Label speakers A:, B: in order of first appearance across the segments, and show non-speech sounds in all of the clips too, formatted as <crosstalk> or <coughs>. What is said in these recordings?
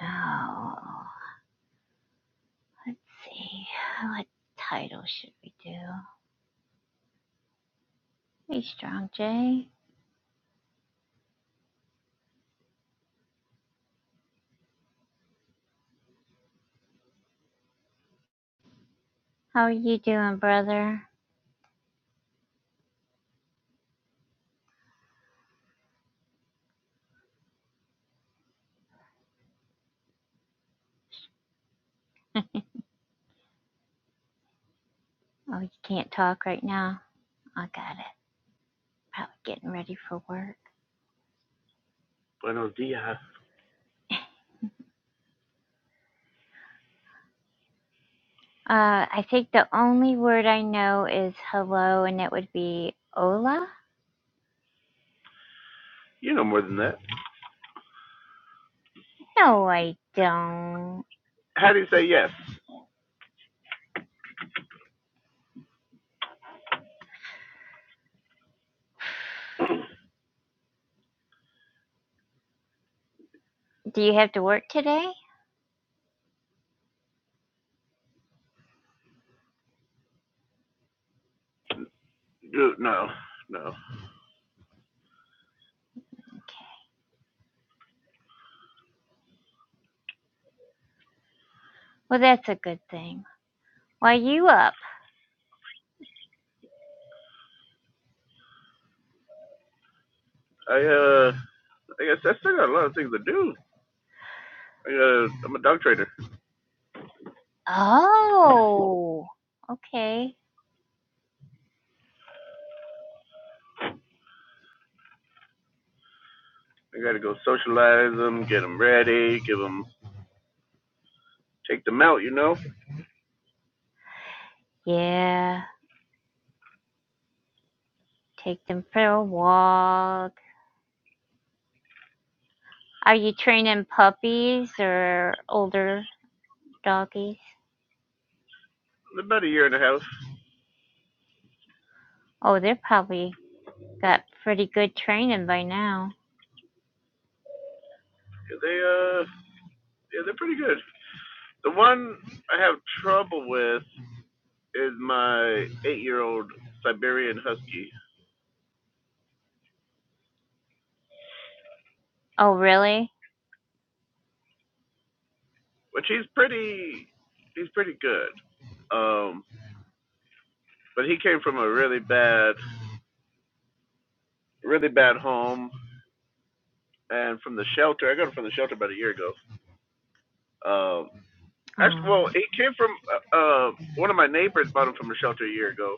A: Oh, let's see. What title should we do? Hey, Strong J. How are you doing, brother? Oh, you can't talk right now. I got it. Probably getting ready for work.
B: Buenos dias.
A: Uh, I think the only word I know is hello, and it would be hola.
B: You know more than that.
A: No, I don't.
B: How do you say yes?
A: Do you have to work today?
B: No, no.
A: Okay. Well, that's a good thing. Why you up?
B: I uh, I guess I still got a lot of things to do. I got to I'm a dog trader.
A: Oh, okay.
B: I got to go socialize them, get them ready, give them, take them out. You know,
A: Yeah. Take them for a walk. Are you training puppies or older doggies?
B: in about a year and a half.
A: Oh, they're probably got pretty good training by now.
B: Yeah, They uh, yeah, they're pretty good. The one I have trouble with is my eight-year-old Siberian Husky,
A: Oh, really?
B: which he's pretty, he's pretty good. Um, but he came from a really bad really bad home and from the shelter. I got it from the shelter about a year ago. Um, actually,
A: Oh,
B: well, he came from uh, uh, one of my neighbors bought him from the shelter a year ago,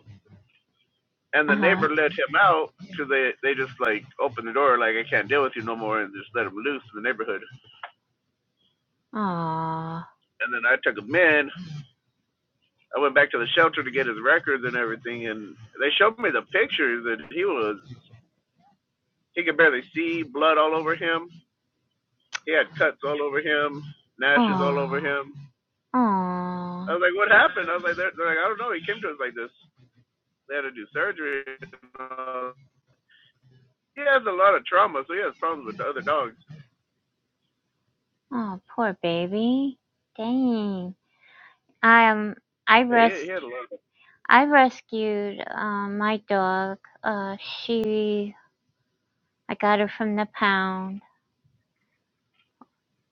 B: and
A: uh
B: the
A: huh.
B: neighbor let him out because they they just like opened the door like I can't deal with you no more and just let him loose in the neighborhood.
A: Oh,
B: And then I took him in. I went back to the shelter to get his records and everything, and they showed me the pictures that he was he could barely see, blood all over him. He had cuts all over him, nashes all over
A: oh,
B: him I
A: oh,
B: was like, what happened? I was like, they're, they're like, I don't know. He came to us like this. They had to do surgery. Uh, he has a lot of trauma, so he has problems with the other dogs.
A: oh, poor baby. Dang. I um, I
B: Yeah, he, he had a
A: rescued,
B: lot.
A: I rescued um my dog. Uh, she, I got her from the pound.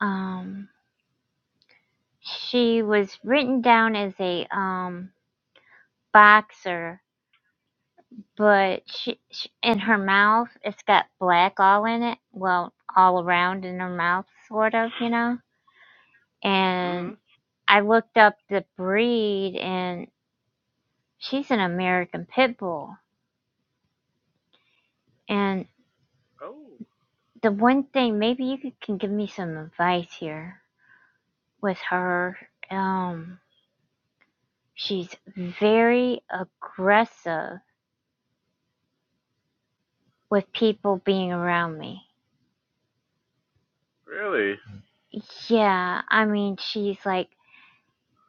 A: Um, She was written down as a um boxer, but she, she in her mouth it's got black all in it. Well, all around in her mouth, sort of, you know.
B: hmm
A: And I looked up the breed, and she's an American pit bull. And
B: Oh,
A: the one thing, maybe you could, can give me some advice here with her. Um, she's very aggressive with people being around me.
B: really?
A: Yeah, I mean, she's like,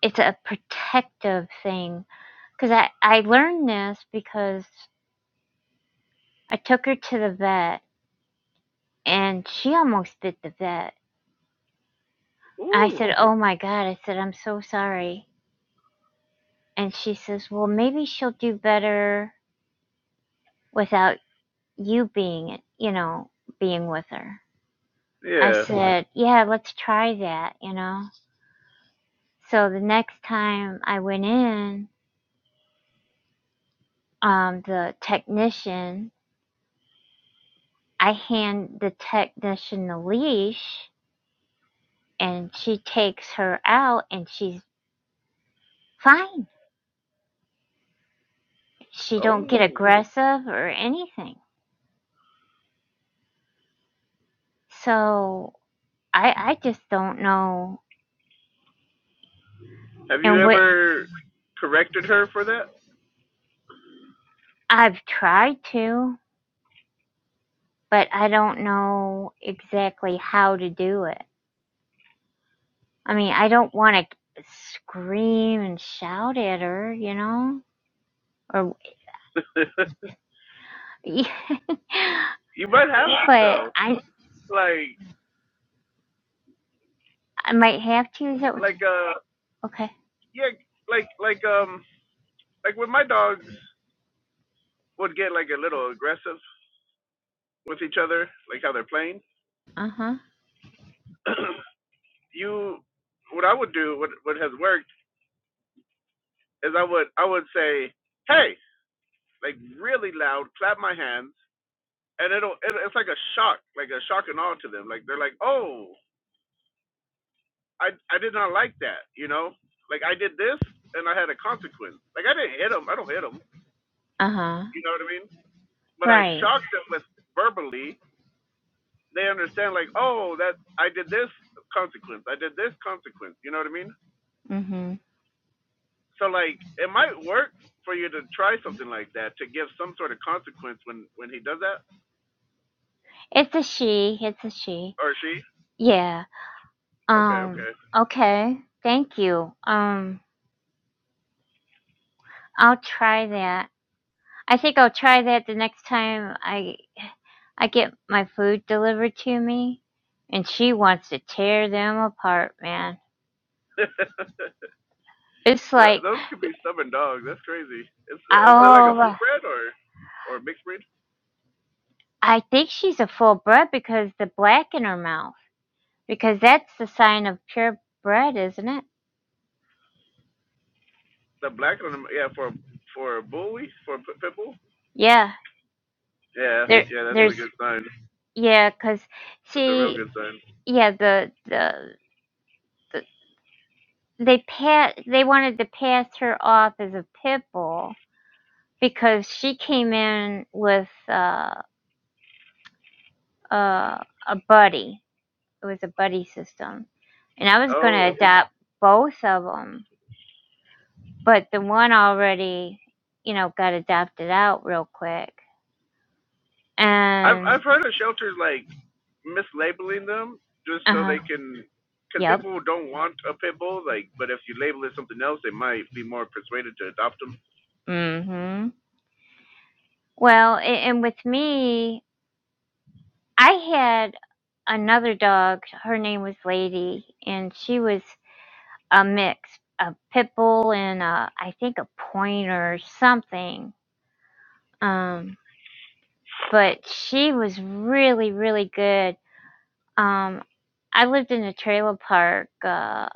A: it's a protective thing. Because I, I learned this because I took her to the vet and she almost bit the vet. I
B: Ooh,
A: said, Oh my God. I said, I'm so sorry. And she says, Well, maybe she'll do better without you being, you know, being with her. I Right.
B: yeah.
A: said, Yeah, let's try that, you know? So the next time I went in, um, the technician, I hand the technician the leash and she takes her out and she's fine. She don't get
B: Oh,
A: aggressive or anything. So I I just don't know
B: have you
A: and what
B: ever corrected her for that?
A: I've tried to, but I don't know exactly how to do it. I mean, I don't want to scream and shout at her, you know? Or
B: <laughs>
A: yeah. <laughs>
B: you might have to,
A: but
B: though.
A: I
B: Like,
A: I might have to. Is that what you,
B: like, uh,
A: okay?
B: yeah, like, like, um, like when my dogs would get like a little aggressive with each other, like how they're playing.
A: Uh-huh.
B: <clears throat> you what I would do, what what has worked is I would I would say, hey, like really loud, clap my hands, and it'll it, it's like a shock, like a shock and awe to them. Like they're like, oh, I I did not like that, you know, like I did this and I had a consequence. Like I didn't hit them, I don't hit them,
A: Uh-huh.
B: you know what I mean? But I
A: Right.
B: shocked them with verbally. They understand like, oh, that I did this consequence, I did this consequence, you know what I mean?
A: Mm-hmm.
B: so like it might work for you to try something like that to give some sort of consequence when when he does that
A: It's a she. It's a she.
B: or she
A: Yeah.
B: okay
A: Um.
B: okay
A: Okay. Thank you. Um. I'll try that. I think I'll try that the next time I I get my food delivered to me. And she wants to tear them apart, man. It's like,
B: <laughs> those could be stubborn dogs that's crazy it's uh, is it like a full
A: oh,
B: bred or or mixed breed
A: I think she's a full bred because the black in her mouth. Because that's the sign of pure bread, isn't it?
B: the black one. yeah for for a bully for a p- pit bull
A: Yeah.
B: yeah
A: There.
B: yeah that's
A: There's.
B: a good sign
A: Yeah. Cause.
B: that's a real
A: See,
B: good sign
A: yeah the the, the they pa they wanted to pass her off as a pit bull because she came in with uh, uh, a buddy it was a buddy system and i was going to
B: oh
A: Okay. adopt both of them but the one already you know got adopted out real quick
B: I've
A: and
B: I've heard of shelters like mislabeling them just so
A: uh-huh
B: they can, because
A: yep
B: people don't want a pit bull. Like, but if you label it something else, they might be more persuaded to adopt them.
A: mhm well a- and with me I had another dog. Her name was Lady, and she was a mix, a pit bull and a, I think a pointer or something. Um, but she was really, really good. Um, I lived in a trailer park uh,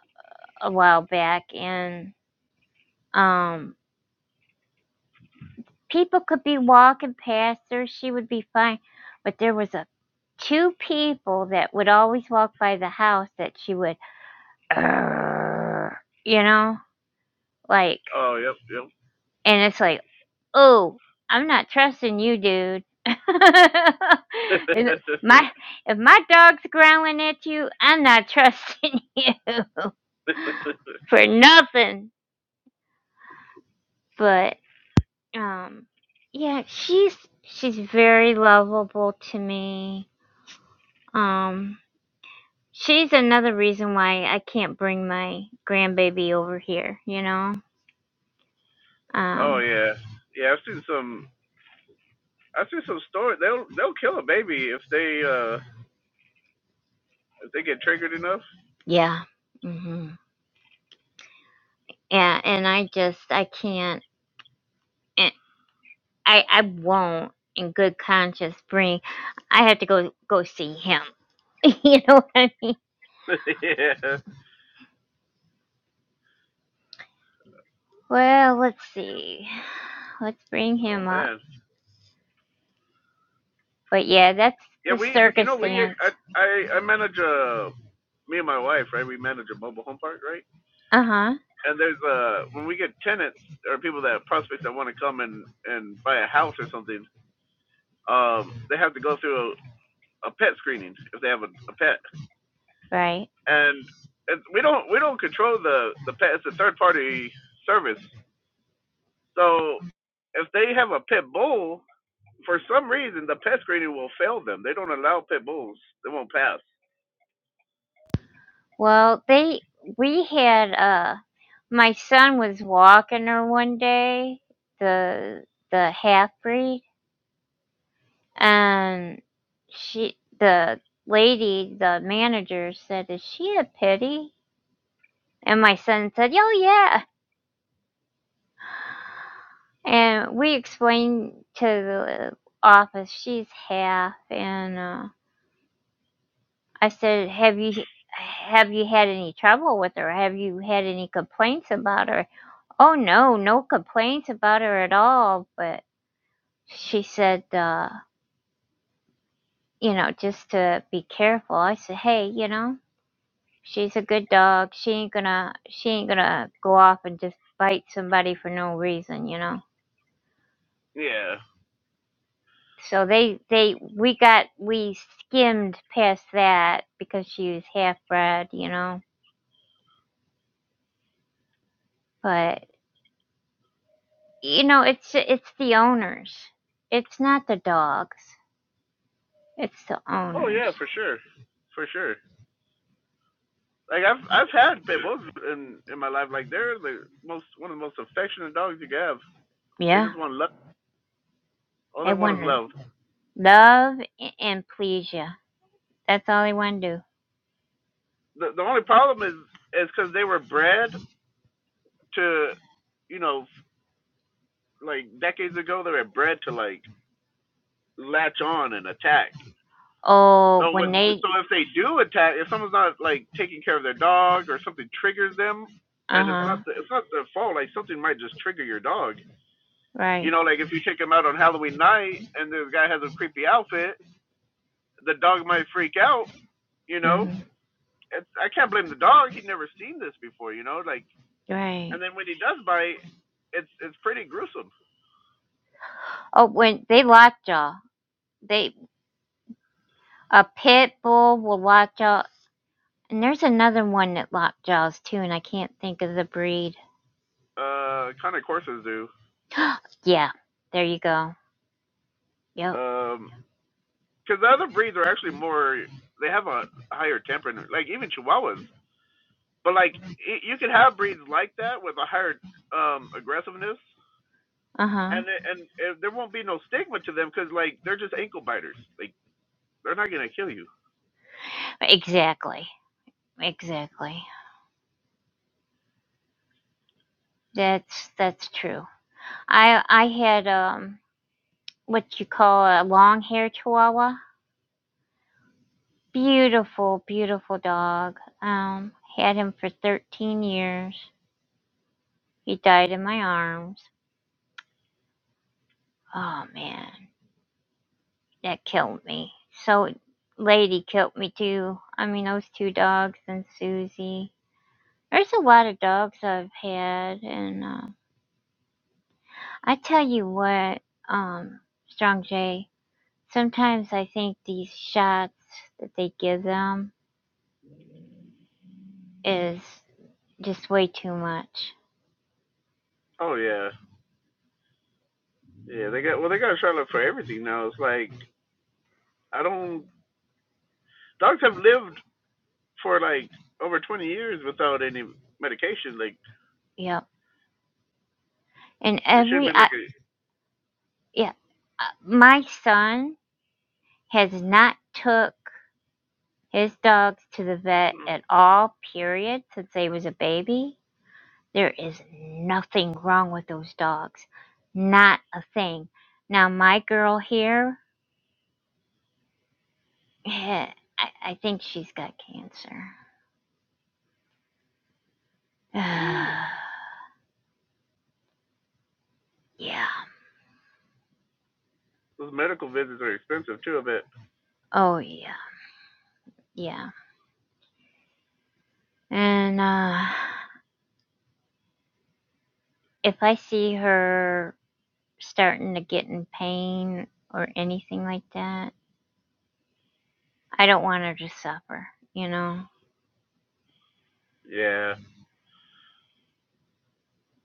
A: a while back, and um, people could be walking past her. She would be fine, but there was a two people that would always walk by the house that she would uh, you know, like,
B: Oh, yep, yep.
A: and it's like, oh, I'm not trusting you, dude. <laughs> Is- it- my
B: <laughs>
A: if my dog's growling at you, I'm not trusting <laughs> you for nothing. But um, yeah, she's she's very lovable to me. Um, she's another reason why I can't bring my grandbaby over here. You know.
B: oh
A: Um,
B: yeah, yeah. I've seen some. I've seen some stories. They'll they'll kill a baby if they uh if they get triggered enough.
A: yeah. Hmm. Yeah, and I just I can't and I I won't in good conscience bring I have to go go see him. <laughs> you know what I mean?
B: <laughs> yeah.
A: Well, let's see. Let's bring
B: Oh
A: him up.
B: man.
A: But yeah, that's
B: Yeah,
A: the
B: we you know we
A: circumstance.
B: I I, I manage a me and my wife right. We manage a mobile home park right
A: Uh-huh.
B: and there's a when we get tenants or people that prospects that want to come and and buy a house or something, um, they have to go through a, a pet screening if they have a, a pet,
A: Right.
B: and it's, we don't we don't control the the pet. It's a third party service, so if they have a pit bull, for some reason the pet screening will fail them. They don't allow pit bulls. They won't pass.
A: Well, they we had uh my son was walking her one day, the the half breed And she, the lady, the manager said, Is she a pity? And my son said, Oh, yeah. And we explained to the office, she's half. And uh, I said, Have you. Have you had any trouble with her? Have you had any complaints about her? Oh no, no complaints about her at all. But she said, uh, you know, just to be careful. I said, hey, you know, She's a good dog. She ain't gonna she ain't gonna go off and just bite somebody for no reason, you know.
B: Yeah.
A: So they they we got we skimmed past that because she was half bred, you know. But you know, it's it's the owners. It's not the dogs. It's the
B: Oh
A: owners.
B: yeah, for sure, for sure. like I've I've had pit bulls in in my life. Like they're the most one of the most affectionate dogs you can have. They
A: Yeah,
B: just want love. All they
A: they
B: want is
A: want to
B: love.
A: love a- and please you. That's all they want to do.
B: The the only problem is is because they were bred to, you know, like decades ago they were bred to like latch on and attack.
A: Oh,
B: So what?
A: when they
B: So if they do attack, if someone's not like taking care of their dog or something triggers them,
A: uh
B: and it's
A: huh
B: not the it's not their fault. Like something might just trigger your dog. You
A: right
B: know, like if you take him out on Halloween night and this guy has a creepy outfit, the dog might freak out, you know.
A: mhm
B: It's, I can't blame the dog. He'd never seen this before, you know. Like,
A: right
B: and then when he does bite, it's it's pretty gruesome.
A: Oh, when they lock jaw, they a pit bull will lock jaw, and there's another one that lock jaws too, and I can't think of the breed.
B: Uh, kind of courses do.
A: Yeah, there you go. Yep.
B: Um, because the other breeds are actually more. They have a higher temperament, like even Chihuahuas. But like, y you could have breeds like that with a higher um aggressiveness,
A: Uh huh.
B: and it- and it, there won't be no stigma to them because like they're just ankle biters. Like, they're not gonna kill you.
A: Exactly. Exactly. That's that's true. I I had um what you call a long hair chihuahua. Beautiful, beautiful dog. Um, had him for 13 years. He died in my arms. Oh man. that killed me. So Lady killed me too. I mean those two dogs and Susie. There's a lot of dogs I've had and uh, I tell you what, um, Strong J, sometimes I think these shots that they give them is just way too much.
B: Oh yeah, yeah. They got well, they got a Charlotte for everything now. It's like I don't. Dogs have lived for like over 20 years without any medication. Like
A: Yep. And
B: there should
A: every
B: be
A: I
B: like a.
A: yeah, uh, my son has not took his dogs to the vet at all period since he was a baby There is nothing wrong with those dogs. Not a thing. Now, my girl here, <laughs> I, I think she's got cancer.
B: <clears throat> Ooh,
A: <sighs> yeah.
B: those medical visits are expensive too. I bet.
A: Oh, yeah. Yeah. And uh, if I see her starting to get in pain or anything like that, I don't want her to suffer, you know?
B: Yeah.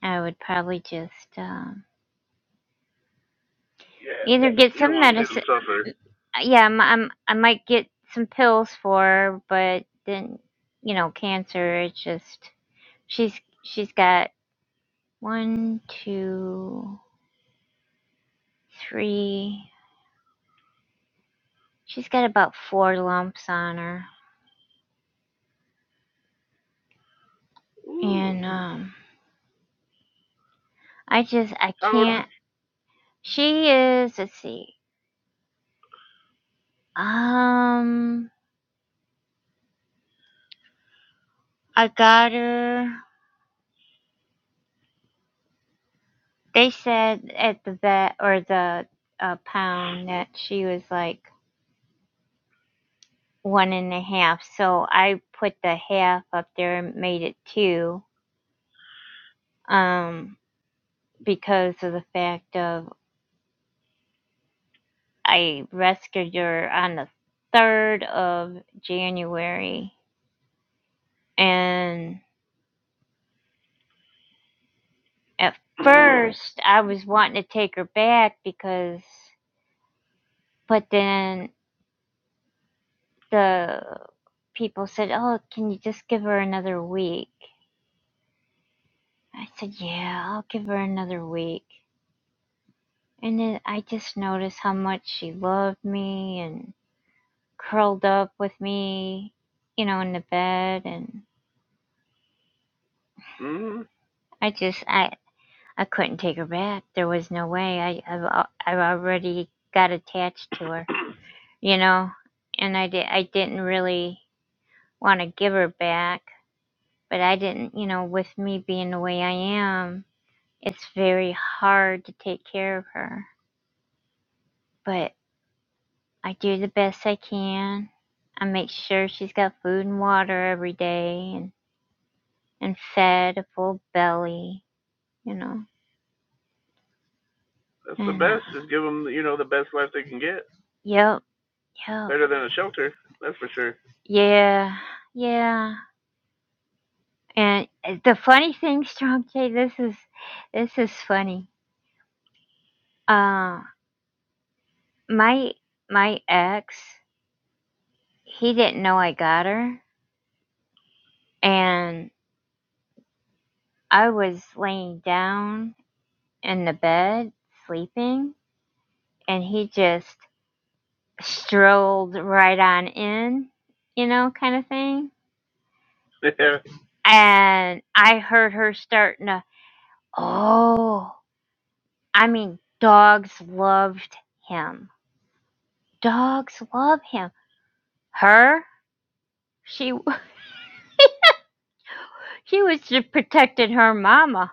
A: I would probably just um,
B: Yes.
A: either get
B: You don't
A: some
B: want to
A: medicine.
B: see them suffer.
A: uh, yeah, I'm, I'm I might get some pills for her, but then you know, cancer. It's just she's she's got one, two, three. She's got about four lumps on her,
B: Ooh.
A: and um, I just I
B: How?
A: can't. She is. Let's see. Um, I got her. They said at the vet or the uh, pound that she was like one and a half. So I put the half up there and made it two um, because of the fact of I rescued her on the 3rd of January. And at
B: <clears throat>
A: first, I was wanting to take her back because, but then the people said, Oh, can you just give her another week? I said, Yeah, I'll give her another week. And then I just noticed how much she loved me and curled up with me, you know, in the bed. And
B: mm-hmm.
A: I just, I, I couldn't take her back. There was no way. I, I've, al- I've already got attached to her, you know, and I did, I didn't really want to give her back, but I didn't, you know, with me being the way I am, it's very hard to take care of her. But I do the best I can. I make sure she's got food and water every day and, and fed a full belly, you know.
B: That's the
A: And, uh,
B: best. Just give them, you know, the best life they can get.
A: yep, yep,
B: Better than a shelter. That's for sure.
A: yeah, yeah. And eh, the funny thing, Strong J, this is, this is funny. Uh, my, my ex, he didn't know I got her. And I was laying down in the bed, sleeping. And he just strolled right on in, you know, kind of thing.
B: Yeah.
A: And I heard her starting to, oh, I mean, dogs loved him. Dogs love him. Her, she, <laughs> she was just protecting her mama.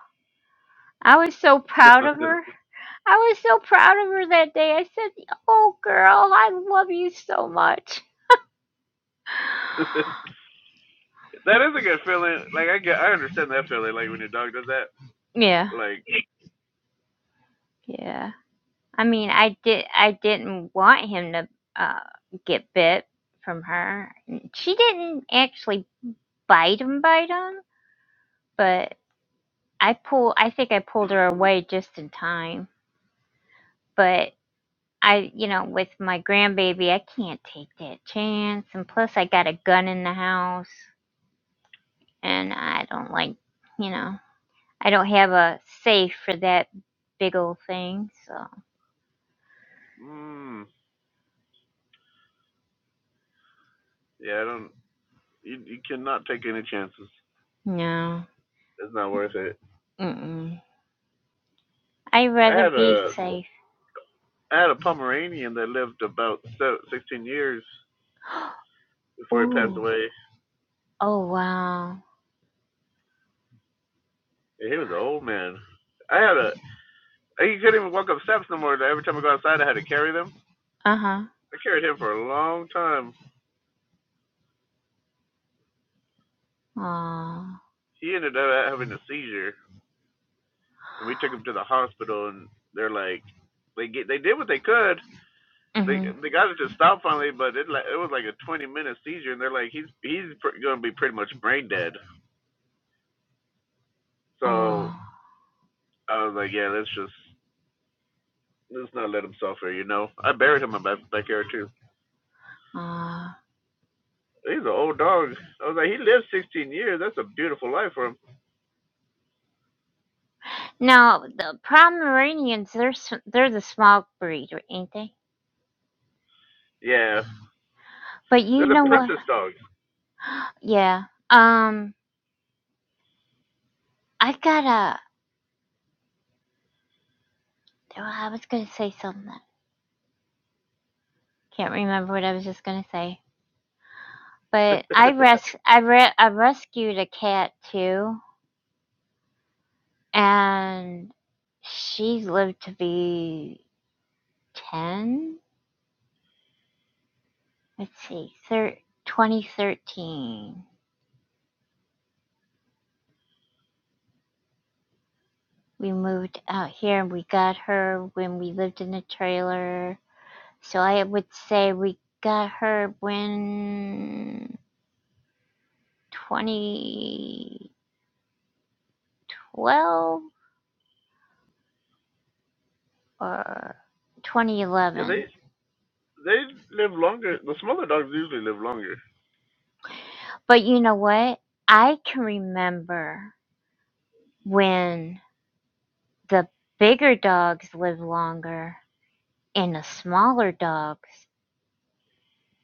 A: I was so
B: <laughs>
A: proud
B: that
A: of her. I was so proud of her that day. I said, oh, girl, I love you so much.
B: is a
A: <sighs>
B: good feeling. Like I get, I understand that feeling. Like when your dog does that.
A: Yeah,
B: Like,
A: yeah. I mean, I did. I didn't want him to uh, get bit from her. She didn't actually bite him, bite him, but I pull. I think I pulled her away just in time. But I, you know, with my grandbaby, I can't take that chance. And plus, I got a gun in the house, and I don't like, you know, I don't have a safe for that big old thing. So
B: mm, yeah, I don't. You, you cannot take any chances.
A: no,
B: It's not worth it.
A: mm. I'd
B: I
A: rather
B: had
A: be
B: a
A: safe.
B: I had a Pomeranian that lived about 16 years
A: <gasps>
B: before he passed
A: Ooh.
B: away.
A: Oh wow.
B: he was an old man. I had a he couldn't even walk up steps no more. Every time I go outside, I had to carry them.
A: Uh-huh.
B: I carried him for a long time.
A: Oh.
B: He ended up having a seizure, and we took him to the hospital. And they're like, they get they did what they could. They
A: Mm-hmm.
B: they got it to stop finally, but it like it was like a 20 minute seizure, and they're like, he's he's pr- going to be pretty much brain dead. So
A: Oh.
B: I was like, yeah, let's just let's not let him suffer, you know. I buried him in my backyard too.
A: Oh.
B: He's an old dog. I was like, he lived 16 years. That's a beautiful life for him.
A: Now the Pomeranians, they're s- they're the small breed, r- ain't they?
B: Yeah,
A: But
B: they're
A: you
B: the
A: know what?
B: princess dogs.
A: Yeah. Um. I gotta. Oh, I was gonna say something. Can't remember what I was just gonna say. But
B: <laughs>
A: I <laughs> res I re- I rescued a cat too, and she lived to be ten. Let's see, thir- 2013. we moved out here and we got her when we lived in a trailer. So I would say we got her when 2012 or
B: yeah, they
A: 2011.
B: they live longer. The smaller dogs usually live longer.
A: But you know what? I can remember when the bigger dogs lived longer and the smaller dogs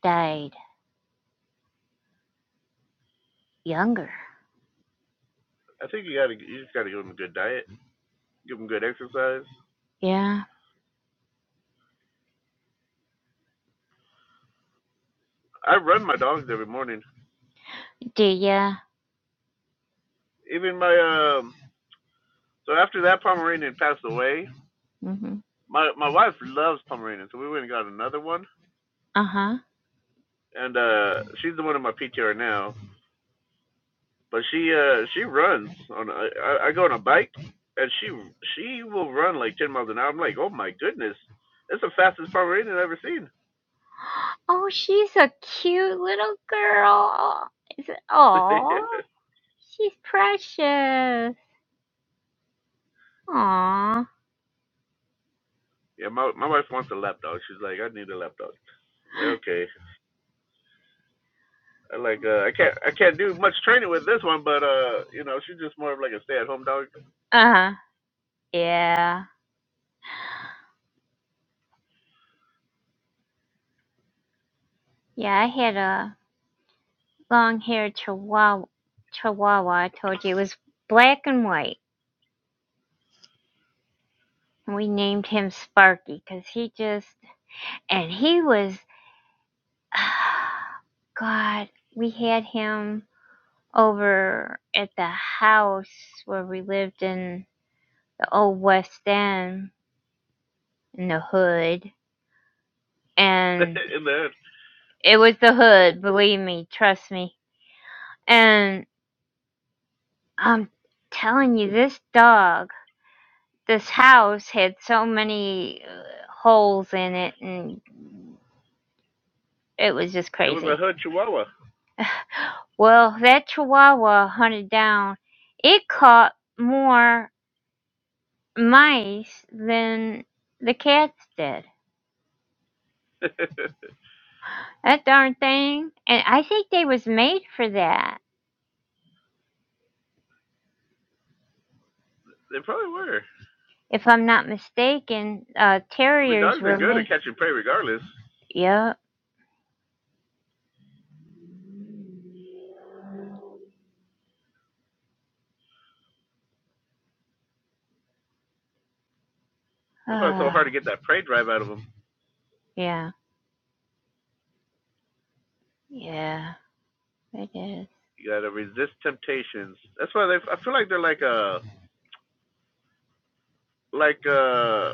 A: died younger.
B: I think you gotta you just gotta give them a good diet, give them good exercise.
A: Yeah.
B: I run my dogs every morning.
A: Do ya?
B: Even my um. So after that Pomeranian passed away,
A: Mhm.
B: my my wife loves Pomeranians, so we went and got another one,
A: Uh huh.
B: and uh she's the one in my PTR now. But she uh she runs on I I go on a bike and she she will run like ten miles an hour. I'm like, oh my goodness, that's the fastest Pomeranian I've ever seen.
A: Oh, she's a cute little girl.
B: <laughs>
A: Oh, she's precious. Aw.
B: yeah, my my wife wants a lap dog. She's like, I need a lap dog. I'm like, okay, I like uh, I can't I can't do much training with this one, but uh, you know, she's just more of like a stay at home dog.
A: Uh-huh. Yeah. Yeah, I had a long-haired chihuahua. Chihuahua, I told you, it was black and white. And we named him Sparky because he just, and he was, <sighs> God, we had him over at the house where we lived in the old West End in the hood
B: <laughs>
A: and
B: In the hood,
A: it was the hood, believe me, trust me. And I'm telling you, this dog, this house had so many uh, holes in it, and it was just
B: it was a
A: crazy.
B: hood Chihuahua.
A: Well, that chihuahua hunted down, it caught more mice than the cats did.
B: <laughs> they
A: That darn thing, and I think they was made for that.
B: probably were.
A: If I'm not mistaken, uh,
B: I mean,
A: terriers
B: dogs are
A: were
B: good
A: made.
B: at catching prey regardless.
A: Yep
B: That's why it's so hard
A: Ah,
B: to get that prey drive out of them.
A: yeah, yeah, it is.
B: You gotta resist temptations. That's why they. I feel like they're like a like a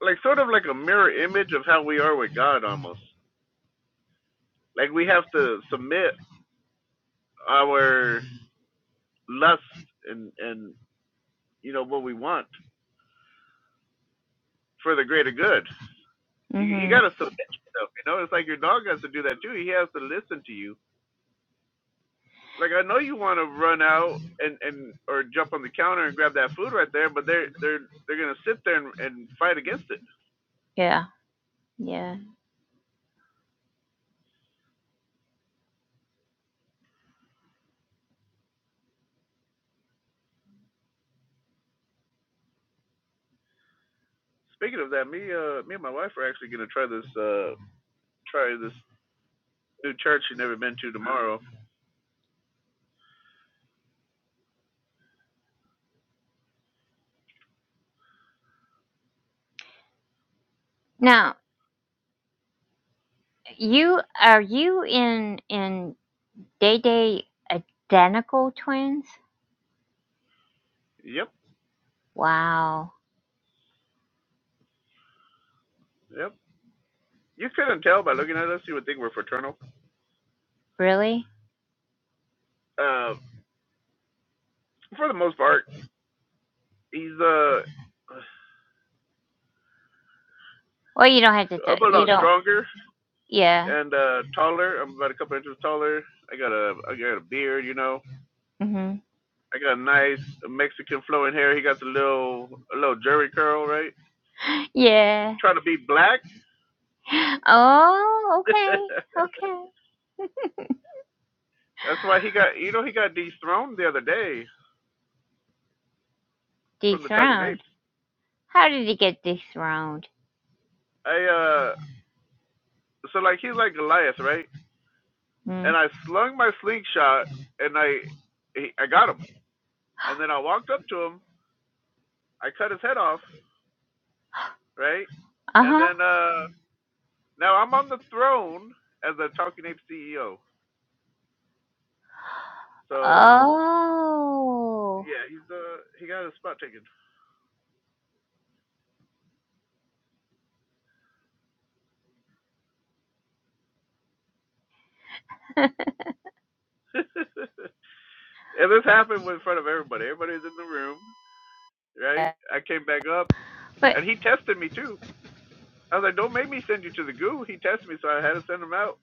B: like sort of like a mirror image of how we are with God almost. Like we have to submit our lust and and you know what we want for the greater good. You you
A: Mhm.
B: gotta submit yourself. You know, it's like your dog has to do that too. He has to listen to you. Like I know you want to run out and and or jump on the counter and grab that food right there, but they're they're they're gonna sit there and, and fight against it.
A: Yeah, yeah.
B: Speaking of that, me uh me and my wife are actually gonna try this uh try this new church you never been to tomorrow.
A: Now, you are you in in Day Day identical twins?
B: Yep,
A: Wow,
B: yep. You couldn't tell by looking at us, you would think we're fraternal.
A: really?
B: Uh for the most part. He's uh
A: Well, you don't have to.
B: I'm
A: T-
B: a
A: you
B: lot
A: don't.
B: stronger
A: Yeah.
B: and uh taller. I'm about a couple inches taller. I got a I got a beard, you know.
A: Mhm.
B: I got a nice Mexican flowing hair. He got the little a little jerry curl, right?
A: Yeah.
B: Trying to be black.
A: Oh, okay,
B: <laughs>
A: okay.
B: That's why he got you know he got dethroned the other day from the Talking
A: Dethroned.
B: Apes.
A: How did he get dethroned?
B: I uh so like he's like Goliath, right?
A: Mm.
B: And I slung my slingshot and I he, I got him. And then I walked up to him, I cut his head off, right?
A: Uh
B: And
A: huh.
B: then uh now I'm on the throne as a talking ape CEO. So
A: Oh.
B: yeah, he's uh he got his spot taken.
A: <laughs>
B: <laughs> and this happened in front of everybody. Everybody's in the room, right? I came back up
A: But
B: and he tested me too. I was like, Don't make me send you to the goo. He tested me so I had to send him out.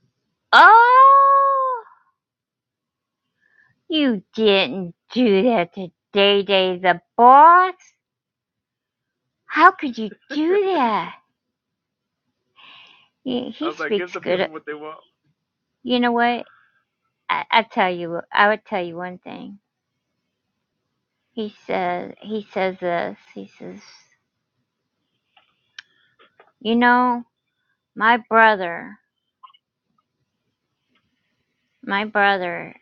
A: oh. You didn't do that to Day Day the boss. How could you
B: <laughs>
A: do that? He,
B: I
A: he
B: was like,
A: speaks
B: give the
A: good.
B: people what they want.
A: You know what? I, I tell you, I would tell you one thing. He says, he says this. He says, you know, my brother, my brother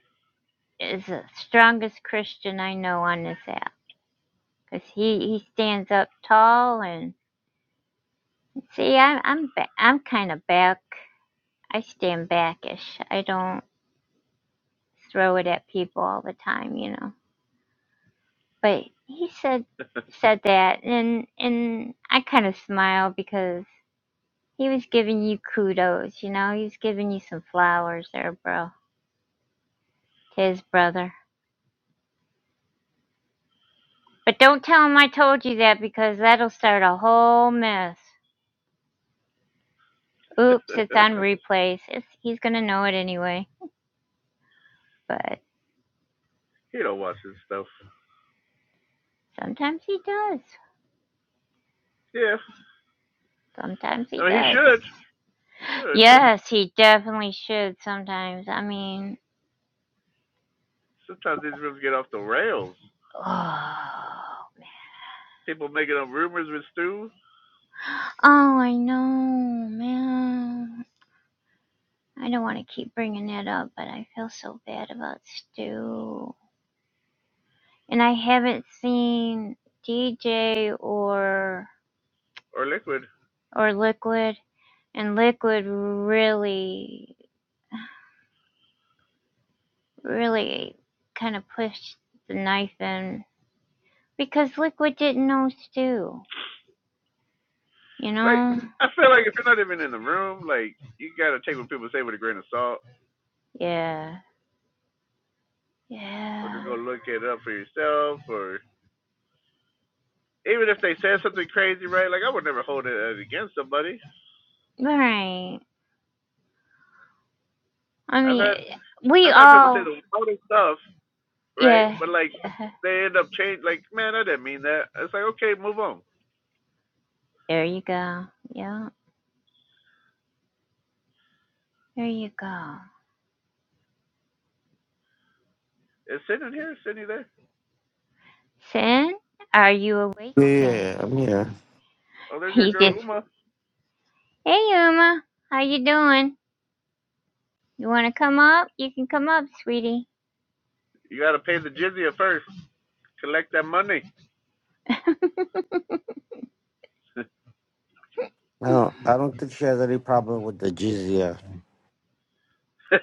A: is the strongest Christian I know on this app because he he stands up tall and see, I'm I'm ba- I'm kind of back. I stand backish. I don't. throw it at people all the time, you know. But he said said that and and I kind of smiled because he was giving you kudos, you know. He was giving you some flowers there, bro. To his brother. But don't tell him I told you that because that'll start a whole mess.
B: <laughs>
A: Oops, it's on <laughs> replays. It's, he's going to know it anyway. But
B: he don't watch this stuff.
A: sometimes he does.
B: Yeah,
A: Sometimes he
B: I mean he
A: does.
B: should. He should.
A: Yes, he definitely should sometimes. I mean,
B: Sometimes these rooms get off the rails.
A: <sighs> oh.
B: People making up rumors with stew
A: Oh, I know, man. I don't want to keep bringing it up, but I feel so bad about Stu. And I haven't seen DJ or
B: or liquid.
A: or Liquid, and Liquid really, really kind of pushed the knife in because Liquid didn't know Stu. You
B: Like
A: know?
B: I feel like if you're not even in the room, like you gotta take what people say with a grain of salt,
A: Yeah.
B: or just
A: Yeah.
B: go look it up for yourself, or even if they said something crazy, right? Like I would never hold it against somebody.
A: Right. I
B: I've
A: mean,
B: had
A: we
B: I've had people say
A: all.
B: the wildest stuff, right?
A: Yeah.
B: But like
A: <laughs>
B: they end up change like, man, I didn't mean that. It's like okay, move on.
A: There you go. Yeah, there you go.
B: Is Sydney here? Sydney there?
A: Sen, are you awake,
C: Yeah,
A: Sen?
C: yeah, I'm here.
B: Oh,
A: <laughs>
B: there's your
A: He
B: girl
A: says,
B: Uma.
A: "Hey, Uma, how you doing? You want to come up? You can come up, sweetie."
B: You gotta pay the jizya first. Collect that money.
A: <laughs>
B: <laughs>
C: I don't, I don't think she has any problem with the jizya.
B: she's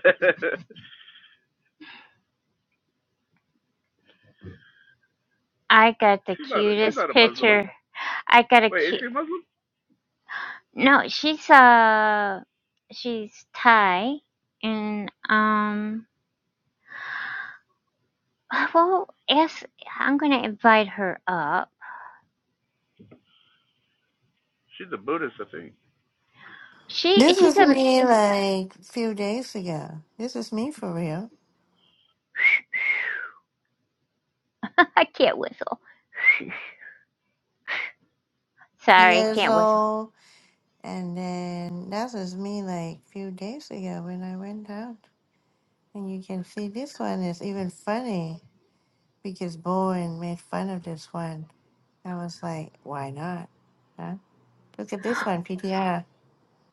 A: I got the
B: not. A, she's
A: cutest
B: not a Muslim.
A: picture. I got a
B: Wait, is
A: cute.
B: she a Muslim?
A: No, she's uh, she's Thai, and um, <laughs> well, yes, I'm gonna invite her up.
B: She's a Buddhist, I think.
A: She
D: This
A: she's
D: is
A: a. <laughs>
D: me like a few days ago. This is me for real.
A: I can't whistle. Sorry,
D: Years
A: can't whistle.
D: old. And then that was me like a few days ago when I went out. And you can see this one is even funny because Bowen made fun of this one. I was like, why not? Huh? Look at this one, PTR.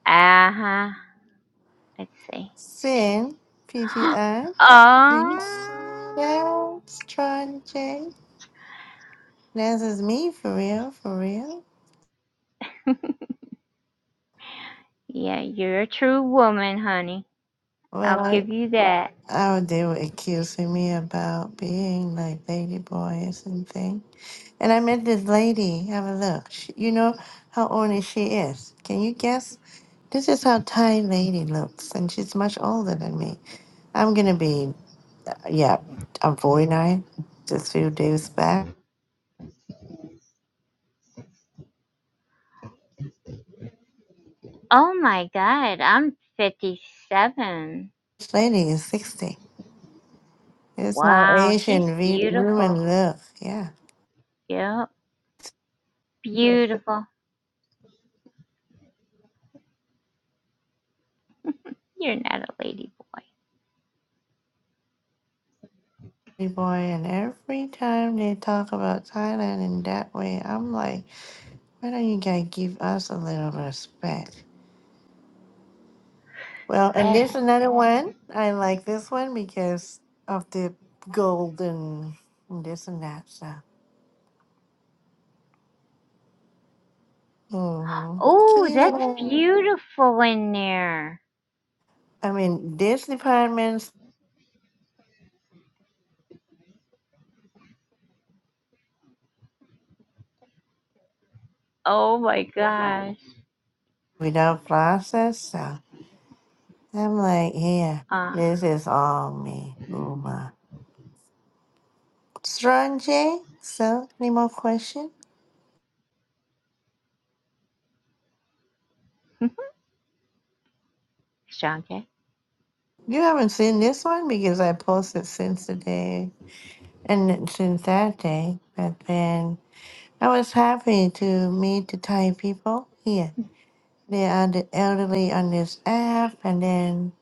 A: Uh huh. Let's see.
D: Sin, PTR.
A: <gasps>
D: Do
A: Oh,
D: you see that, Strong J? This is me for real, for real.
A: <laughs> yeah, you're a true woman, honey. I'll
D: Well,
A: give you that.
D: Oh, they were accusing me about being like lady boys and thing. And I met this lady. Have a look. She, you know how ornery she is. Can you guess? This is how Thai lady looks, and she's much older than me. I'm gonna be, uh, yeah, I'm 49. Just few days back,
A: Oh my God, I'm 57.
D: this lady is 60. This is how
A: Wow, she's
D: Asian we,
A: beautiful.
D: women look. Yeah,
A: Yep, beautiful. You're not a lady
D: lady boy. And every time they talk about Thailand in that way, I'm like. Why don't you guys give us a little respect? Well, and
A: boy. <laughs>
D: there's another one. I like this one because of the golden this and that stuff. Mm-hmm.
A: Oh, that's
D: Kilo.
A: beautiful in there.
D: I mean, this department's
A: Oh my gosh.
D: without process, so I'm like, yeah,
A: Uh,
D: this is all me. Uma. Strange, so any more questions?
A: <laughs> Shanke.
D: You haven't seen this one because I posted since the day and since that day, but then. I was happy to meet the Thai people here. They are the elderly on this app, and then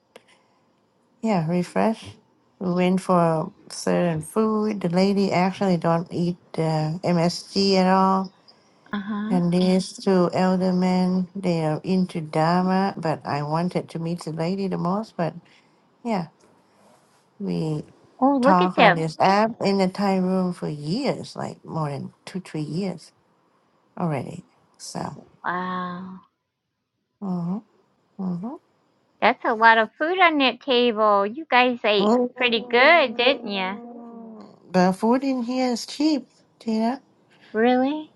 D: yeah, refresh. We went for certain food. The lady actually don't eat uh, MSG at all,
A: Uh huh.
D: and these two elder men they are into Dharma. But I wanted to meet the lady the most. But yeah, we
A: Oh, look at
D: talk on
A: that.
D: this app in the Thai room for years, like more than two three years already. So.
A: Wow.
D: mhm, mhm.
A: That's a lot of food on that table. You guys ate pretty
D: Mm,
A: <laughs> good, didn't you?
D: The food in here is cheap, Tina.
A: Really?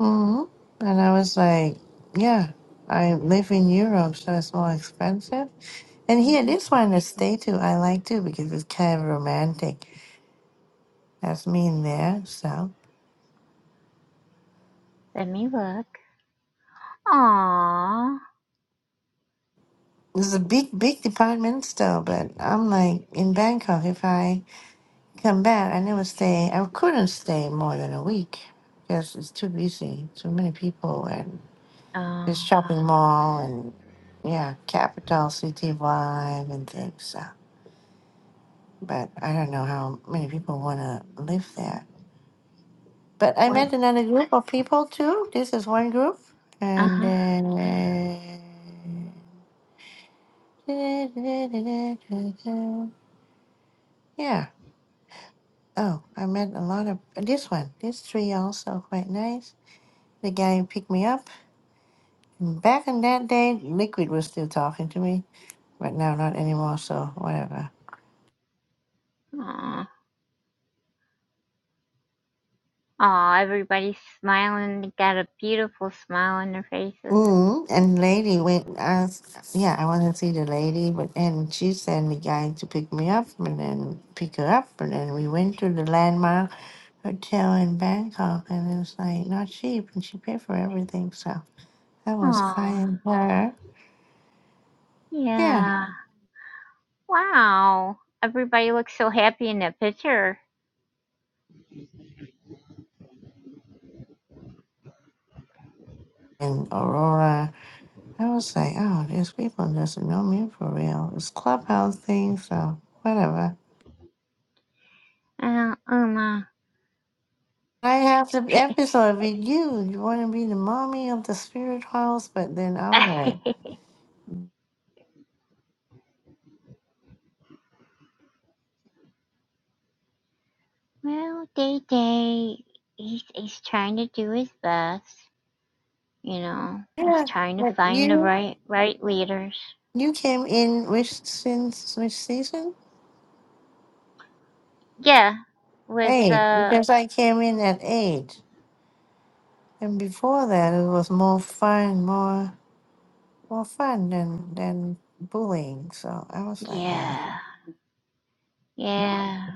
D: hmm And I was like, yeah, I live in Europe, so it's more expensive. And here,
A: Mm-hmm.
D: this one, the stay too, I like too because it's kind of romantic. That's me in there. So
A: Let me look. Aww.
D: it's a big, big department store, but I'm like in Bangkok. If I come back, I never stay. I couldn't stay more than a week because it's too busy, too many people,
A: Oh,
D: This shopping mall and yeah, Capital City Vibe and things. So. But I don't know how many people want to live there. But I
A: what?
D: met another group of people too. This is one group.
A: Uh
D: And
A: huh.
D: then. Yeah. Oh, I met a lot of. This one. These three also quite nice. The guy who picked me up. Back in that day, Liquid was still talking to me. But now not anymore, so whatever.
A: Aww. Aw, everybody's smiling. They got a beautiful smile on their faces.
D: Mm, and lady went asked, yeah, I want to see the lady, but and she sent the guy to pick me up and then pick her up, and then we went to the landmark hotel in Bangkok, and it was like not cheap, and she paid for everything, so that was
A: Aw,
D: kind of her. Yeah,
A: yeah. Wow. Everybody looks so happy in that picture.
D: and Aurora, I was like, oh, these people doesn't know me for real. It's clubhouse thing, so whatever.
A: Uh, Uma.
D: I have the
A: <laughs>
D: episode with you. You want to be the mommy of the spirit house, but then I'm like.
A: well, Day Day, he's, he's trying to do his best. You know, he's
D: Yeah,
A: trying to
D: but
A: find the
D: you
A: right right leaders.
D: you came in which since which season?
A: Yeah, with
D: Eight,
A: uh,
D: because I came in at eight, and before that it was more fun, more more fun than than bullying. So I was like, ah,
A: yeah, yeah.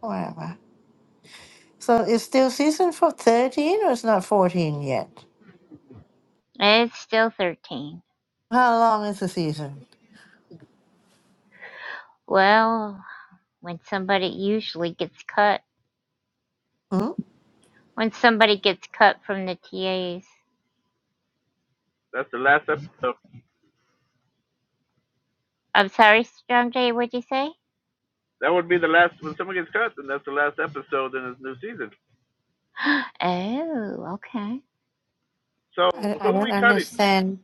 D: whatever. So it's still season for thirteen, or it's not fourteen yet?
A: It's still thirteen.
D: How long is the season?
A: Well, when somebody usually gets cut,
D: Hmm?
A: when somebody gets cut from the TAs.
B: That's the last episode.
A: I'm sorry, Strong J. What'd you say?
B: That would be the last when someone gets cut, then that's the last episode in this new season.
A: <gasps> Oh, okay.
B: So
D: I I
B: who are
D: don't
B: we cutting?
D: understand.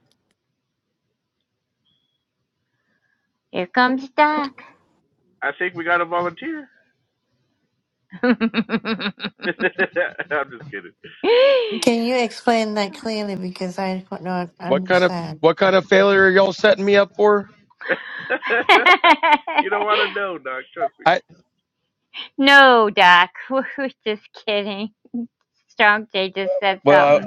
A: Here comes Doc.
B: I think we got a volunteer.
A: <laughs>
B: <laughs> I'm just kidding.
D: Can you explain that clearly? Because I could not
E: What kind of
D: understand.
E: what kind of failure are y'all setting me up for?
B: <laughs> you don't want to know, dog. Trust me.
E: I
A: no, Doc. We're just kidding. Strong J just said
E: well,
A: something.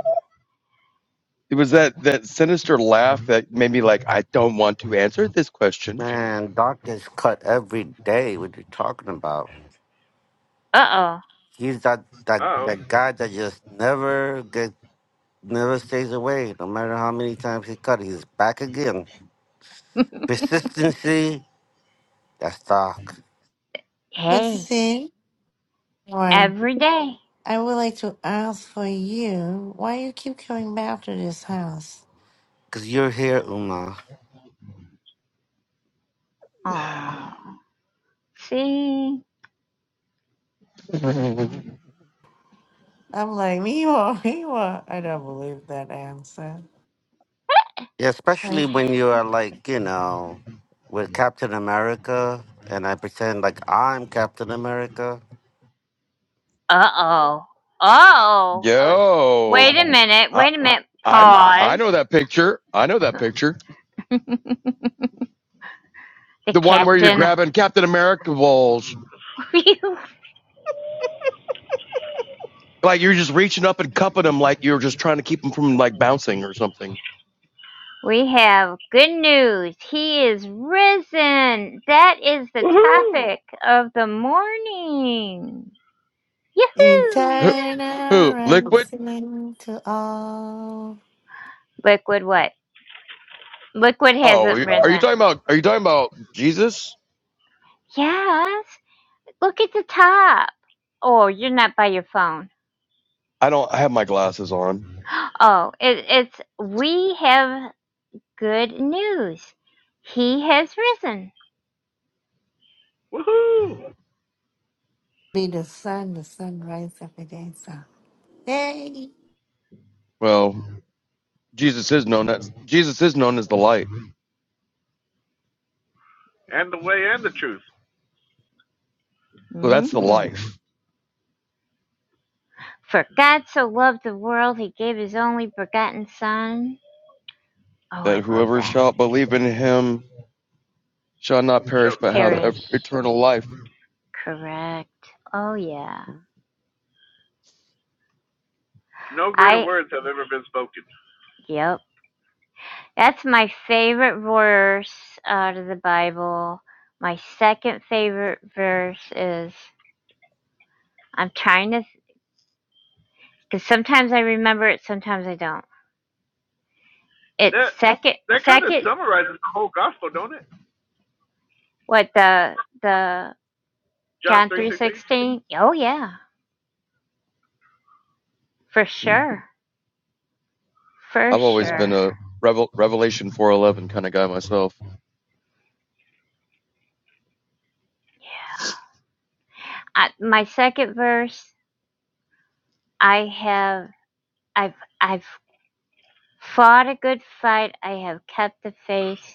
E: it was that that sinister laugh that made me like I don't want to answer this question.
C: Man, Doc gets cut every day. What you talking about?
A: Uh-oh.
C: He's that,
B: Uh
C: that
B: oh.
C: that guy that just never get never stays away. No matter how many times he cut, he's back again. Persistency. That's Doc.
D: But
A: Hey,
D: see, one.
A: every day.
D: I would like to ask for you, why you keep coming back to this house?
C: Cause you're here, Uma.
A: Oh, see?
E: <laughs>
D: I'm like, Miwa, Miwa. I don't believe that answer.
C: Yeah,
D: Right.
C: especially when you are like you know, with Captain America, and I pretend like I'm Captain America.
A: Uh-oh. Uh-oh. Oh, wait
E: Yo,
A: a minute.
E: I
A: Wait a minute.
E: I kn- I
A: Pause.
E: know that picture. I know that picture.
A: The
E: The one where you're
A: captain.
E: grabbing Captain America balls,
A: <laughs>
E: like you're just reaching up and cupping them, like you're just trying to keep them from like bouncing or something.
A: we have good news. He is risen. That is the
B: Woohoo!
A: topic of the morning.
E: Who?
A: Yahoo!
E: Who?
D: Eternal
E: Liquid?
D: rising to all.
A: Liquid what? Liquid
E: Oh,
A: hasn't
E: are you
A: risen.
E: talking about? Are you talking about Jesus?
A: Yes. Look at the top. Oh, you're not by your phone.
E: I don't I have my glasses on.
A: Oh, it, it's we have good news. He has risen.
B: Woohoo!
D: Be the sun, the sun rises every day. So. Hey,
E: Well, Jesus is known as Jesus is known as the light.
B: And the way and the truth.
E: So that's the
A: hmm
E: life
A: For God so loved the world, he gave his only begotten Son. Oh,
E: that
A: I love
E: whoever
A: that.
E: shall believe in him shall not
B: shout.
E: perish but have ev-
A: Perish.
E: eternal life.
A: Correct. Oh, yeah.
B: No greater
A: I,
B: words have ever been spoken.
A: yep. That's my favorite verse out of the Bible. My second favorite verse is, I'm trying to, because sometimes I remember it, sometimes I don't. It's
B: That
A: second,
B: that kind of
A: second
B: summarizes the whole gospel, don't it?
A: What the the
B: John
A: Jan
B: three
A: three
B: sixteen.
A: sixteen? Oh yeah, for
E: Mm.
A: sure, for
E: I've always been
A: sure.
E: a Revel- Revelation 4:11 kind of guy myself
A: I, my second verse, I have I've I've fought a good fight. I have kept the faith.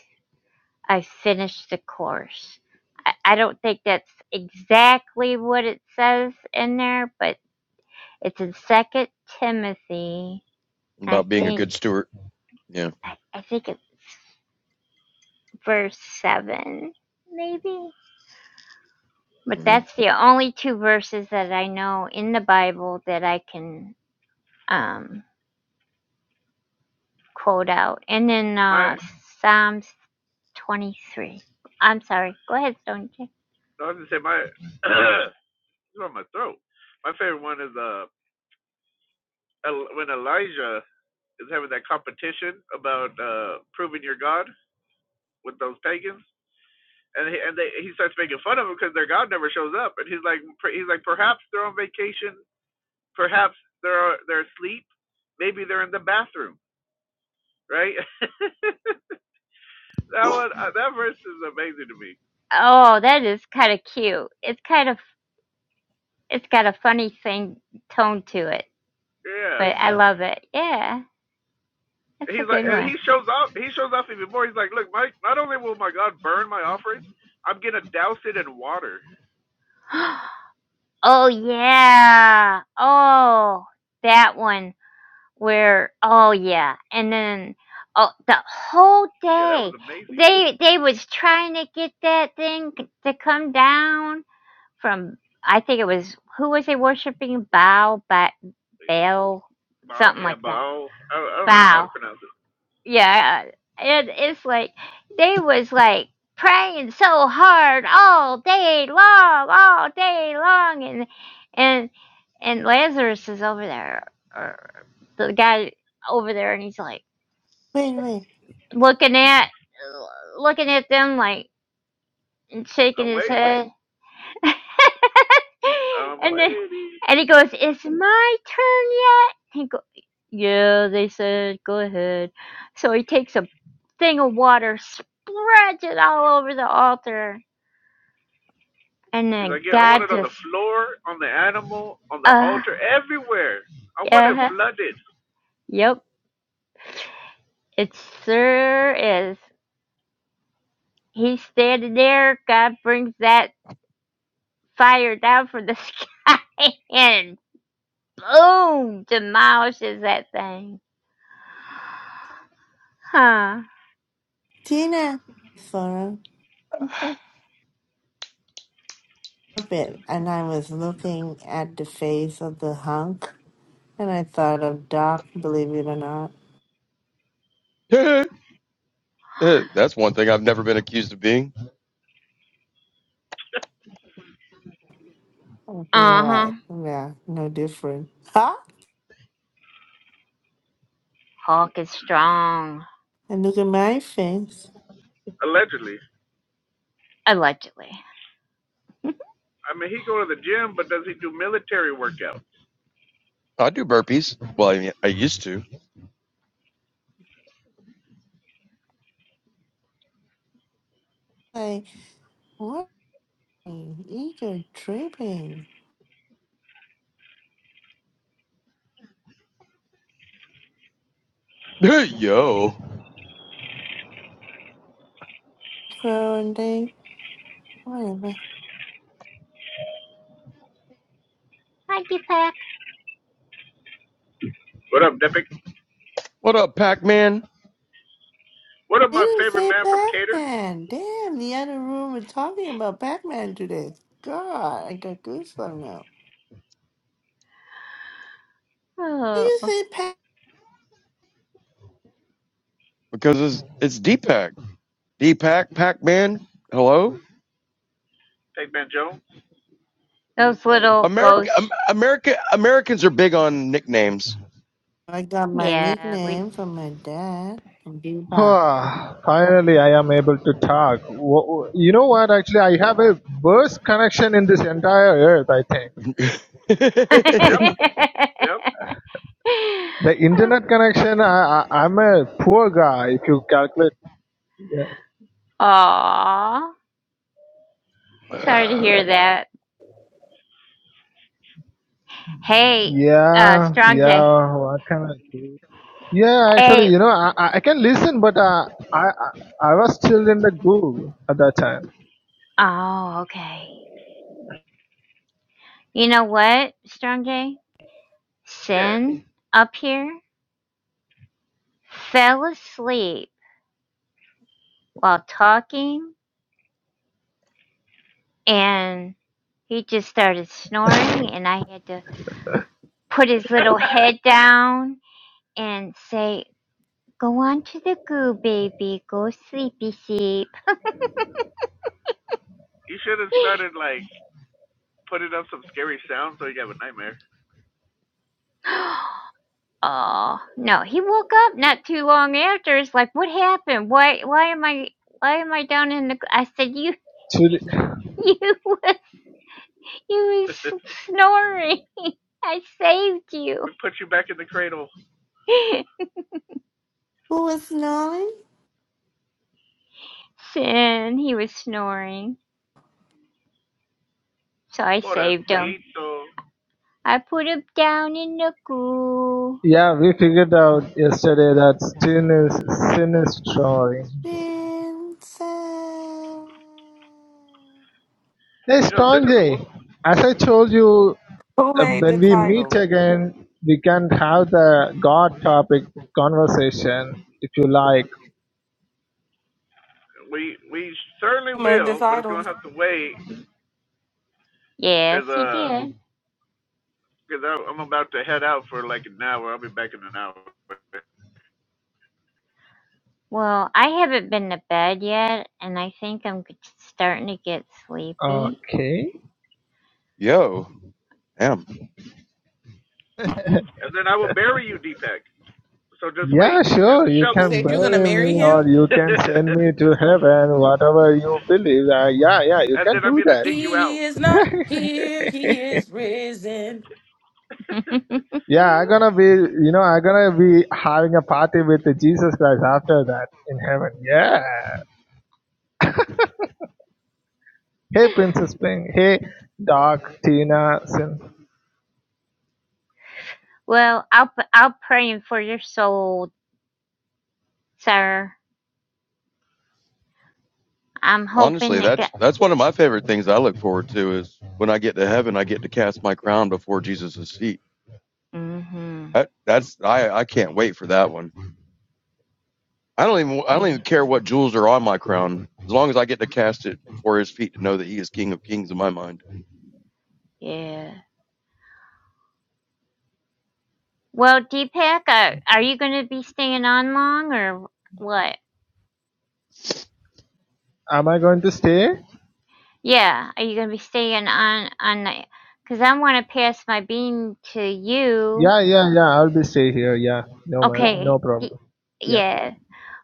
A: I finished the course. I, I don't think that's exactly what it says in there, but it's in Second Timothy. I
E: about being a
A: think
E: good steward. Yeah.
A: I, I think it's verse seven, maybe. But
E: hmm
A: that's the only two verses that I know in the Bible that I can um, quote out. And then
B: My
A: uh, Psalms 23. I'm sorry. Go ahead, Stone Jay.
B: no, I was gonna say my <clears throat> it's on my throat. My favorite one is uh when Elijah is having that competition about uh proving your God with those pagans, and he, and they he starts making fun of them because their God never shows up, and he's like he's like perhaps they're on vacation, perhaps they're they're asleep, maybe they're in the bathroom, right? <laughs> That one, uh, that verse is amazing to me.
A: Oh, that is kind of cute. It's kind of it's got a funny thing tone to it,
B: Yeah,
A: but yeah. I love it. Yeah, that's a
B: he's like,
A: good
B: and
A: one.
B: he shows off. He shows off even more. He's like, look, Mike. Not only will my God burn my offering, I'm gonna douse it in water.
A: <gasps> Oh yeah. Oh, that one. where oh yeah and then oh the whole
B: Yeah, that was
A: day
B: amazing.
A: they they was trying to get that thing c- to come down from i think it was who was they worshiping bow but bell
B: Baal,
A: something
B: yeah,
A: like that
B: Baal. I, I don't even know
A: Baal
B: how to pronounce it.
A: yeah and it's like they was like praying so hard all day long all day long and and and lazarus is over there or the guy over there and he's like
D: wait, wait.
A: looking at looking at them like and shaking
B: I'm
A: his
B: waiting.
A: head <laughs>
B: I'm
A: and then
B: waiting.
A: and he goes, "It's my turn yet?" He go, "Yeah," they said, "Go ahead." So he takes a thing of water, spreads it all over the altar, and
B: He's
A: then
B: like, yeah, I want
A: God
B: it on the
A: just,
B: floor, on the animal, on the
A: uh,
B: altar, everywhere. I want it
A: yeah,
B: flooded.
A: yep, it sure is. He's standing there. God brings that fire down from the sky <laughs> and boom demolishes that thing. Huh.
D: Tina, for
A: Okay.
D: a bit. And I was looking at the face of the hunk, and I thought of Doc, believe it or not.
E: <laughs> that's one thing I've never been accused of being.
D: Okay,
A: Uh huh.
D: right. Yeah, no different. <laughs>
A: Hulk is strong.
D: And look at my face.
B: Allegedly.
A: Allegedly.
B: I mean, he go to the gym, but does he do military workouts?
E: I do burpees. Well, I, mean, I used to.
D: Like, what? Eat your tripping.
E: <laughs> Yo,
D: Girl, they, whatever.
A: Thank you, Pack.
B: What up, Depic?
E: what up, Pac Man?
B: What up,
D: They
B: my
D: didn't
B: favorite
D: say
B: man from Cater,
D: Batman. Damn, the other room was talking about Batman today. God, I got goosebumps now. Why
A: Oh,
D: you say Batman?
E: Because it's it's D Pac, D Pac, Pac Man. Hello.
B: Pac Man Jones?
A: those little
E: America,
A: ghosts.
E: um, America, Americans are big on nicknames.
D: I got my
A: Yeah, we.
D: nickname from my dad, Bebop.
F: Ah, finally, I am able to talk. Wh- You know what? Actually, I have a worst connection in this entire earth. I think
E: <laughs>
A: <laughs>
B: Yep, yep,
F: the internet connection. I, I I'm a poor guy. If you calculate, yeah,
A: Aw, sorry to
E: Uh,
A: hear that. Hey, uh,
F: yeah,
A: Strong J.
F: yeah. What can I do? Yeah, actually,
A: Hey,
F: you know, I I I can listen, but uh, I I I was still in the Google at that time.
A: oh, okay. You know what, Strong J?
B: yeah.
A: Sin up here fell asleep while talking, and he just started snoring, and I had to put his little head down and say, Go on to the goo, baby. Go sleepy sleep.
B: You should have started like putting up some scary sounds so you have a nightmare.
A: <gasps> oh, no. He woke up not too long after. It's like, what happened? Why, why am I, why am I down in the, I said, you,
F: Still-
A: you, <laughs> was-
B: <laughs>
A: you
B: we
A: was snoring. I saved you.
B: put you back in the cradle.
A: <laughs>
D: Who was snoring?
A: and he was snoring. So I
B: Pobrecito.
A: saved him. I put him down in the goo.
F: Yeah, we figured out yesterday that sin is sin is strong.
D: Vincent.
F: Hey,
B: You know, sin
F: Strong J,
B: is a woman.
F: as I told you
G: Who
F: uh,
G: made the
F: when we meet
G: title?
F: again, we can have the God topic conversation if you like.
B: We we certainly
G: Who made the
B: will, but it's
G: title?
B: gonna have to wait
A: Yes,
B: because
A: he
B: uh
A: did.
B: because I'm about to head out for like an hour. I'll be back in an hour,
A: Well, I haven't been to bed yet, and I think I'm g- starting to get sleepy.
F: Okay.
E: Yo, damn.
B: and then I will bury you, Deepak. So just wait.
F: Yeah,
B: Grab
F: sure.
B: the
F: You
G: You
B: shovel,
F: can
G: said you're gonna
F: bury
G: marry
F: me or
G: him?
F: you
B: <laughs> and
F: can send me to heaven, whatever you believe. Uh, yeah, yeah, you can
B: then I'm
F: do
B: gonna
F: that.
B: dig you
G: He
B: out.
G: is not
F: <laughs>
G: here, he is risen.
B: <laughs>
F: yeah, I'm
A: <laughs>
F: gonna be, you know, I'm gonna be having a party with Jesus Christ after that in heaven. Yeah. Hey, Princess Pink. Hey, Doc, Tina, Sin.
A: well, I'll p- I'll praying for your soul, sir. I'm hoping
E: Honestly,
A: that.
E: that's
A: Go-
E: that's one of my favorite things I look forward to is when I get to heaven, I get to cast my crown before Jesus' feet.
A: <laughs> mm-hmm.
E: That, that's I I can't wait for that one. I don't even I don't even care what jewels are on my crown as long as I get to cast it before his feet to know that he is King of Kings in my mind.
A: Yeah. Well, Deepak, uh, are you going to be staying on long or what?
F: Am I going to stay?
A: Yeah, are you going to be staying on on the? Because I want to pass my bean to you.
F: Yeah, yeah, yeah. I'll be stay here. Yeah, no man, no
A: Okay. y-
F: problem. Yeah.
A: Yes.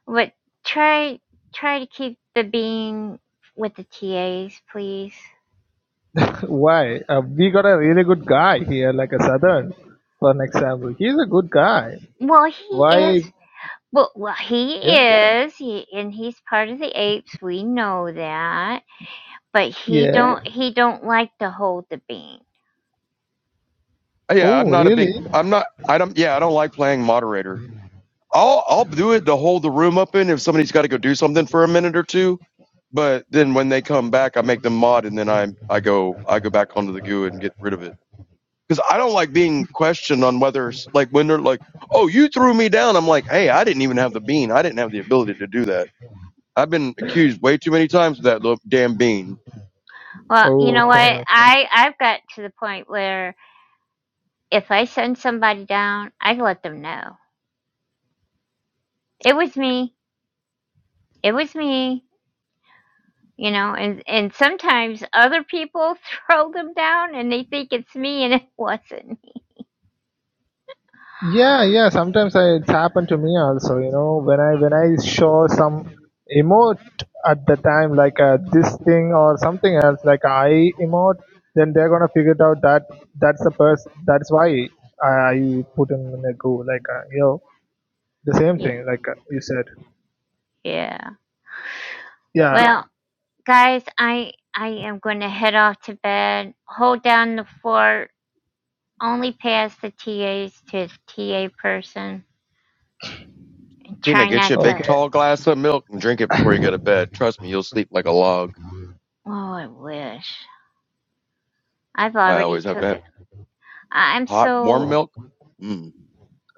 A: But try try to keep the bean with the TAs, please.
F: <laughs> Why? Uh, we got a really good guy here, like a Southern, for an example. He's a good guy.
A: Well, he Well,
F: Why?
A: is. Well, well, he
F: Yeah,
A: is, he, and he's part of the apes. We know that, but he right.
F: yeah.
A: don't. He don't like to hold the bean.
E: Uh, Yeah, I'm
F: Oh,
E: not a big
F: really?
E: I'm not I don't yeah I don't like playing moderator. I'll I'll do it to hold the room open if somebody's got to go do something for a minute or two. But then when they come back, I make them mod, and then I I go I go back onto the goo and get rid of it because I don't like being questioned on whether s- like when they're like, oh, you threw me down. I'm like, hey, I didn't even have the bean. I didn't have the ability to do that. I've been
A: Yeah.
E: accused way too many times of that little damn bean.
A: Well, you know
F: Okay,
A: what?
F: okay.
A: Well, I I've got to the point where if I send somebody down, I let them know it was me. It was me. you know and and sometimes other people <laughs> throw them down and they think it's me and it <laughs> wasn't me
F: Yeah, yeah. Sometimes I, it's happened to me also. You know, when I when I show some emote at the time, like uh, this thing or something else, like I emote, then they're gonna figure it out that that's the person. That's why I, I put him in a goo. Like uh, you know, the same
A: yeah
F: thing. Like uh, you said.
A: yeah Yeah.
F: Yeah.
A: well guys i i am going to head off to bed hold down the fort only pass the tas to the ta person and
E: Tina,
A: try
E: get you a
A: not
E: big
A: to
F: Okay.
E: tall glass of milk and drink it before you go to bed. Trust me, you'll sleep like a log.
A: oh i wish i've
E: I
A: already
E: always have to
A: took
E: have
A: it I- i'm
E: hot warm
A: so
E: milk. Mm.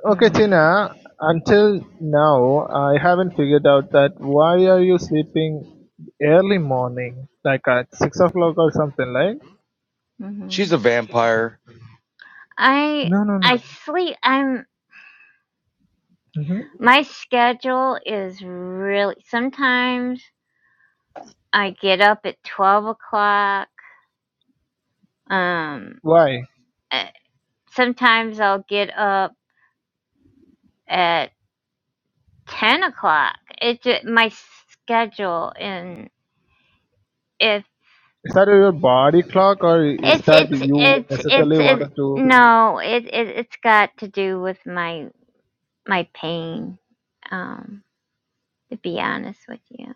F: Okay,
A: mm-hmm.
F: Tina. Until now, I haven't figured out that why are you sleeping early morning, like at six o'clock or something, like?
A: mm-hmm.
E: She's a vampire.
A: i
F: No, no, no.
A: i sleep i'm
F: Mhm.
A: my schedule is really sometimes I get up at 12 o'clock. Um,
F: Why?
A: eh, sometimes I'll get up at 10 o'clock. It just, my schedule and if
F: Is that your body clock, or is
A: it's,
F: that
A: it's,
F: you
A: it's, it's,
F: necessarily
A: it's
F: wanted to?
A: no, it, it, it's got to do with my, my pain. Um, to be honest with you.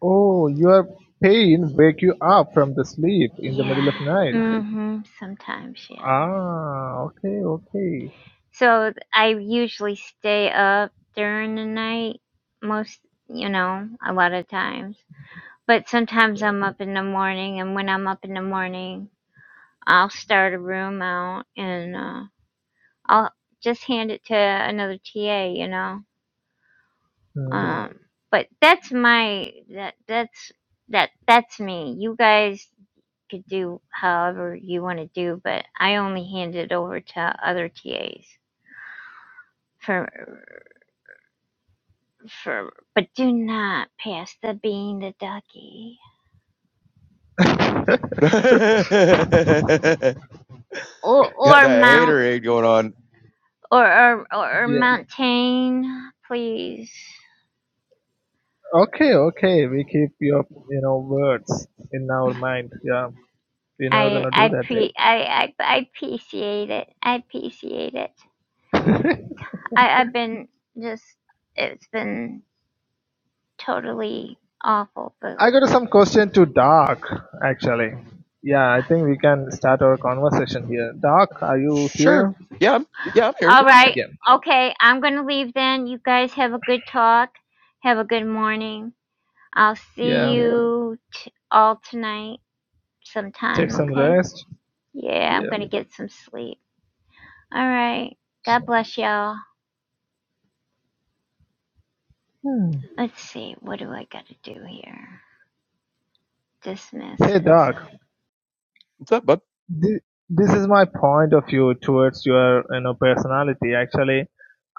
F: Oh, your pain wake you up from the sleep in the middle of
A: Yeah.
F: night.
A: Mhm. Sometimes, yeah.
F: Ah, okay, okay.
A: So I usually stay up during the night most, you know, a lot of times But sometimes I'm up in the morning, and when I'm up in the morning, I'll start a room out and uh, I'll just hand it to another TA, you know.
F: Hmm.
A: Um, but that's my that that's that that's me. You guys could do however you want to do, but I only hand it over to other TAs for for. But do not pass the bean to Ducky
F: <laughs>
E: <laughs> Got that
A: or or mount
E: haterade going on.
A: or or or or
F: yeah.
A: mountain, please.
F: Okay, okay. We keep your, you know, words in our mind. Yeah. We're never
A: I
F: gonna do
A: I
F: that thing.
A: pre I, I I appreciate it. I appreciate it.
F: <laughs>
A: I I've been just it's been totally awful. But
F: I got some question to Dark, actually. Yeah, I think we can start our conversation here. Dark, are you
E: Sure.
F: here?
E: Yeah. I'm- Yeah. I'm here.
A: all right,
F: Yeah.
A: okay. I'm gonna leave then. You guys have a good talk. Have a good morning. I'll
F: Yeah.
A: see you t- all tonight
F: Take
A: sometime.
F: some
A: Okay.
F: rest?
A: Yeah, I'm
F: Yeah.
A: gonna get some sleep. All right. God bless y'all.
F: Hmm.
A: Let's see, what do I gotta do here? Dismiss
F: Hey,
A: this.
F: Doc.
E: What's up, bud?
F: This, this is my point of view towards your, you know, personality. Actually,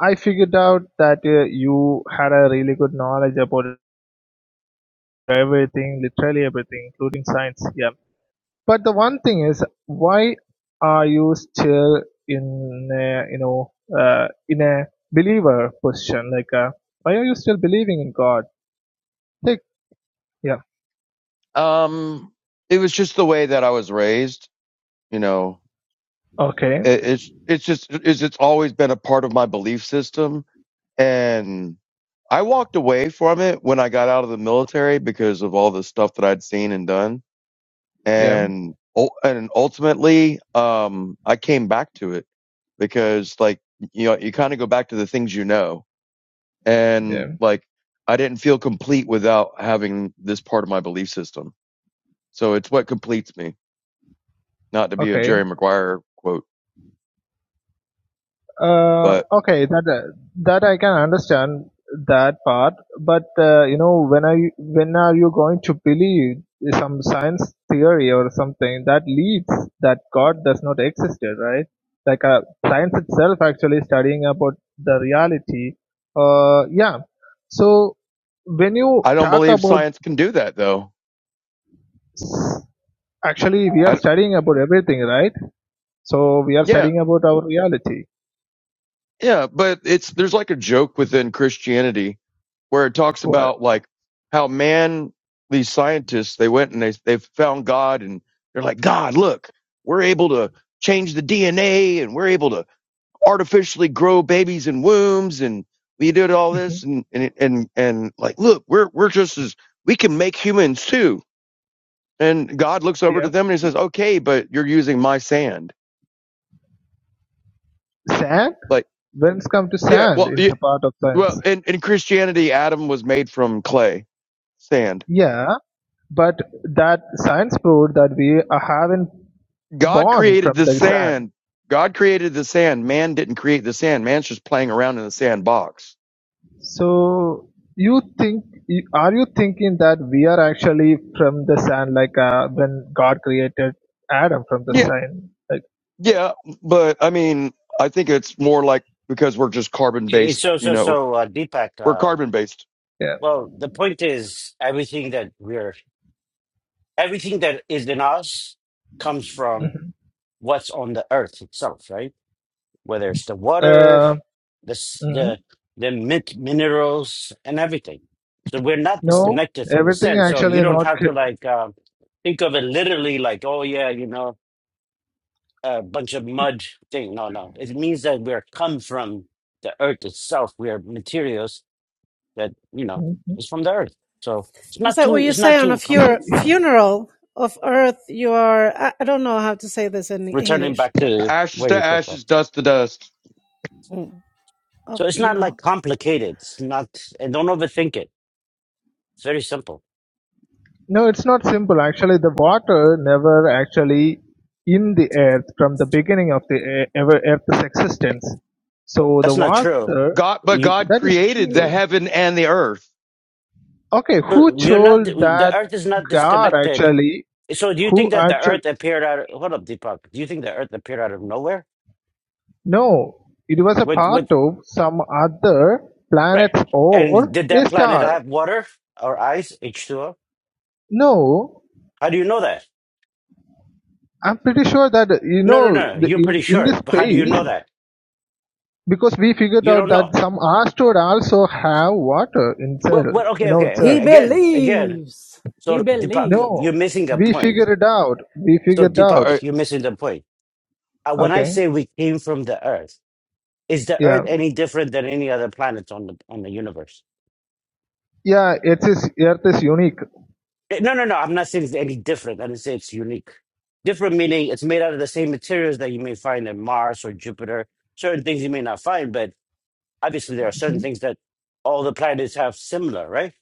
F: I figured out that uh, you had a really good knowledge about everything, literally everything, including science. Yeah. But the one thing is, why are you still in, a, you know, uh, in a believer position? Like, uh, why are you still believing in God? Like, yeah.
E: Um, it was just the way that I was raised. You know,
F: Okay.
E: it, it's it's just it's it's always been a part of my belief system, and I walked away from it when I got out of the military because of all the stuff that I'd seen and done,
F: Yeah.
E: and ul- and ultimately, um, I came back to it because like you know you kind of go back to the things you know
F: Yeah.
E: and like I didn't feel complete without having this part of my belief system. So it's what completes me. Not to be a
F: Okay.
E: Jerry Maguire quote,
F: Uh,
E: but
F: okay, that uh, that I can understand that part, but uh, you know, when are you, when are you going to believe some science theory or something that leads that God does not exist, right? Like uh, science itself actually studying about the reality. Uh, yeah. So when you
E: I don't
F: talk
E: believe
F: about
E: science can do that though.
F: s- actually we are
E: I
F: studying about everything, right? So we are
E: yeah,
F: studying about our reality.
E: yeah, but it's there's like a joke within Christianity where it talks
F: What?
E: about like how man these scientists they went and they they found God and they're like God, look, we're able to change the DNA and we're able to artificially grow babies in wombs and we did all
F: hmm
E: this and and and, and like look we're we're just as we can make humans too and god looks over to
F: Yeah.
E: them and he says okay but you're using my sand
F: Sam?
E: like
F: Winds come to
E: yeah
F: sand
E: well
F: in
E: yeah,
F: the part of
E: well
F: science.
E: in, in christianity adam was made from clay sand
F: Yeah, but that science proved that we are having
E: god
F: born
E: created
F: from
E: the
F: the sand.
E: sand god created the sand man didn't create the sand man's just playing around in the sandbox
F: So you think are you thinking that we are actually from the sand like uh, when God created Adam from the
E: yeah
F: sand? Like
E: yeah but i mean i think it's more like because we're just carbon
C: It's
E: based
C: so
E: you
C: so
E: know
C: so uh,
E: We're
C: Deepak.
E: carbon based.
F: yeah.
C: Well, the point is everything that we're everything that is in us comes from
F: hmm
C: what's on the earth itself, right? Whether it's the water,
F: Uh,
C: the s-
F: mhm.
C: the the mint minerals, and everything. So we're not
F: No,
C: disconnected from the
F: everything
C: sand. So you
F: actually
C: don't
F: not.
C: have to
F: cre-
C: like uh, think of it literally like, oh yeah, you know, a bunch of mud thing. No, no, it means that we're come from the earth itself. We are materials that you know is from the earth. So it's
H: Is
C: not
H: that what
C: too
H: you
C: it's not
H: say on a
C: too complicated.
H: fur-
F: <laughs>
H: funeral of earth? You are, I I don't know how to say this in
C: returning
H: English.
C: back
E: Yeah.
C: to
E: Ashes
C: where
E: to
C: you came from.
E: ashes, dust to dust.
H: Mm. Of,
C: So it's
H: you
C: not like
H: know,
C: complicated. It's not, and don't overthink it. It's very simple.
F: No, it's not simple. Actually, the water never actually in the earth from the beginning of the e- ever earth's existence. So the
C: That's not true.
F: water
E: God, but
C: You,
E: God
F: that is
E: created the
F: true.
E: heaven and the earth.
F: Okay, who
C: you're not,
F: told
C: the
F: that
C: earth is not
F: God
C: disconnected.
F: actually?
C: So do you
F: Who
C: think that the
F: actually?
C: earth appeared out, hold up, Deepak. Do you think the earth appeared out of nowhere?
F: No, it was a
C: With,
F: part
C: with,
F: of some other
C: right.
F: planet
C: And
F: or
C: did that
F: a
C: planet
F: star.
C: have water or ice, H2O?
F: No,
C: How do you know that?
F: I'm pretty sure that you
C: No, no,
F: know
C: no. no.
F: the,
C: You're
F: in
C: pretty
F: in
C: sure.
F: this
C: But how do you know
F: space
C: that?
F: because we figured
C: You
F: out
C: don't
F: that
C: know.
F: some asteroid also have water
C: Well,
F: inside
C: well
F: you
C: okay,
F: know
C: okay,
H: He
C: okay.
F: itself
C: Again, again.
H: believes.
C: So,
H: He
C: Deepak,
F: no
H: believed.
C: you're missing a
F: we
C: point
F: figured it out we
C: So,
F: figured out
E: Uh,
C: Deepak, you're missing the point. Uh, When I
F: okay
C: say we came from the Earth, is the
F: yeah
C: Earth any different than any other planet on the on the universe?
F: yeah it is earth is unique
C: Eh, No, no, no. I'm not saying it's any different. I didn't say it's unique. Different meaning it's made out of the same materials that you may find in Mars or Jupiter. Certain things you may not find, but obviously there are
F: Mhm.
C: certain things that all the planets have similar, right?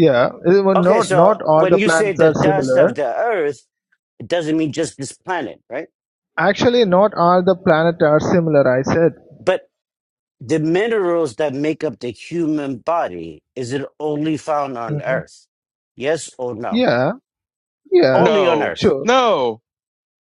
F: yeah it will
C: Okay,
F: not
C: so
F: not all the
C: when you say
F: planets
C: the
F: are
C: dust
F: similar
C: of the Earth, it doesn't mean just this planet, right?
F: actually not all the planets are similar i said
C: But The minerals that make up the human body, is it only found on
F: hmm
C: Earth? Yes or no?
F: yeah yeah
C: Only on
E: no,
C: Earth.
F: sure
E: no,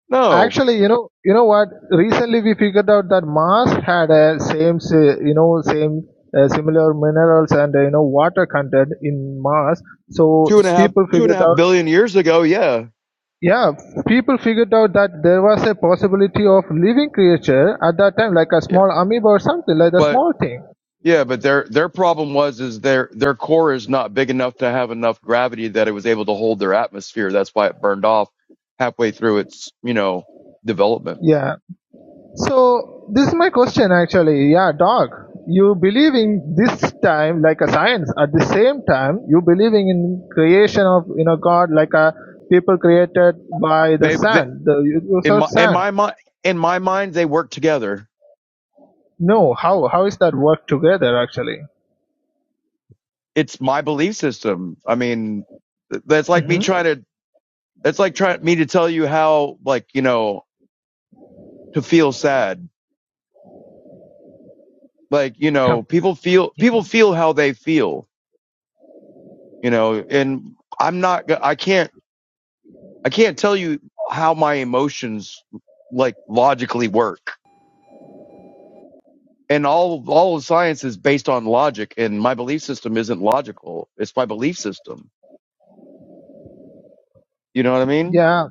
E: no.
F: Actually, you know, you know what? Recently, we figured out that Mars had a same, si- you know, same uh, similar minerals and uh, you know water content in Mars. So
E: Two and a half,
F: people
E: two and a
F: figured
E: half
F: out,
E: billion years ago. Yeah,
F: yeah, people figured out that there was a possibility of living creature at that time, like a
E: yeah.
F: small amoeba or something, like a
E: But
F: small thing.
E: yeah, but their their problem was is their their core is not big enough to have enough gravity that it was able to hold their atmosphere. That's why it burned off halfway through its you know development.
F: Yeah. So this is my question actually. Yeah, dog. You believing this time like a science. At the same time, you believing in creation of you know God like a people created by the
E: They, they
F: sand, the use
E: in
F: of
E: my in
F: sand.
E: my mind in my mind they work together
F: No, how how is that work together actually?
E: it's my belief system. I mean, that's like me
F: hmm
E: trying to, that's like trying me to tell you how, like, you know, to feel sad. Like, you know, people feel, people feel how they feel, you know, and I'm not, I can't, I can't tell you how my emotions like logically work. And all, all of science is based on logic and my belief system isn't logical. It's my belief system. You know what I mean?
F: Yeah,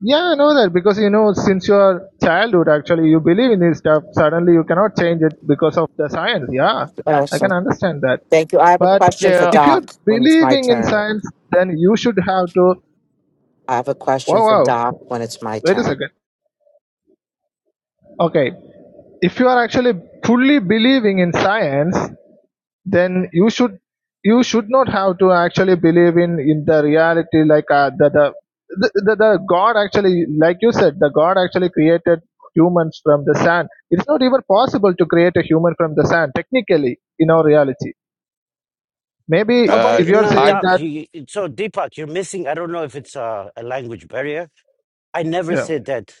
F: yeah, I know that because you know since your childhood actually you believe in this stuff. Suddenly you cannot change it because of the science. Yeah, I
I: Awesome.
F: can understand that.
I: Thank you. I have a
F: But
I: question for
E: Yeah.
F: if you're
I: Doc when it's my
F: believing in
I: turn.
F: science, then you should have to.
I: I have a question
F: Wow,
I: for Doc
F: wow.
I: when it's my
F: Wait a
I: turn.
F: second. Okay. If you are actually fully believing in science, then you should you should not have to actually believe in in the reality like uh, the, the the the the God actually like you said the God actually created humans from the sand. It's not even possible to create a human from the sand technically in our reality. Maybe
E: Uh,
F: if
C: Nobody,
F: you are
C: no,
E: I,
F: saying
C: Doc.
F: that,
C: You, you- so Deepak, you're missing. I don't know if it's a, a language barrier. I never
F: yeah.
C: said that.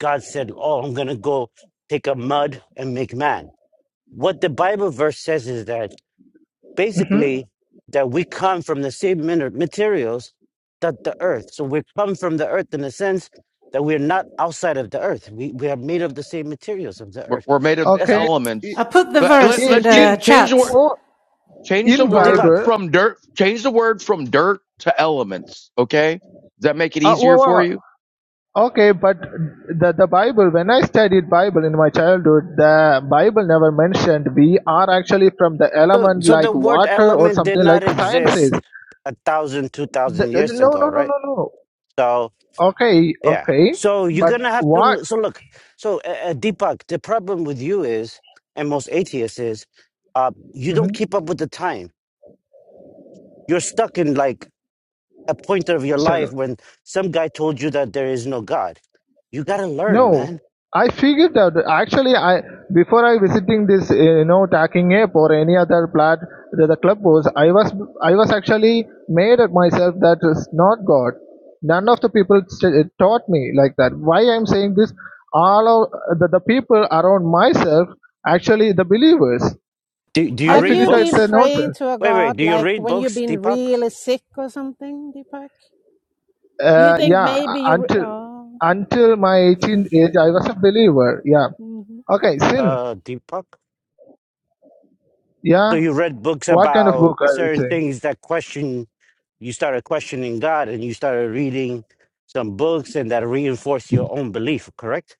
C: God said, "Oh, I'm gonna go take a mud and make man." What the Bible verse says is that
F: hmm
C: basically that we come from the same miner- materials that the earth. So we come from the earth in a sense that we're not outside of the earth. We we are made of the same materials of the
E: We're,
C: earth.
E: we're made of the
C: That's
F: Okay.
E: elements.
H: I put the
E: Let,
H: verse
E: let,
F: I-
H: in
E: let's cha-
H: the
F: in
E: change the word.
H: chat.
F: oh,
E: Change the
F: in
C: so
E: word
C: Deepak.
F: Bible.
E: from dirt. Change the word from dirt to elements. Okay, does that make it
F: Uh, whoa,
E: easier
F: whoa,
E: for
F: whoa.
E: you?
F: Okay, but the the Bible. When I studied Bible in my childhood, the Bible never mentioned we are actually from the
C: So
F: element
C: so
F: like
C: the word
F: water or
C: element did
F: something
C: not
F: like science says.
C: exist a thousand, two
F: The,
C: thousand
F: the-
C: years
F: no,
C: ago,
F: no, no,
C: right?
F: no, no.
C: So
F: Okay,
C: yeah.
F: okay.
C: So you're
F: But
C: gonna have to.
F: what?
C: l- So look. So uh, uh, Deepak, the problem with you is, and most atheists is, uh, you don't
F: mhm.
C: keep up with the time. You're stuck in like a point of your life
F: Second.
C: when some guy told you that there is no God. You gotta learn,
F: No,
C: man.
F: I figured that actually I before I visiting this uh, you know tacking app or any other plat the, the club was I was I was actually made at myself that is not God. None of the people st- taught me like that. Why I'm saying this? All of the, the people around myself actually the believers.
C: Do do you
F: I
H: Have
C: read
H: you
F: figured out it's
H: been
F: a
C: books?
H: praying
F: nonsense.
H: to a
C: Wait, wait.
H: God
C: Do you
H: like
C: read
H: when you've
C: books,
H: been
C: Deepak?
H: really sick or something, Deepak? Do you
F: Uh,
H: think
F: yeah,
H: maybe you? Re-
F: until
H: oh.
F: until my 18 age I was a believer. Yeah.
H: hmm
F: Okay, sin.
C: Uh, Deepak. So
F: Yeah.
C: you read books
F: What kind of
C: about
F: book I will
C: certain
F: say?
C: things that question. You started questioning God, and you started reading some books, and that reinforced your own belief. Correct?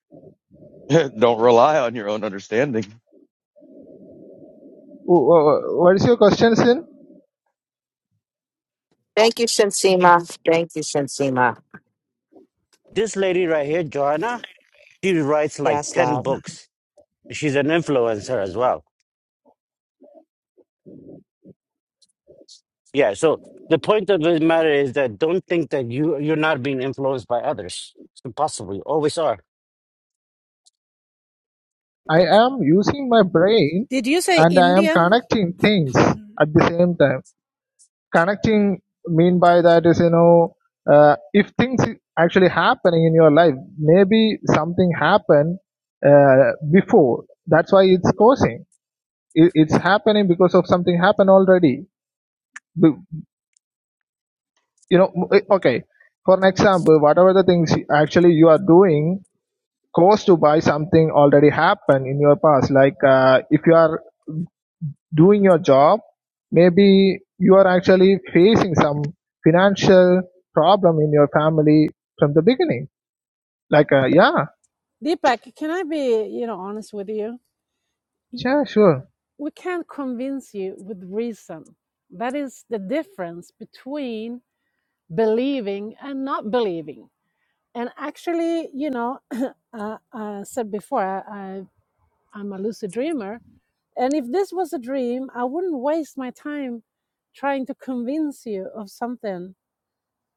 E: <laughs> Don't rely on your own understanding.
F: Wh- wh- What is your question, Sin?
I: Thank you, Shinsima. Thank you, Shinsima.
C: This lady right here, Johanna, she writes like
I: Yes,
C: ten
I: love.
C: books. She's an influencer as well Yeah, so the point of the matter is that don't think that you you're not being influenced by others. It's impossible. You always are.
F: I am using my brain
H: Did you say
F: and I am
H: Indian?
F: connecting things
H: Mm-hmm.
F: at the same time. Connecting mean by that is, you know, uh, if things i- actually happening in your life, maybe something happened uh, before. That's why it's causing. It, it's happening because of something happened already. B- You know, m- eh, okay. For an example, whatever the things actually you are doing, cost to buy something already happened in your past. Like uh, if you are doing your job, maybe you are actually facing some financial problem in your family from the beginning. Like uh, yeah,
H: Deepak, can I be, you know, honest with you?
F: yeah, sure,
H: We can't convince you with reason. That is the difference between believing and not believing. And actually, you know, <clears throat> uh, I said before, I, I, I'm a lucid dreamer. And if this was a dream, I wouldn't waste my time trying to convince you of something.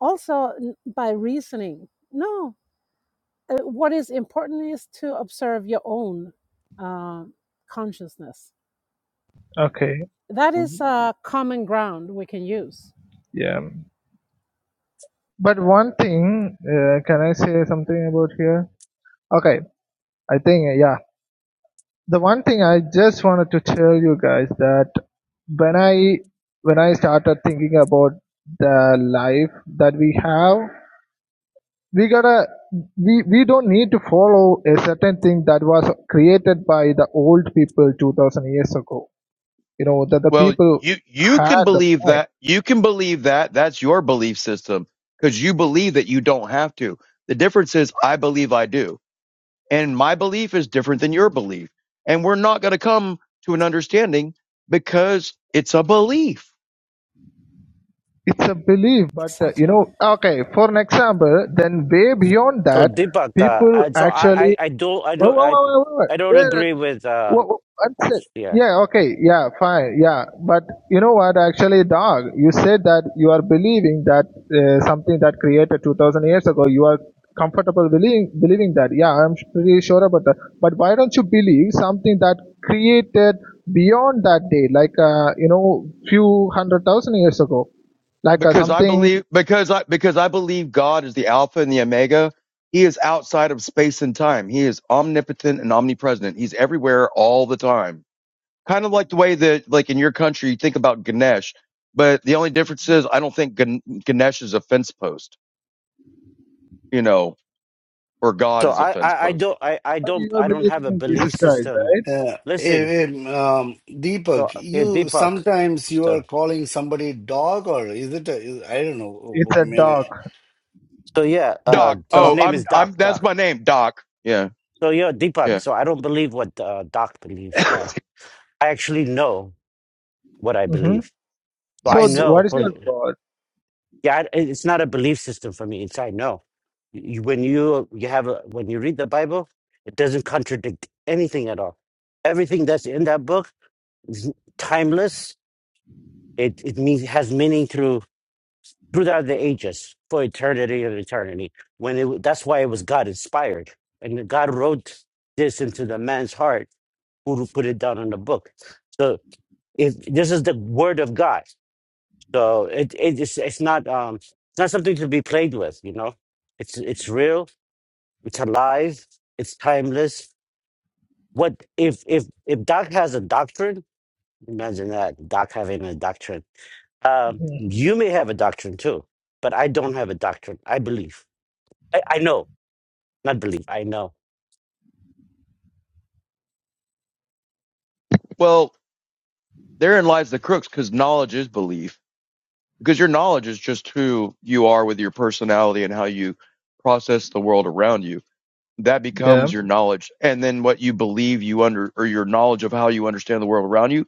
H: Also, by reasoning. No, uh, what is important is to observe your own uh, consciousness.
F: okay,
H: That
E: hmm
H: is a common ground we can use.
F: yeah. But one thing, uh, can I say something about here? Okay, I think uh, yeah. The one thing I just wanted to tell you guys that when I when I started thinking about the life that we have we gotta we we don't need to follow a certain thing that was created by the old people 2000 years ago you know that the
E: Well,
F: people
E: you you can
F: had the
E: believe
F: mind
E: that. You can believe that. That's your belief system because you believe that you don't have to. The difference is, I believe I do, and my belief is different than your belief. And we're not going to come to an understanding because it's a belief
F: it's a belief but uh, you
H: Exactly.
F: know okay for an example then way beyond
C: So
F: that
C: Deepak, uh,
F: people
C: I, so I, I,
F: actually
C: I do I
F: Wait,
C: don't
F: wait,
C: I,
F: wait, wait,
C: I don't
F: wait, wait.
C: agree with uh
F: Well, that's it.
C: yeah.
F: Yeah, okay, yeah, fine, yeah. But you know what, actually, dog, you said that you are believing that uh, something that created 2000 years ago, you are comfortable believing, believing that. Yeah, I'm sh- pretty sure about that. But why don't you believe something that created beyond that day, like, uh, you know, few hundred thousand years ago? Like uh,
E: because I
F: something,
E: believe because I because I believe God is the Alpha and the Omega. He is outside of space and time. He is omnipotent and omnipresent. He's everywhere all the time. Kind of like the way that like in your country you think about Ganesh, but the only difference is I don't think Gan- Ganesh is a fence post, you know, or God
C: So
E: is a
C: I
E: fence
C: I, I
E: post.
C: don't I, I
F: but
C: don't
F: you are
C: I don't have
F: believing
C: a
F: in
C: belief
F: Jesus Christ,
C: system.
F: right?
J: Uh,
C: Listen,
J: eh, eh, um,
C: so
J: Deepak,
C: here
J: you
C: Deepak.
J: sometimes you
C: So
J: are calling somebody dog, or is it? A, is, I don't know.
F: It's a
J: May,
F: dog.
C: so yeah,
F: It's
C: uh
E: Doc.
F: a
C: his
F: dog.
E: Oh,
C: name
E: I'm
C: is
E: I'm
C: Doc
E: that's
C: Doc.
E: my name, Doc. Yeah.
C: So yeah, Deepak.
E: Yeah.
C: So I don't believe what uh, Doc believes.
E: <laughs>
C: Uh, I actually know what I
F: hmm
C: believe. So I
F: So, th-
C: know.
F: what is
C: for.
F: your God?
C: yeah I- it's not a belief system for me it's i know you, when you you have a, when you read the bible it doesn't contradict anything at all everything that's in that book is timeless it it means has meaning through throughout the ages for eternity and eternity when it that's why it was god inspired and god wrote this into the man's heart who put it down in the book so if this is the word of god So it it is it's not um it's not something to be played with, you know. It's it's real, it's alive, it's timeless. What if if if Doc has a doctrine, imagine that, Doc having a doctrine. Um you may have a doctrine too, but I don't have a doctrine. I believe. I, I know, not believe, I know.
E: well, therein lies the crooks cuz knowledge is belief because your knowledge is just who you are with your personality and how you process the world around you that
F: Yeah.
E: becomes your knowledge and then what you believe you under or your knowledge of how you understand the world around you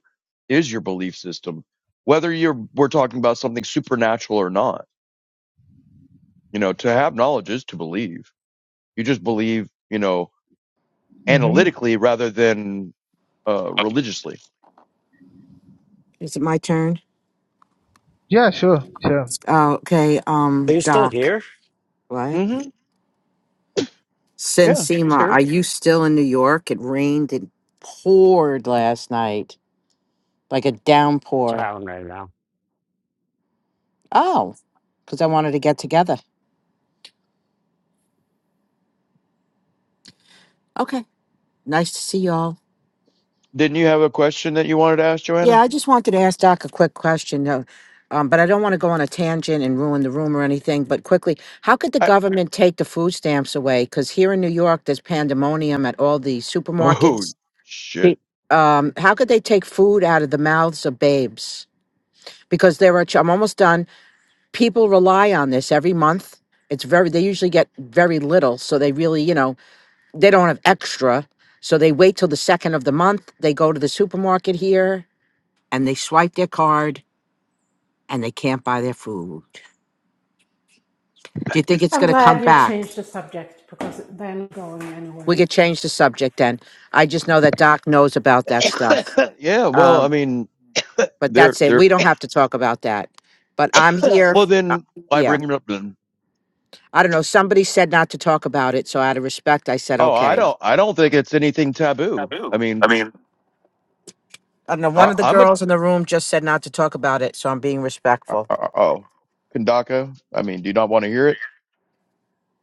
E: is your belief system whether you're we're talking about something supernatural or not you know to have knowledge is to believe you just believe you know
F: Mm-hmm.
E: analytically rather than uh religiously
I: Is it my turn?
F: Yeah, sure, sure.
I: Oh, okay. Um,
C: There's
I: Doc. What?
E: hmm yeah she's
I: Shinsima, are
E: here
I: you still in New York? It rained and poured last night, like a downpour.
C: town right now.
I: Oh, because I wanted to get together. Okay. Nice to see y'all.
E: didn't you have a question that you wanted to ask
I: Yeah,
E: joanna
I: I just wanted to ask Doc a quick question, uh, um, but I don't want to go on a tangent and ruin the room or anything. But quickly, how could the
E: I,
I: government take the food stamps away? Because here in New York, there's pandemonium at all the
E: oh
I: supermarkets.
E: shit
I: Be- Um, how could they take food out of the mouths of babes? Because there are, ch- I'm almost done. People rely on this every month. It's very, they usually get very little. So they really, you know, they don't have extra. So they wait till the second of the month. They go to the supermarket here and they swipe their card and they can't buy their food. Do you think it's
H: I'm
I: going to come
H: glad you
I: back?
H: changed the subject because they're not going
I: We
H: anywhere.
I: could change the subject then. I just
H: Thank
I: know
H: you.
I: that Doc knows about that stuff.
E: <laughs> yeah, well, I
I: Um,
E: mean,
I: but
E: they're
I: that's it.
E: they're
I: We don't have to talk about that. But I'm
E: <laughs>
I: here.
E: well.
I: uh,
E: Then why
I: yeah.
E: bring it up then?
I: I don't know. Somebody said not to talk about it. So out of respect, I said,
E: Oh, I
I: okay.
E: don't I don't think it's anything taboo. I mean,
I: I don't know. One
E: I,
I: of the
E: I'm a
I: girls in the room just said not to talk about it. So I'm being respectful.
E: uh, uh, oh, Kandaka. I mean, do you not want to hear it?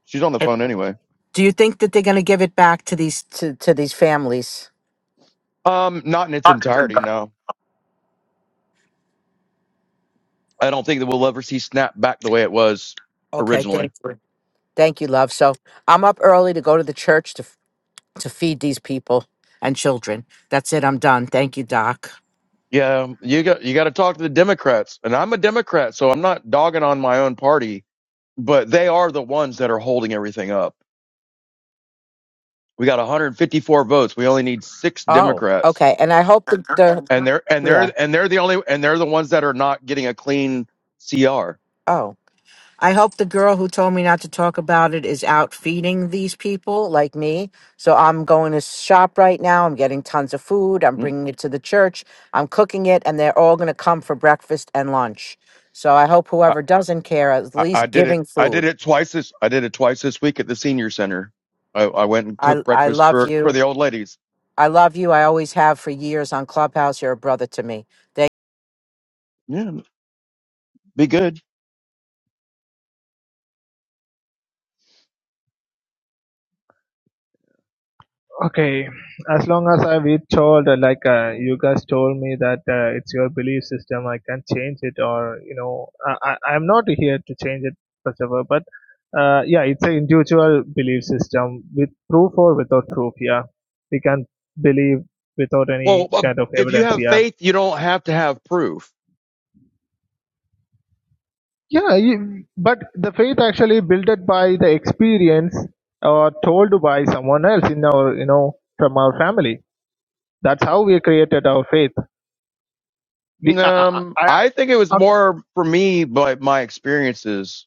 E: She's on the
I: If-
E: phone anyway.
I: Do you think that they're going to give it back to these to, to these families?
E: Um, not in its entirety. No, I don't think that we'll ever see Snap back the way it was
I: Okay. Thank
E: originally.
I: you. Thank you, love. So I'm up early to go to the church to to feed these people and children. That's it. I'm done. Thank you, Doc.
E: Yeah, you got you got to talk to the Democrats, and I'm a Democrat, so I'm not dogging on my own party, but they are the ones that are holding everything up. We got 154 votes. We only need six
I: Oh,
E: Democrats,
I: okay. And I hope the,
E: and
I: the
E: they're and
I: yeah.
E: they're and they're the only and they're the ones that are not getting a clean CR.
I: Oh, I hope the girl who told me not to talk about it is out feeding these people like me. So I'm going to shop right now. I'm getting tons of food. I'm
E: Mm,
I: bringing it to the church. I'm cooking it, and they're all going to come for breakfast and lunch. So I hope
E: I,
I: whoever doesn't care is at
E: I, I
I: least
E: did it.
I: giving
E: I did
I: food.
E: it twice this. I did it twice this week at the senior center. I, I went and
I: I
E: cooked
I: I
E: breakfast
I: love
E: for for
I: you.
E: the old ladies.
I: I love you. I always have for years on Clubhouse. You're a brother to me.
E: Yeah, be good.
F: Okay, as long as I we told uh, like uh, you guys told me that uh, it's your belief system, I can change it, or you know, I, I I'm not here to change it first of all, but uh, yeah, it's an individual belief system with proof or without proof. Yeah, we can believe without
E: Well,
F: any
E: uh,
F: kind of
E: if you
F: evidence.
E: have
F: Yeah,
E: faith, you don't have to have proof.
F: yeah, you, but the faith actually built by the experience or told by someone else in our you know from our family That's how we created our faith. We, I, I,
E: Um,
F: I,
E: I think it was
F: I,
E: more for me, but my experiences.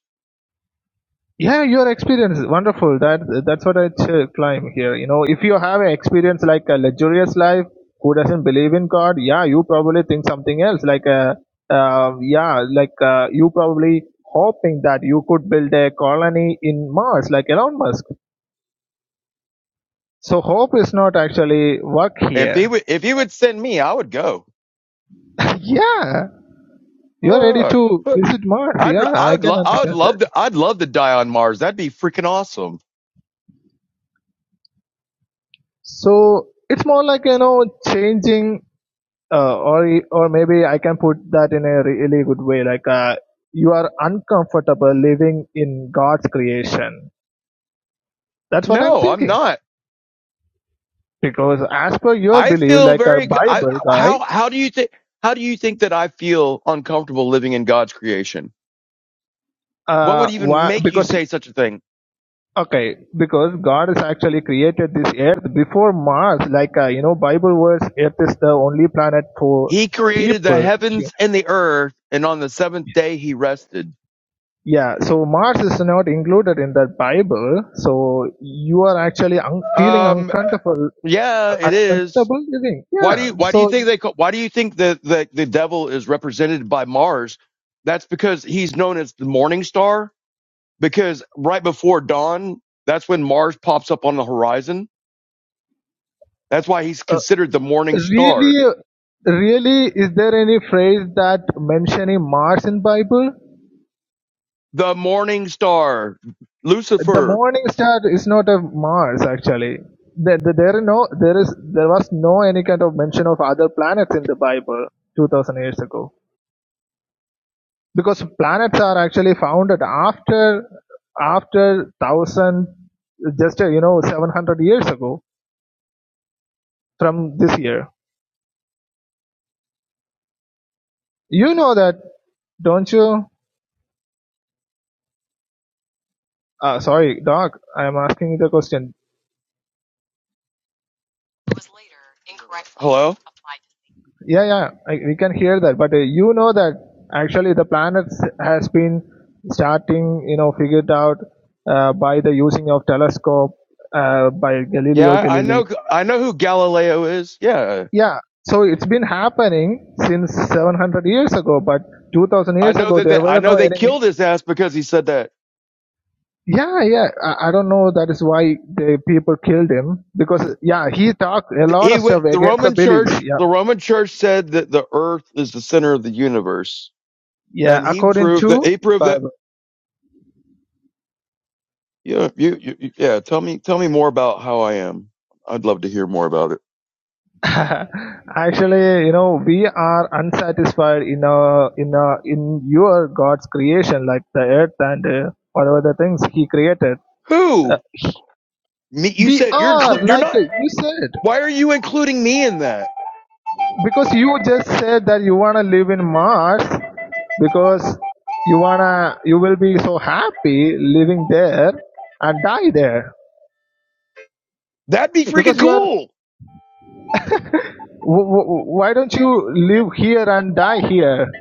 F: yeah, your experience is wonderful. That that's what I ch- claim here. You know, if you have an experience like a luxurious life, who doesn't believe in God, yeah, you probably think something else. Like, uh, uh, yeah, like uh, you probably hoping that you could build a colony in Mars, like Elon Musk. So hope is not actually work
E: If he
F: here.
E: would, if he would send me, I would go.
F: <laughs> yeah, you're ready
E: Fuck.
F: to visit Mars.
E: I'd
F: Yeah,
E: I
F: I
E: would
F: can
E: lo- I would
F: understand that.
E: love to I'd love to die on Mars. That'd be freaking awesome.
F: So it's more like you know changing, uh, or or maybe I can put that in a really good way. Like uh, you are uncomfortable living in God's creation. That's what I'm
E: No, I'm
F: thinking.
E: not.
F: Because as per your
E: I
F: belief,
E: feel
F: like a
E: very g- I
F: Bible guy,
E: how how do you think how do you think that I feel uncomfortable living in God's creation? What
F: uh,
E: would even
F: why?
E: make you
F: Because
E: say such a thing?
F: okay, because God has actually created this Earth before Mars. Like uh, you know, Bible words, Earth is the only planet for
E: He created the
F: people,
E: heavens and the earth and on the seventh day he rested.
F: Yeah, so Mars is not included in that Bible, so you are actually un- feeling
E: Um
F: uncomfortable,
E: yeah, it is.
F: uncomfortable living.
E: Why
F: Yeah,
E: do you why do you
F: so
E: think they call, why do you think that the, the devil is represented by Mars? That's because he's known as the morning star because right before dawn, that's when Mars pops up on the horizon. That's why he's
F: uh,
E: considered the morning star.
F: really, really, is there any phrase that mentioning Mars in Bible?
E: The morning star,
F: The
E: Lucifer.
F: morning star is not a Mars actually. There, there there are no, there is, there was no any kind of mention of other planets in the Bible two thousand years ago. because planets are actually found at after after thousand just uh, you know 700 years ago from this year you know that don't you uh, sorry doc i am asking you the question
E: Was later incorrect. Hello.
F: yeah yeah I, we can hear that but uh, you know that actually the planets has been starting you know figured out uh, by the using of telescope uh, by
E: Yeah,
F: galileo
E: I I
F: galilei
E: know. I know who Galileo is. Yeah,
F: Yeah, so it's been happening since 700 years ago, but 2000
E: I
F: years
E: know
F: ago
E: that.
F: there
E: They, I
F: were
E: know
F: no
E: they
F: any.
E: killed his ass because he said that.
F: Yeah, yeah, I, I don't know. That is why the people killed him because yeah, he talked a lot
E: He
F: of
E: went,
F: stuff
E: the
F: against the
E: Roman
F: beliefs.
E: Church.
F: Yeah,
E: The Roman Church said that the Earth is the center of the universe,
F: yeah,
E: and he
F: according
E: proved that.
F: to
E: He proved that
F: Bible.
E: Yeah, if you, you, you- yeah. Tell me, tell me more about how I am. I'd love to hear more about it.
F: <laughs> Actually, you know, we are unsatisfied in uh in uh in your God's creation, like the earth and uh, whatever the things He created. Uh,
E: Who? Me? You
F: we
E: said you're
F: are
E: inclu- you're
F: like
E: not.
F: uh, you said.
E: Why are you including me in that?
F: Because you just said that you wanna live in Mars because you wanna you will be so happy living there and die there.
E: That'd be freaking
F: Because you are
E: cool.
F: w- w- why don't you live here and die here?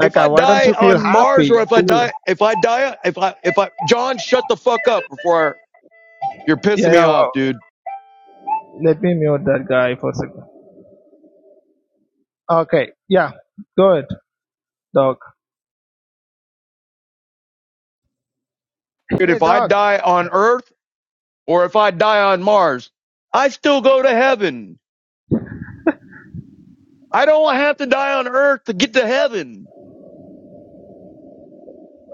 E: If
F: uh,
E: I
F: why don't
E: die
F: you feel
E: on Mars, or
F: happy?
E: if I
F: Cool.
E: die, if I die, if I, if I, John, shut the fuck up before I, you're
F: Yeah,
E: pissing me
F: yeah.
E: off,
F: Wow.
E: dude.
F: Let me mute that guy for a second. Okay. Yeah. Good. Dog.
E: Dude,
F: Hey,
E: if I
F: dog.
E: die on Earth or if I die on Mars, I still go to heaven. I don't have to die on Earth to get to heaven.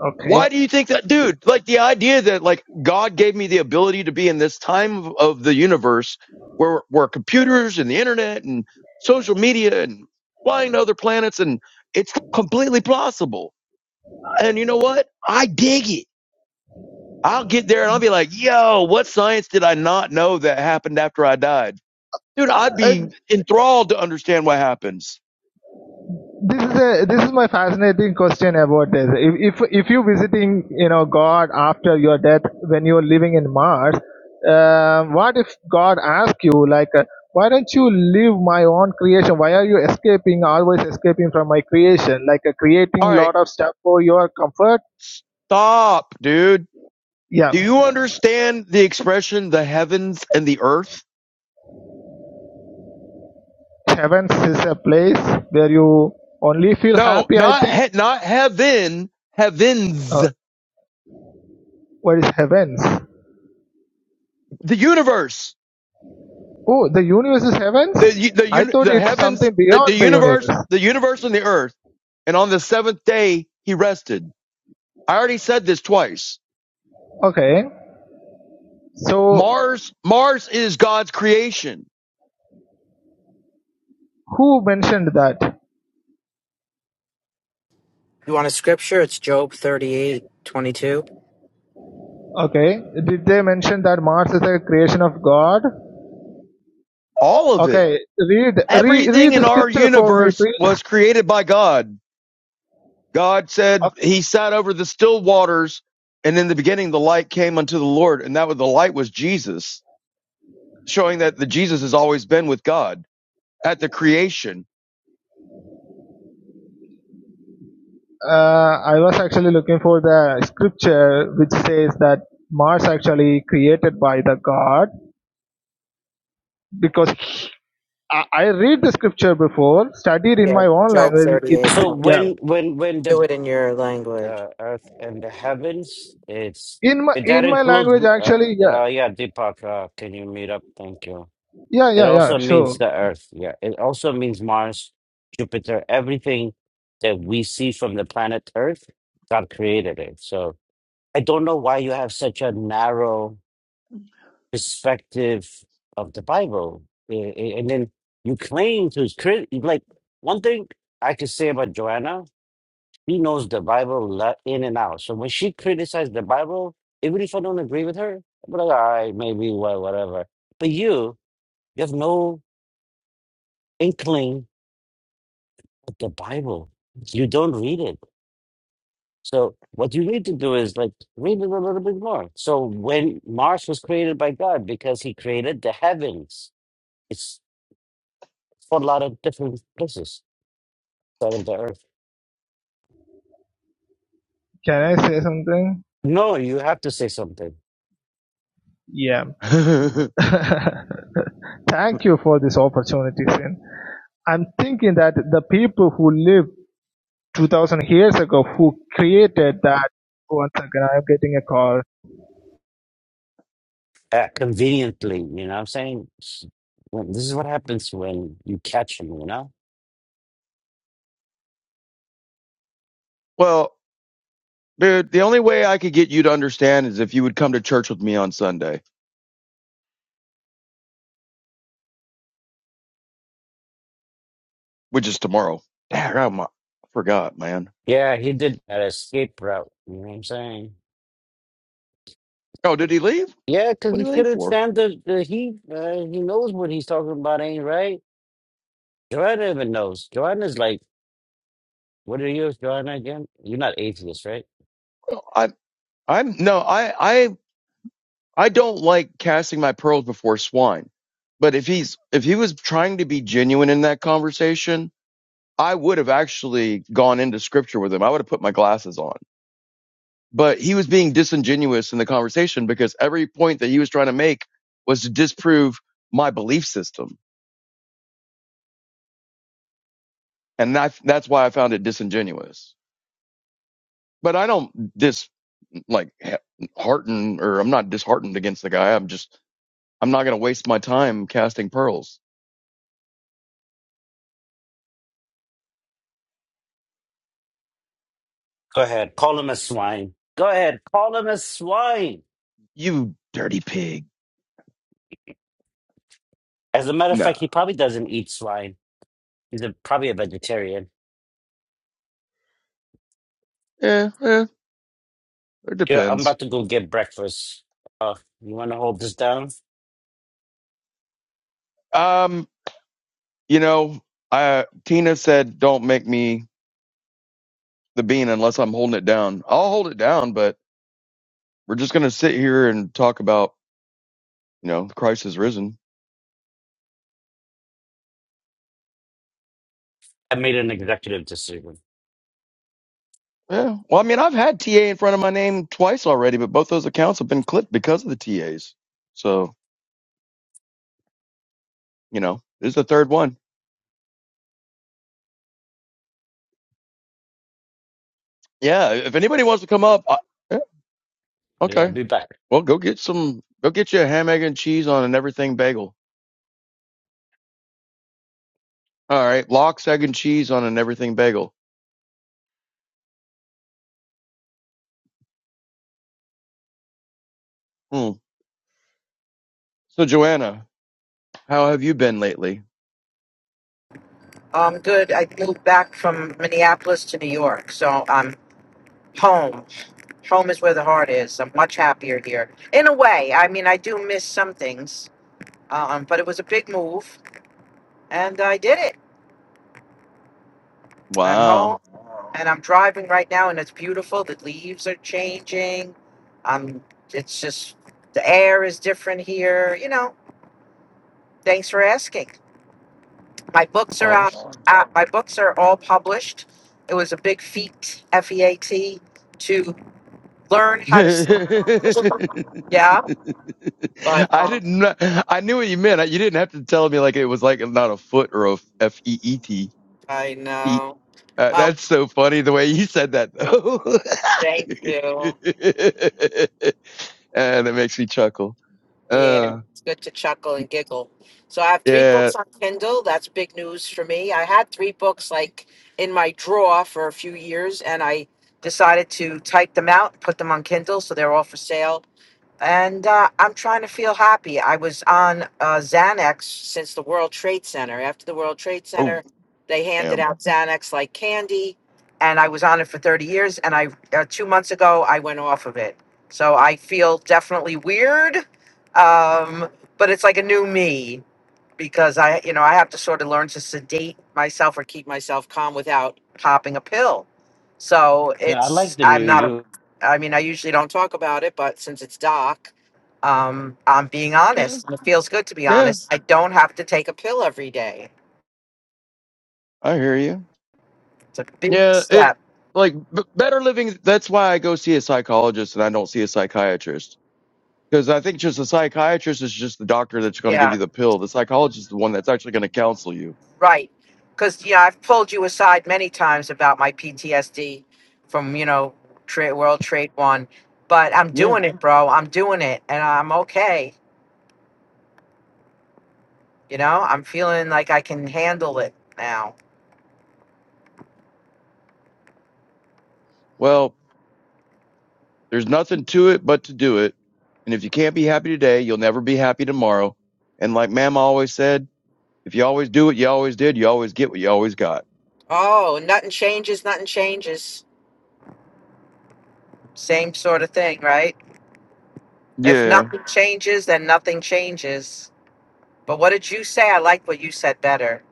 F: Okay.
E: Why do you think that, dude? Like the idea that like God gave me the ability to be in this time of, of the universe where where computers and the internet and social media and flying to other planets and it's completely plausible. And you know what? I dig it. I'll get there and I'll be like, yo, what science did I not know that happened after I died? Dude, I'd
F: Uh,
E: be enthralled to understand what happens.
F: This is a this is my fascinating question about this. If if, if you visiting you know God after your death when you're living in Mars, uh, what if God asks you like, uh, why don't you live my own creation? Why are you escaping always escaping from my creation? Like uh, creating
E: All right,
F: lot of stuff for your comfort.
E: stop, dude. Do
F: Yeah,
E: you understand the expression the heavens and the earth?
F: heavens is a place where you only feel
E: No,
F: happy. I
E: not
F: think.
E: he, not heaven, heavens,
F: Uh, what is heavens?
E: the universe,
F: Oh, the universe is heavens.
E: the u- the
F: I
E: uni-
F: thought
E: the
F: it's
E: heavens,
F: something
E: the, the
F: beyond the
E: universe,
F: universe.
E: the universe and the earth. And on the seventh day he rested. I already said this twice.
F: Okay, so
E: Mars, Mars is God's creation.
F: who mentioned that?
I: You want a scripture? It's Job 38 22.
F: Okay, did they mention that Mars is a creation of God?
E: All of it,
F: Okay, read read,
E: everything
F: read
E: in
F: the
E: our
F: scripture for me,
E: universe
F: please.
E: was created by God. God said
F: Okay.
E: he sat over the still waters, and in the beginning the light came unto the Lord, and that was the light was Jesus, showing that the Jesus has always been with God at the creation.
F: Uh, I was actually looking for the scripture which says that Mars actually created by the God because I, I read the scripture before, studied in
I: Yeah,
F: my own
I: Job
F: language.
I: 38
F: It's
C: So
F: yeah,
I: 22.
C: when when when the
I: Do it in your language.
C: uh, earth and the heavens, it's
F: in my
C: it, that
F: in my
C: includes
F: language
C: uh,
F: actually. Yeah,
C: uh yeah, Deepak, uh, can you meet up? Thank you.
F: yeah,
C: It
F: yeah,
C: also
F: yeah.
C: means
F: Sure.
C: the Earth. Yeah. It also means Mars, Jupiter, everything that we see from the planet Earth, God created it. So I don't know why you have such a narrow perspective of the Bible. A- a- And then you claim to crit. like, one thing I could say about Joanna, she knows the Bible le- in and out. So when she criticized the Bible, even if I don't agree with her, I'm like, all right, maybe, wha- whatever. But you, you have no inkling the Bible. You don't read it. So what you need to do is like read it a little bit more. So when Mars was created by God, because he created the heavens, it's for a lot of different places, out of the earth.
F: Can I say something?
C: No, you have to say something
F: Yeah.
E: <laughs>
F: <laughs> Thank you for this opportunity, Sin. I'm thinking that the people who lived 2000 years ago who created that. One second, I'm getting a call.
C: uh, conveniently. You know what I'm saying? S- When, this is what happens when you catch him, you know?
E: well, dude, the only way I could get you to understand is if you would come to church with me on Sunday, which is tomorrow. Dang, I'm- I forgot, man.
C: Yeah, he did an escape route. You know what I'm saying?
E: Oh, did he leave?
C: Yeah, because
E: What
C: he
E: did he leave
C: couldn't
E: for?
C: stand the, the heat. Uh, he knows what he's talking about ain't right. Joanna even knows. Joanna's like, what are you, Joanna, again? You're not atheist, right?
E: I, I'm no, I, I, I don't like casting my pearls before swine. But if he's if he was trying to be genuine in that conversation, I would have actually gone into scripture with him. I would have put my glasses on but he was being disingenuous in the conversation because every point that he was trying to make was to disprove my belief system and that, that's why i found it disingenuous but i don't dis like he- hearten or i'm not disheartened against the guy i'm just i'm not going to waste my time casting pearls
C: Go ahead. Call him a swine. Go ahead. Call him a swine.
E: you dirty pig
C: As a matter of
E: no
C: fact, he probably doesn't eat swine. He's a, probably a vegetarian.
E: eh, eh, it
C: Yeah, I'm
E: depends
C: about to go get breakfast. Uh, you want to hold this down?
E: um you know uh tina said don't make me the bean unless i'm holding it down i'll hold it down but. we're just going to sit here and talk about, you know, Christ has risen.
C: I made an executive decision.
E: Yeah. Well, I mean, I've had TA in front of my name twice already, but both those accounts have been clipped because of the TAs. So, you know, this is the third one. Yeah. If anybody wants to come up, I, yeah,
C: Yeah, I'll
E: okay.
C: be back.
E: Well, go get some, go get you a ham, egg, and cheese on an everything bagel. All right. Lox, egg, and cheese on an everything bagel. Hmm. So, Joanna, how have you been lately?
I: Um, good. I moved back from Minneapolis to New York, so I'm home. Home is where the heart is. I'm much happier here. In a way, I mean, I do miss some things, um, but it was a big move, and I did it. I'm home,
E: Wow.
I: and I'm driving right now, and it's beautiful. The leaves are changing. Um, it's just the air is different here. You know, Thanks for asking. My books are out.
E: Awesome.
I: Uh, my books are all published. It was a big feat, F E A T, to learn
E: <laughs> I
I: how to. s- Yeah, but um,
E: didn't. kn- I knew what you meant. I- You didn't have to tell me like it was like not a foot or a f e e t
I: I
E: feet.
I: know.
E: Uh,
I: Oh,
E: that's so funny the way you said that though.
I: thank you.
E: <laughs> and it makes me chuckle.
I: Yeah,
E: Uh,
I: it's good to chuckle and giggle. So I have three
E: yeah.
I: books on Kindle. That's big news for me. I had three books like in my drawer for a few years, and I decided to type them out and put them on Kindle, so they're all for sale. and uh, I'm trying to feel happy. I was on uh, Xanax since the World Trade Center. After the World Trade Center,
E: Oh,
I: they handed
E: damn.
I: out Xanax like candy, and I was on it for 30 years. And I uh, two months ago I went off of it, so I feel definitely weird, um, but it's like a new me because I, you know, I have to sort of learn to sedate myself or keep myself calm without popping a pill. So
C: Yeah, I like
I: it's,
C: the
I: I'm
C: new
I: not, a,
C: you.
I: I mean, I usually don't talk about it, but since it's doc, um, I'm being
E: Yeah.
I: honest. and It feels good to be
E: Yeah.
I: honest. I don't have to take a pill every day.
E: I hear you.
I: It's a big
E: Yeah. It
I: step.
E: like b- better living. That's why I go see a psychologist and I don't see a psychiatrist Because I think just a psychiatrist is just the doctor that's going to give
I: Yeah,
E: you the pill. The psychologist is the one that's actually going to counsel you.
I: right. Because, yeah, I've pulled you aside many times about my PTSD from, you know, trade, World Trade One, but I'm
E: Yeah.
I: doing it, bro. I'm doing it and I'm okay You know, I'm feeling like I can handle it now.
E: Well, there's nothing to it but to do it. And if you can't be happy today, you'll never be happy tomorrow. And like Mama always said, if you always do what you always did, you always get what you always got.
I: Oh, nothing changes, nothing changes. Same sort of thing, right? If
E: Yeah.
I: nothing changes, then nothing changes. But what did you say? I like what you said better.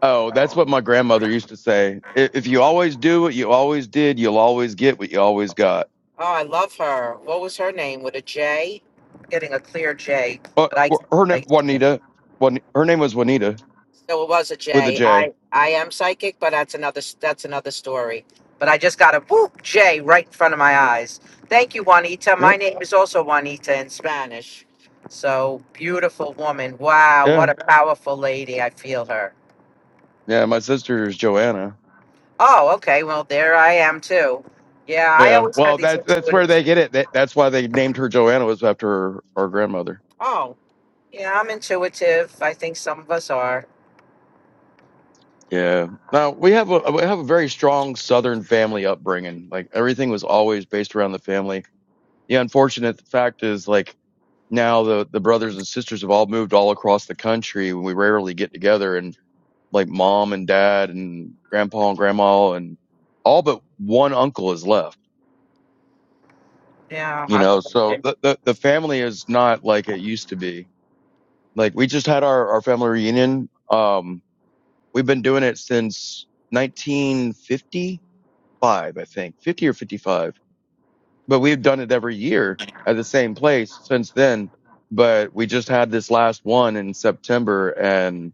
E: Oh, that's what my grandmother used to say. If you always do what you always did, you'll always get what you always got.
I: Oh, I love her. What was her name? With a J? Getting a clear J,
E: Uh,
I: but I,
E: her name
I: I
E: Juanita. Her name was Juanita
I: So it was a
E: with a
I: J.
E: J.
I: I I am psychic, but that's another that's another story. But I just got a whoop J right in front of my eyes. Thank you, Juanita. My
E: Yep.
I: name is also Juanita in Spanish. So beautiful woman. Wow, what
E: Yeah.
I: a powerful lady. I feel her.
E: Yeah. My sister is Joanna.
I: Oh, okay. Well, there I am too. Yeah, I
E: Yeah,
I: always had
E: well,
I: these
E: that that's where
I: intuitive.
E: they get it. That, that's why they named her Joanna was after her, her grandmother.
I: Oh, yeah, I'm intuitive. I think some of us are.
E: Yeah. Now we have a we have a very strong Southern family upbringing. Like everything was always based around the family. The unfortunate fact is like now the the brothers and sisters have all moved all across the country. and We rarely get together, and like mom and dad and grandpa and grandma and all but one uncle is left.
I: Yeah,
E: You
I: I
E: know,
I: believe
E: so
I: it.
E: the the, the family is not like it used to be Like we just had our, our family reunion. Um, we've been doing it since 1955, I think 50 or 55, but we've done it every year at the same place since then. But we just had this last one in September and,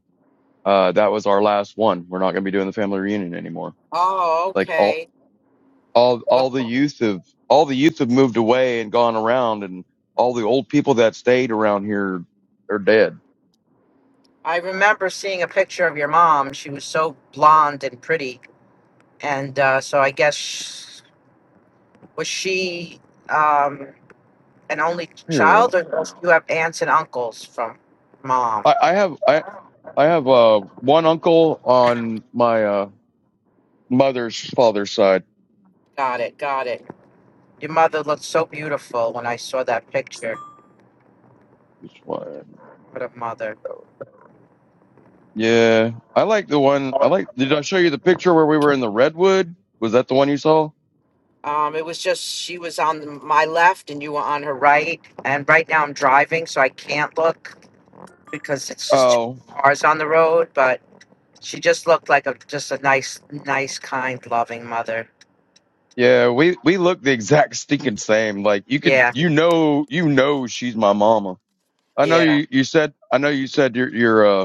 E: uh, that was our last one. We're not going to be doing the family reunion anymore.
I: Oh,
E: Like all,
I: okay.
E: all, all
I: Well,
E: the youth have, all the youth have moved away and gone around and all the old people that stayed around here are dead.
I: I remember seeing a picture of your mom. She was so blonde and pretty, and uh, so I guess sh- was she um, an only
E: Here,
I: child, or do you have aunts and uncles from mom?
E: I, I have. I, I have uh one uncle on my uh mother's father's side.
I: Got it, got it. Your mother looked so beautiful when I saw that picture.
E: This one.
I: What a mother.
E: Yeah. I like the one I like did I show you the picture where we were in the redwood? Was that the one you saw?
I: Um, it was just she was on my left and you were on her right, and right now I'm driving, so I can't look because it's just two
E: Oh.
I: cars on the road, but. She just looked like a just a nice, nice, kind, loving mother.
E: Yeah, we we look the exact <laughs> stinking same. Like you could
I: Yeah,
E: you know you know she's my mama. I know
I: yeah.
E: you you said I know you said your your uh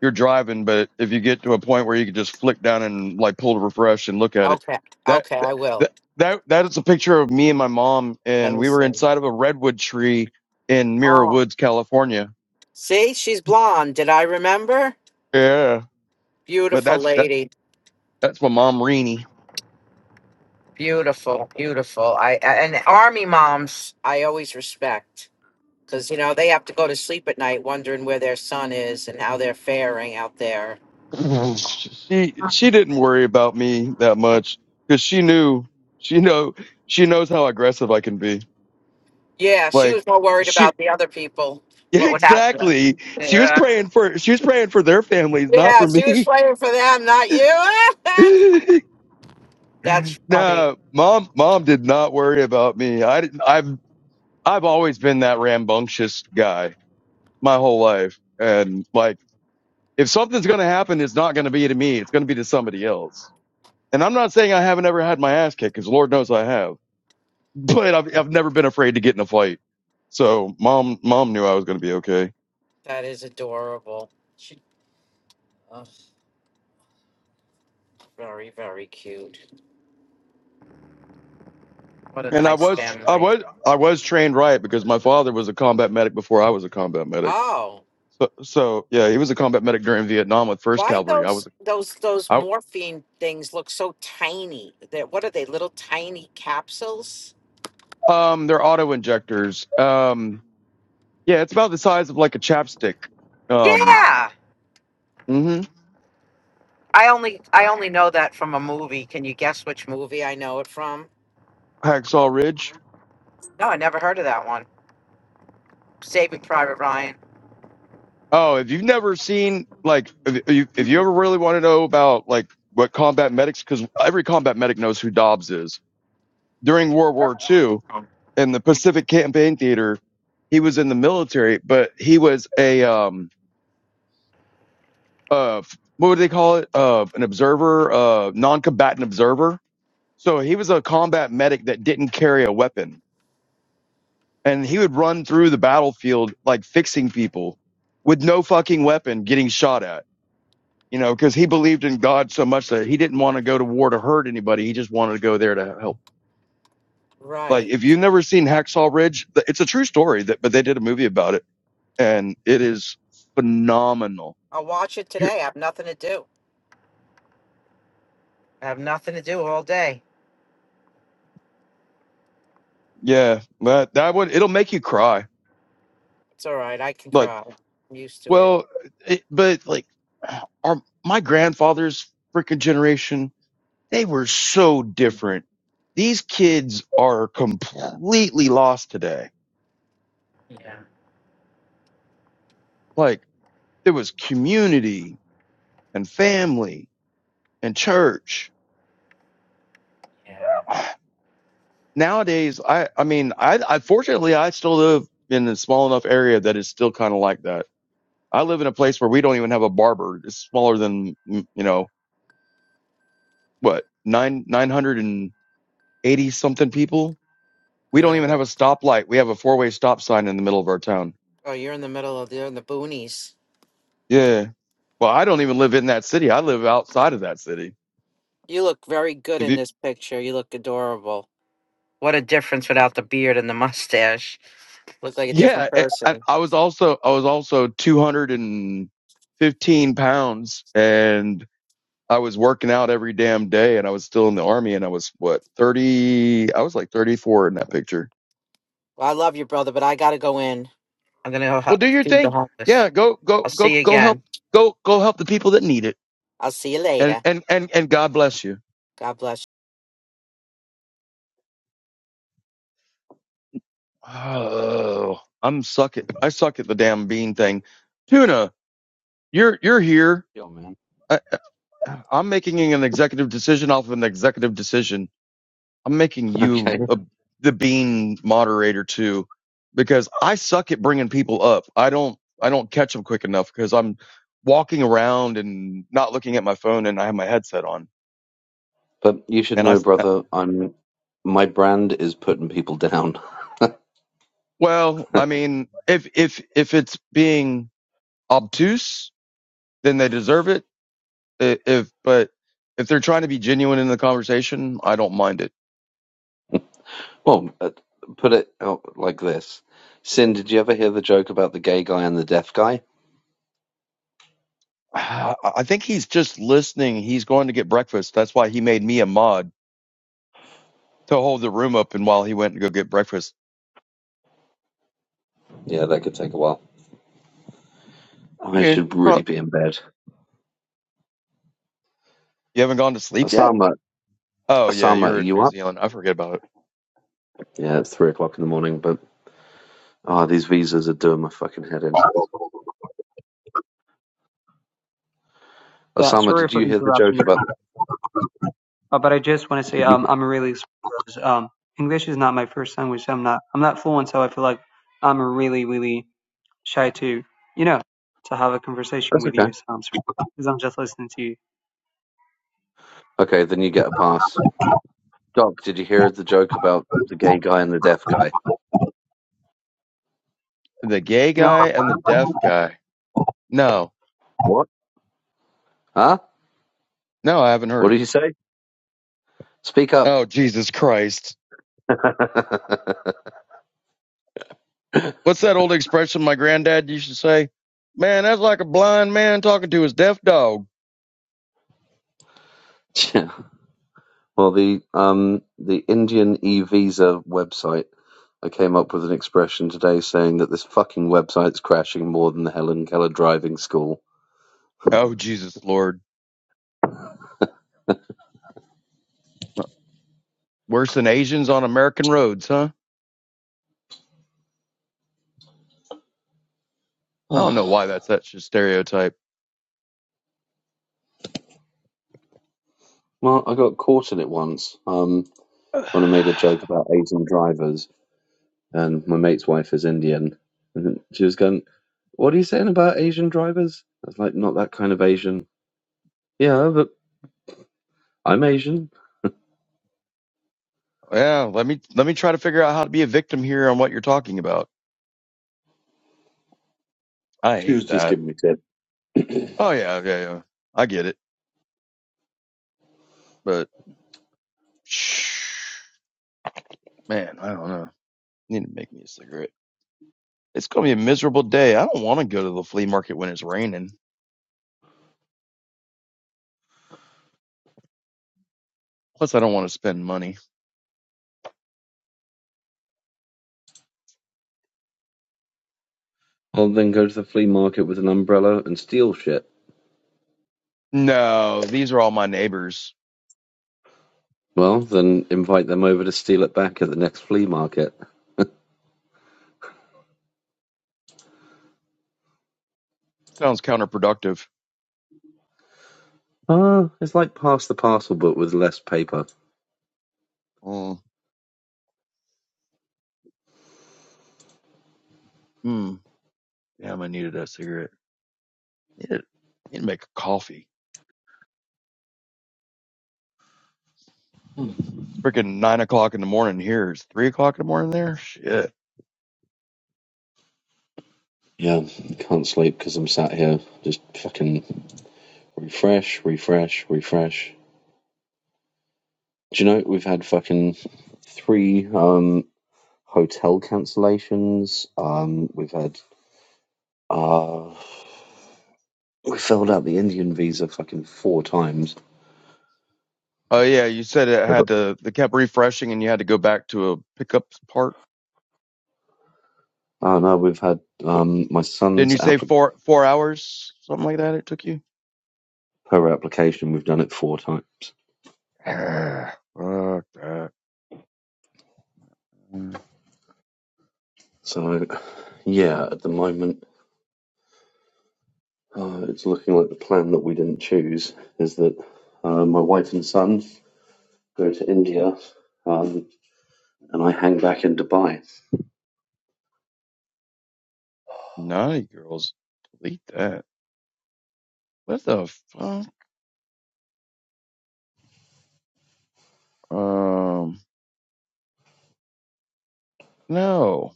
E: you're driving, but if you get to a point where you can just flick down and like pull to refresh and look at it,
I: Okay,
E: that
I: okay.
E: that
I: I will.
E: that that is a picture of me and my mom,
I: Let
E: and
I: me
E: we were
I: see.
E: inside of a redwood tree in Mira
I: Oh,
E: Woods, California.
I: see, she's blonde. Did I remember?
E: Yeah, but
I: Beautiful
E: that's that
I: lady.
E: that's my mom, Reenie.
I: Beautiful, beautiful. I I- and army moms, I always respect because you know they have to go to sleep at night wondering where their son is and how they're faring out there.
E: <laughs> she she didn't worry about me that much because she knew she know she knows how aggressive I can be.
I: Yeah, she
E: Like
I: was more worried
E: she
I: about the other people.
E: <laughs>
I: What was happen?
E: exactly she was
I: Yeah,
E: praying for she was praying for their families, not for
I: she was
E: me.
I: playing for them, not you. <laughs>
E: <laughs>
I: That's funny.
E: No, mom, mom did not worry about me. I didn't, I've, I've always been that rambunctious guy my whole life. And like, if something's going to happen, it's not going to be to me. It's going to be to somebody else. And I'm not saying I haven't ever had my ass kicked because Lord knows I have, <laughs> but I've, I've never been afraid to get in a fight. So mom, mom knew I was going to be okay.
I: That is adorable. She, oh, very, very cute. What a
E: And I
I: nice
E: was, I
I: family.
E: was, I was trained right because my father was a combat medic before I was a combat medic.
I: Oh,
E: So, so yeah, he was a combat medic during Vietnam with First
I: why
E: Cavalry. I
I: those
E: was.
I: those those morphine things look so tiny? That what are they? Little tiny capsules?
E: Um, they're auto injectors. Um, yeah, it's about the size of like a chapstick. Um,
I: Yeah,
E: hmm
I: I only I only know that from a movie. Can you guess which movie I know it from?
E: Hacksaw Ridge.
I: No, I never heard of that one. Saving Private Ryan.
E: Oh, if you've never seen like, if you, if you ever really want to know about like what combat medics, because every combat medic knows who Dobbs is. During World War Two in the Pacific Campaign Theater, he was in the military, but he was a um uh f- what would they call it? Uh, an observer, uh, non-combatant observer. So he was a combat medic that didn't carry a weapon and he would run through the battlefield like fixing people with no fucking weapon getting shot at you know because he believed in god so much that he didn't want to go to war to hurt anybody he just wanted to go there to help like
I: Right.
E: if you've never seen hacksaw ridge it's a true story that but they did a movie about it and it is phenomenal
I: I'll watch it
E: Here,
I: today. I have nothing to do. I have nothing to do all day.
E: yeah that that one it'll make you cry
I: It's all right. I can
E: like
I: cry. I'm used to it.
E: well it, but like our my grandfather's freaking generation They were so different. These kids are completely lost today. Like there was community and family and church. <sighs> Nowadays, I, I mean, I, I fortunately, I still live in a small enough area that is still kind of like that. I live in a place where we don't even have a barber. It's smaller than, mm, you know, what, nine, 980 something people. We don't
I: Really?
E: even have a stoplight. We have a four way stop sign in the middle of our town.
I: Oh, you're in the middle of you're in the boonies.
E: Yeah. Well, I don't even live in that city. I live outside of that city.
I: You look very good
E: If
I: in
E: you,
I: this picture. You look adorable. What a difference without the beard and the mustache. Look like a
E: yeah,
I: different
E: I, I
I: person.
E: I was also I was also 215 pounds, and I was working out every damn day, and I was still in the army, and I was what 30? I was like 34 in that picture.
I: Well, I love you, brother, but I gotta go in. I'm gonna go
E: Well,
I: hu-
E: do your
I: feed the
E: thing.
I: homeless.
E: Yeah, go
I: I'll
E: go
I: see
E: go
I: you
E: go help
I: again.
E: go go help the people that need it,
I: I'll see you
E: and
I: later.
E: and and and God bless you.
I: God bless. you.
E: Oh, I'm suck at I suck at the damn bean thing. Tuna, you're you're here.
K: Yo, man.
E: I'm making an executive decision off of an executive decision. I'm making
K: <laughs>
E: you
K: Okay.
E: a, the bean moderator too, because I suck at bringing people up. I don't, I don't catch them quick enough because I'm walking around and not looking at my phone and I have my headset on.
K: But you should
E: And I
K: know, brother, I'm my brand is putting people down. <laughs>
E: well, I mean, if, if, if it's being obtuse, then they deserve it. I- If, but if they're trying to be genuine in the conversation, I don't mind it.
K: Well, uh, put it out like this. Sin, did you ever hear the joke about the gay guy and the deaf guy?
E: I I think he's just listening. He's going to get breakfast. That's why he made me a mod to hold the room open while he went and go get breakfast.
K: Yeah, that could take a while. I
E: Yeah,
K: should really
E: pro-
K: be in bed.
E: you haven't gone to sleep yet?
K: Osama,
E: Oh yeah,
K: Osama, are
E: you're in
K: you
E: New
K: up?
E: Zealand. I forget about it.
K: Yeah, it's three o'clock in the morning, but ah, these visas are doing my fucking head in.
L: Yeah,
K: Osama,
L: sorry
K: did
L: for
K: you hear the joke
L: interrupting,
K: about?
L: uh, but I just want to say
K: Did
L: um,
K: you?
L: I'm really surprised. um, English is not my first language. I'm not I'm not fluent, so I feel like I'm really really shy to you know to have a conversation
K: That's
L: with
K: okay.
L: you. So I'm sorry because I'm just listening to you.
K: Okay, then you get a pass. Doc, did you hear the joke about the gay guy and the deaf guy?
E: The gay
L: No.
E: guy and the deaf guy. No,
K: What? Huh?
E: no, I haven't heard
K: What did
E: it.
K: you say? Speak up.
E: Oh Jesus Christ!
K: <laughs>
E: What's that old expression my granddad used to say? Man, that's like a blind man talking to his deaf dog.
K: Yeah. Well, the um the Indian e-visa website. I came up with an expression today saying that this fucking website's crashing more than the Helen Keller driving school. <sighs>
E: Oh Jesus Lord! Worse than Asians on American roads, huh? I don't know
K: Oh,
E: why that's such a stereotype.
K: well, I got caught in it once um, when I made a
E: <sighs>
K: joke about Asian drivers, and my mate's wife is Indian, and she was going, "What are you saying about Asian drivers?" I was like, "Not that kind of Asian." Yeah, but I'm Asian.
E: Yeah, let me let me try to figure out how to be a victim here on what you're talking about. I
K: She was
E: hate
K: just
E: that.
K: giving me shit.
E: Oh yeah, yeah, yeah. I get it, but <sighs> shh, man, I don't know. Need to make me a cigarette. It's gonna be a miserable day. I don't want to go to the flea market when it's raining. Plus, I don't want to spend money.
K: I'll then go to the flea market with an umbrella and steal shit.
E: No, these are all my neighbors.
K: Well, then invite them over to steal it back at the next flea market.
E: Sounds counterproductive.
K: Ah, it's like pass the parcel but with less paper.
E: Mm, mm. Damn, I needed that cigarette. Need to, need to make a coffee. It's freaking nine o'clock in the morning here. It's three o'clock in the morning there. Shit.
K: Yeah, I can't sleep because I'm sat here just fucking refresh, refresh, refresh. Do you know we've had fucking three um hotel cancellations. Um, we've had uh, we filled out the Indian visa fucking four times.
E: Oh yeah, you said it
K: I
E: had
K: got.
E: to. They kept refreshing, and you had to go back to a pickup part.
K: Oh no, we've had
E: But
K: um my
E: didn't
K: son's
E: you say
K: application.
E: four four hours, something like that? It took you.
K: per application. We've done it four times.
E: Ah, fuck that. Mm.
K: So, yeah, at the moment, uh, it's looking like the plan that we didn't choose is that uh, my wife and son go to India um, and I hang back in Dubai.
E: Naughty girls, delete that. What the fuck? Um, no,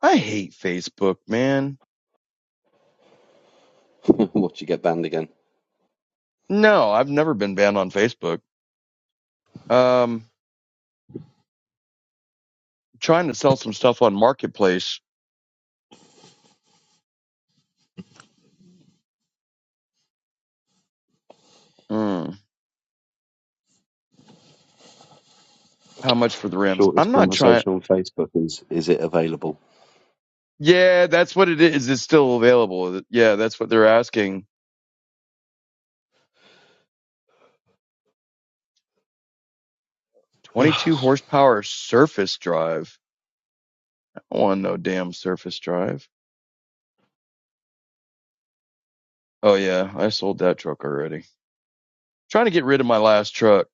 E: I hate Facebook, man.
K: <laughs> Watch you get banned again.
E: No, I've never been banned on Facebook. Um, trying to sell some stuff on Marketplace. Mm. How much for the rims?
K: Shortest
E: I'm not trying.
K: conversation on Facebook is Is it available?
E: Yeah, that's what it is. It's still available. Yeah, that's what they're asking. 22
K: <sighs>
E: horsepower surface drive. I don't want no damn surface drive. Oh yeah, I sold that truck already. Trying to get rid of my last truck.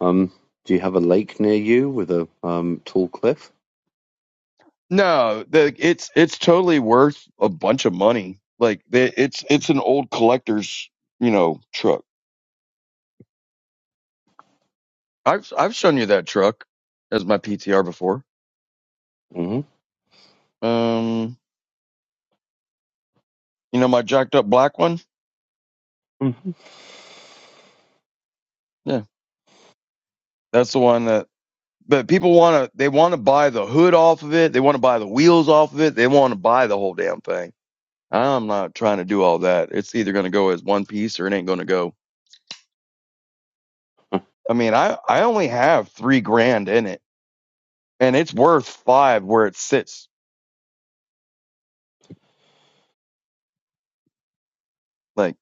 K: um, do you have a lake near you with a um, tall cliff?
E: No, the it's it's totally worth a bunch of money. Like the, it's it's an old collector's, you know, truck. I've I've shown you that truck as my PTR before.
K: hmm
E: Um, you know my jacked up black one?
K: hmm
E: Yeah. That's the one that. but people want to they want to buy the hood off of it they want to buy the wheels off of it they want to buy the whole damn thing i'm not trying to do all that it's either going to go as one piece or it ain't going to go i mean i i only have three grand in it and it's worth five where it sits like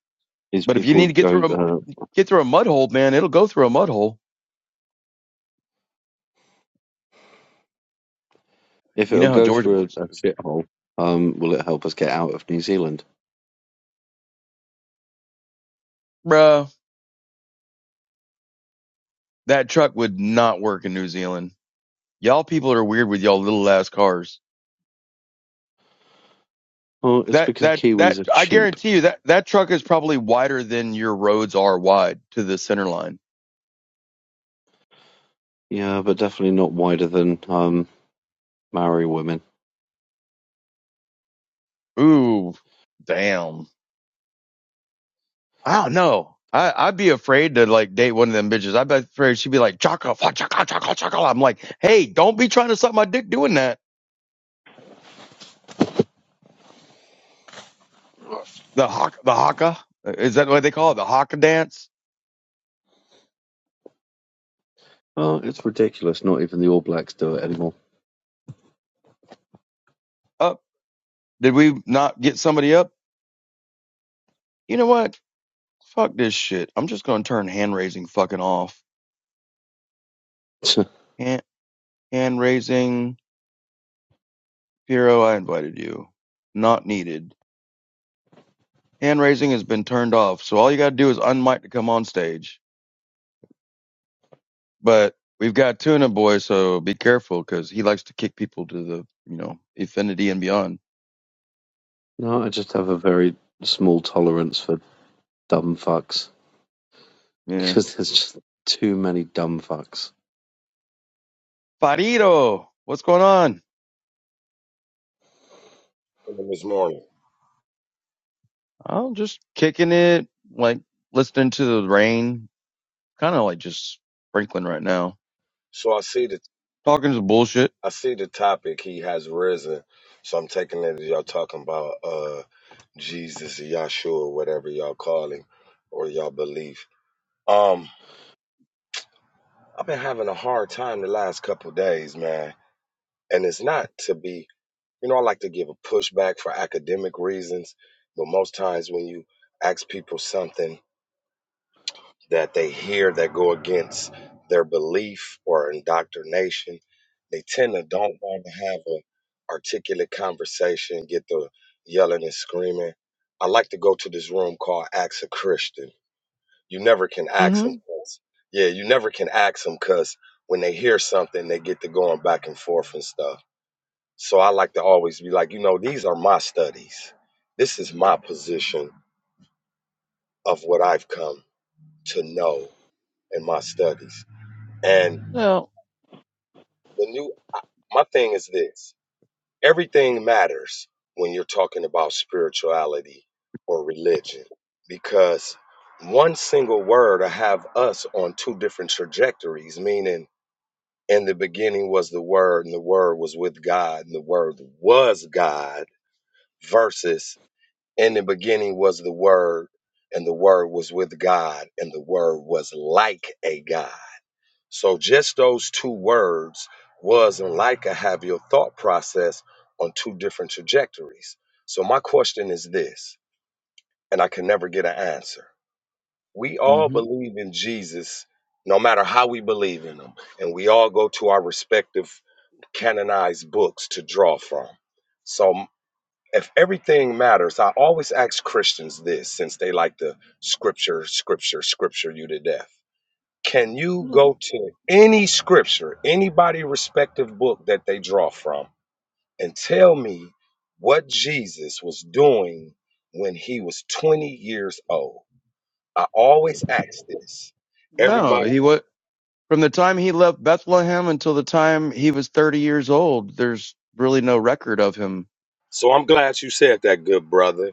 K: These
E: but if you
K: people
E: need to
K: would
E: get
K: go,
E: through a
K: uh,
E: get through a mud hole man it'll go through a mud hole
K: if
E: you
K: it'll
E: know how
K: go
E: georgia
K: through
E: boys
K: a, a
E: do
K: shithole, um, will it help us get out of New Zealand?
E: bruh that truck would not work in new zealand y'all people are weird with y'all little ass cars
K: Oh, it's
E: That
K: because
E: that
K: Kiwis
E: that
K: are
E: I
K: cheap.
E: guarantee you that that truck is probably wider than your roads are wide to the center line.
K: Yeah, but definitely not wider than um Maori women.
E: Ooh, damn. I don't know. I I'd be afraid to like date one of them bitches. I'd be afraid she'd be like chaka fa chaka chaka chaka. I'm like, hey, don't be trying to suck my dick doing that. The haka, the haka uh, is that what they call it? The haka dance
K: Oh, it's ridiculous. Not even the All Blacks do it anymore.
E: up. Did we not get somebody up? You know what? Fuck this shit. I'm just gonna turn hand raising fucking off.
K: <laughs>
E: Hand hand raising. Piero, I invited you. Not needed. Hand raising has been turned off, so all you gotta do is unmic to come on stage. But we've got Tuna Boy, so be careful, cause he likes to kick people to the, you know, infinity and beyond.
K: no, I just have a very small tolerance for dumb fucks <laughs>
E: Yeah.
K: because there's just too many dumb fucks.
E: Farito, what's going on?
M: him this morning.
E: I'm just kicking it, like listening to the rain, kind of like just sprinkling right now.
M: So I see the
E: Talking some bullshit.
M: I see the topic he has risen. So I'm taking it as y'all talking about uh Jesus, Yahshua, whatever y'all call him, or y'all believe. Um, I've been having a hard time the last couple days, man. And it's not to be you know, I like to give a pushback for academic reasons, but most times when you ask people something that they hear that go against their belief or indoctrination. They tend to don't want to have an articulate conversation, get the yelling and screaming. I like to go to this room called Ask a Christian. You never can ask them.
E: Mm-hmm.
M: 'cause- Yeah, you never can ask them because when they hear something, they get to going back and forth and stuff. So I like to always be like, you know, these are my studies. This is my position of what I've come to know in my studies. And
E: No.
M: The new I- my thing is this. Everything matters when you're talking about spirituality or religion because one single word will have us on two different trajectories, meaning in the beginning was the word and the word was with God and the word was God versus in the beginning was the word and the word was with God and the word was like a God so just those two words was and Leica have your thought process on two different trajectories. So my question is this, and I can never get an answer. We all
E: Mm-hmm.
M: believe in Jesus, no matter how we believe in him, and we all go to our respective canonized books to draw from. So if everything matters, I always ask Christians this since they like to scripture, scripture, scripture you to death can you
E: Mm-hmm.
M: go to any scripture, anybody respective book that they draw from, and tell me what Jesus was doing when he was 20 years old? I always ask this.
E: No,
M: Everybody.
E: he was. From the time he left Bethlehem until the time he was 30 years old, there's really no record of him.
M: So I'm glad you said that, good brother.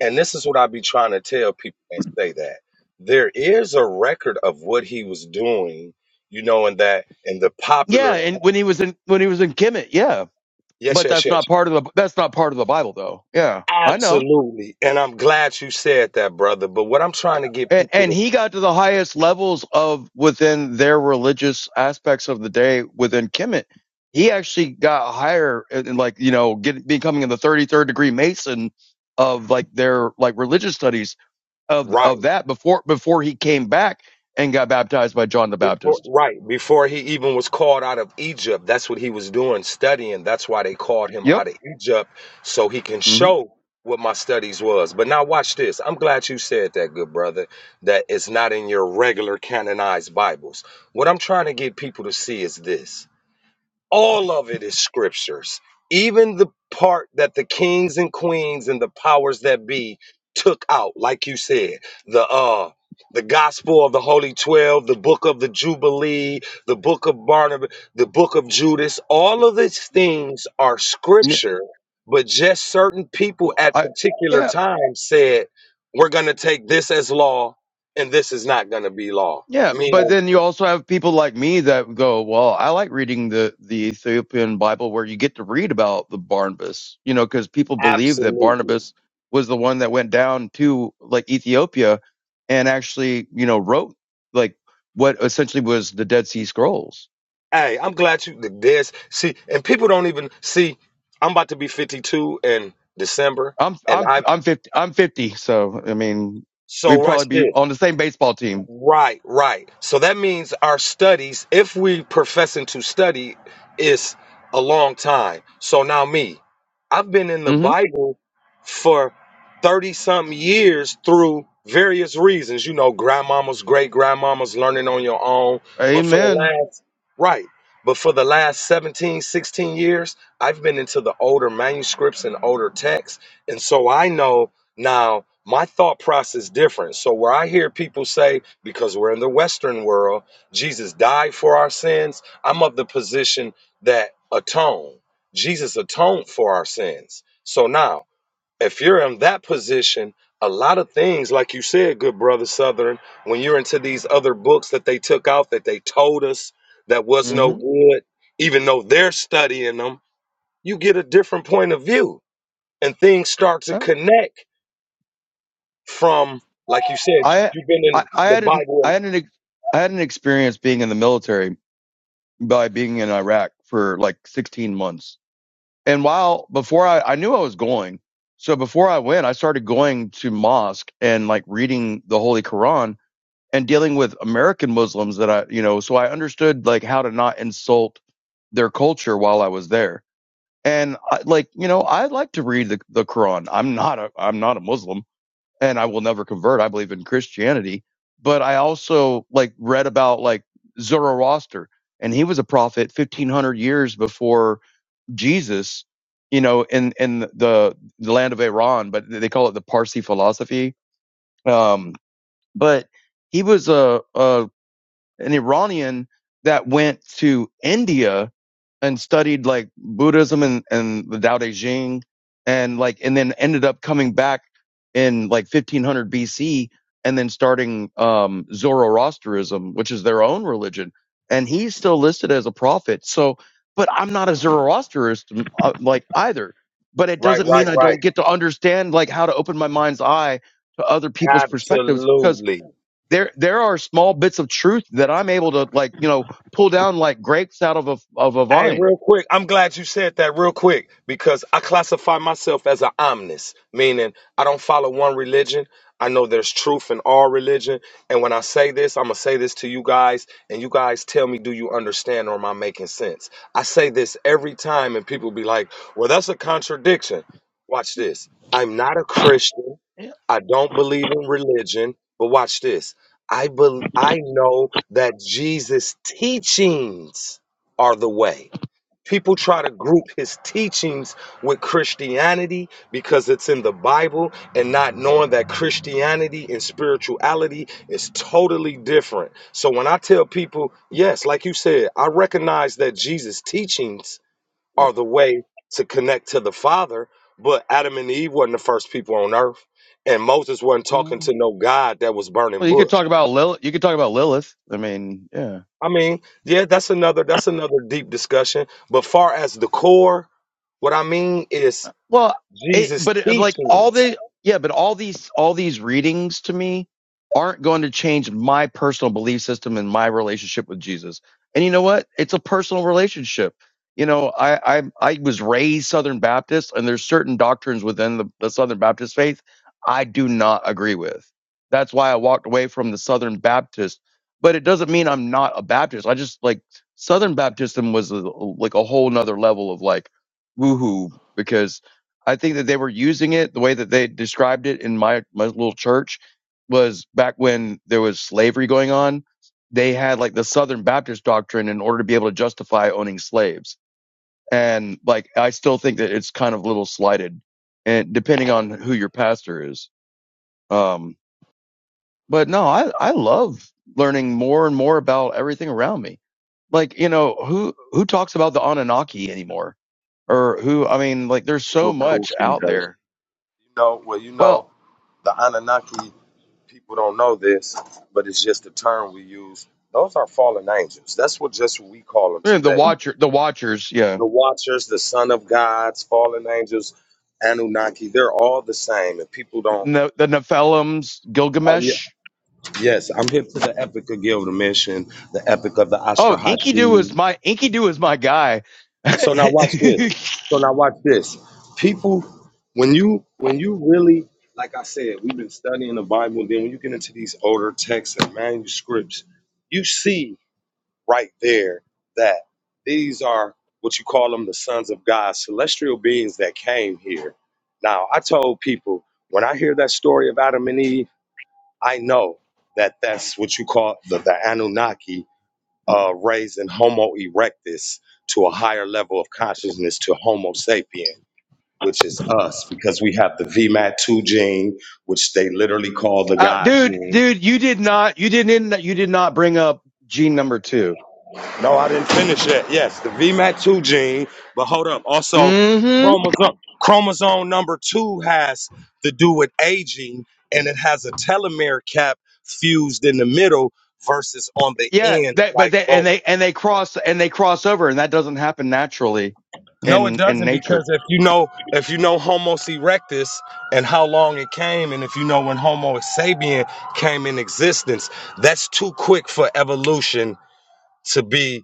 M: And this is what I be trying to tell people that say that. There is a record of what he was doing, you know, in that in the
E: Yeah,
M: popular
E: and when he was in when he was in Kemet, yeah.
M: Yes,
E: But
M: yes,
E: that's
M: yes.
E: not part of the that's not part of the Bible though. Yeah. I know.
M: Absolutely. And I'm glad you said that, brother. But what I'm trying to get
E: And
M: people
E: and
M: to
E: he got to the highest levels of within their religious aspects of the day within Kemet. He actually got higher and like, you know, get becoming in the 33rd degree Mason of like their like religious studies of
M: right
E: of that before before he came back and got baptized by John the
M: before
E: Baptist.
M: right before he even was called out of Egypt, that's what he was doing studying. That's why they called him
E: Yep.
M: out of Egypt so he can
E: hmm
M: show what my studies was. But now watch this. I'm glad you said that, good brother, that it's not in your regular canonized Bibles. What I'm trying to get people to see is this. all of it is scriptures even the part that the kings and queens and the powers that be took out like you said the uh the gospel of the holy 12 the book of the jubilee the book of barnabas the book of judas all of these things are
E: Yeah.
M: scripture but just certain people
E: Well,
M: at
E: I
M: particular
E: yeah
M: times said we're going to take this as law and this is not going to be law
E: yeah. But
M: meaning
E: then you also have people like me that go, well, I like reading the the Ethiopian Bible where you get to read about the Barnabas, you know, because people believe that
M: absolutely
E: Barnabas was the one that went down to like Ethiopia and actually you know wrote like what essentially was the Dead Sea Scrolls
M: Hey, I'm glad you did this. See, and people don't even see. I'm about to be 52 in December,
E: I'm
M: and
E: I'm
M: I
E: I'm fifty. I'm fifty. So I mean,
M: so
E: we'd
M: right
E: probably be
M: there.
E: on the same baseball team.
M: Right, right. So that means our studies, if we professing to study, is a long time. So now me, I've been in the
E: hmm
M: Bible for 30 something years through various reasons, you know, grandmama's great grandmama's learning on your own, but for the
E: Amen.
M: last right, but for the last 17, 16 years, I've been into the older manuscripts and older texts, and so I know now, my thought process is different. So where I hear people say because we're in the western world, Jesus died for our sins, I'm of the position that atone. Jesus atoned for our sins. So now, if you're in that position, a lot of things like you said, good brother Southern, when you're into these other books that they took out that they told us that was no
E: hmm
M: good, even though they're studying them, you get a different point of view and things start to
E: I
M: connect from, like you said,
E: I
M: you've been in
E: I
M: the
E: had an I
M: Bible.
E: had an ex- I had an experience being in the military by being in Iraq for like 16 months. And while before I I knew I was going, so before I went, I started going to mosque and like reading the Holy Quran and dealing with American Muslims that I you know. So I understood like how to not insult their culture while I was there and I, like you know i like to read the, the quran i'm not a i'm not a muslim and i will never convert i believe in christianity but i also like read about like zoroaster and he was a prophet 1500 years before jesus you know in in the the land of iran but they call it the parsi philosophy um but he was a, a an iranian that went to india and studied like Buddhism and, and the Tao Te Ching and like, and then ended up coming back in like 1500 BC and then starting, um, Zoroastrianism, which is their own religion. And he's still listed as a prophet. So, but I'm not a Zoroastrianist uh, like either, but it
M: Right,
E: doesn't
M: right,
E: mean I
M: right.
E: don't get to understand like how to open my mind's eye to other people's perspectives because
M: Absolutely.
E: there there are small bits of truth that I'm able to like you know pull down like grapes out of a of a
M: Hey, real
E: vine.
M: quick, I'm glad you said that real quick because I classify myself as an omnis, meaning I don't follow one religion. I know there's truth in all religion. And when I say this, I'm going to say this to you guys, and you guys tell me, do you understand or am I making sense? I say this every time, and people be like, well, that's a contradiction. Watch this. I'm not a Christian.
E: Yeah.
M: I don't believe in religion, but watch this. I, bel I know that Jesus' teachings are the way. People try to group his teachings with Christianity because it's in the Bible and not knowing that Christianity and spirituality is totally different. So when I tell people, yes, like you said, I recognize that Jesus' teachings are the way to connect to the Father, but Adam and Eve wasn't the first people on earth, and Moses wasn't talking
E: Mm.
M: to no God that was burning
E: Well, you
M: bush.
E: could talk about Lilith. You could talk about Lilith. I mean, yeah.
M: I mean, yeah, that's another that's another deep discussion. But far as the core, what I mean is
E: Well, it,
M: Jesus'
E: but it, like all
M: teachings.
E: the yeah, but all these all these readings to me aren't going to change my personal belief system and my relationship with Jesus. And you know what? It's a personal relationship. You know, I I, I was raised Southern Baptist, and there's certain doctrines within the, the Southern Baptist faith I do not agree with. That's why I walked away from the Southern Baptist. But it doesn't mean I'm not a Baptist. I just like Southern Baptism was a, like a whole nother level of like woohoo because I think that they were using it the way that they described it in my, my little church was back when there was slavery going on. They had like the Southern Baptist doctrine in order to be able to justify owning slaves. And like, I still think that it's kind of a little slighted and depending on who your pastor is. Um, but no, I, I love learning more and more about everything around me. Like, you know, who, who talks about the Anunnaki anymore? Or who, I mean, like, there's so much out there.
M: But you
E: Well,
M: know, the Anunnaki people don't know this, but it's just a term we use. Those are fallen angels. That's what just we call them
E: Yeah, The
M: today.
E: Watcher, the Watchers, yeah.
M: The Watchers, the Son of Gods, fallen angels, Anunnaki. They're all the same, and people don't.
E: No, the Nephilims,
M: Oh yeah.
E: Gilgamesh.
M: Yes, I'm hip to the Epic of Gilgamesh, and the Epic of the
E: Oh, Inky Doo
M: Astrahashi.
E: is my Inky Doo is my guy. <laughs>
M: So now
E: uh,
M: watch this. So now watch this. People, when you when you really, like I said, we've been studying the Bible. Then when you get into these older texts and manuscripts, you see right there that these are what you call them the sons of God, celestial beings that came here. Now I told people when I hear that story of Adam and Eve, I know that that's what you call the, the Anunnaki uh, raising Homo erectus to a higher level of consciousness to Homo sapien, which is us, because we have the VMAT2 gene, which they literally call the God
E: dude,
M: gene.
E: dude, you did not, you didn't, you did not bring up gene number two.
M: No, I didn't finish that. Yes, the VMAT2 gene, but hold up. Also,
E: Mm-hmm.
M: chromosome, chromosome number two has to do with aging, and it has a telomere cap fused in the middle versus on the
E: Yeah,
M: end,
E: that, but
M: like
E: they
M: both.
E: and they and they cross and they cross over, and that doesn't happen naturally
M: No, it
E: in in
M: doesn't because
E: nature.
M: if you know if you know Homo erectus and how long it came, and if you know when Homo sapien came in existence, that's too quick for evolution to be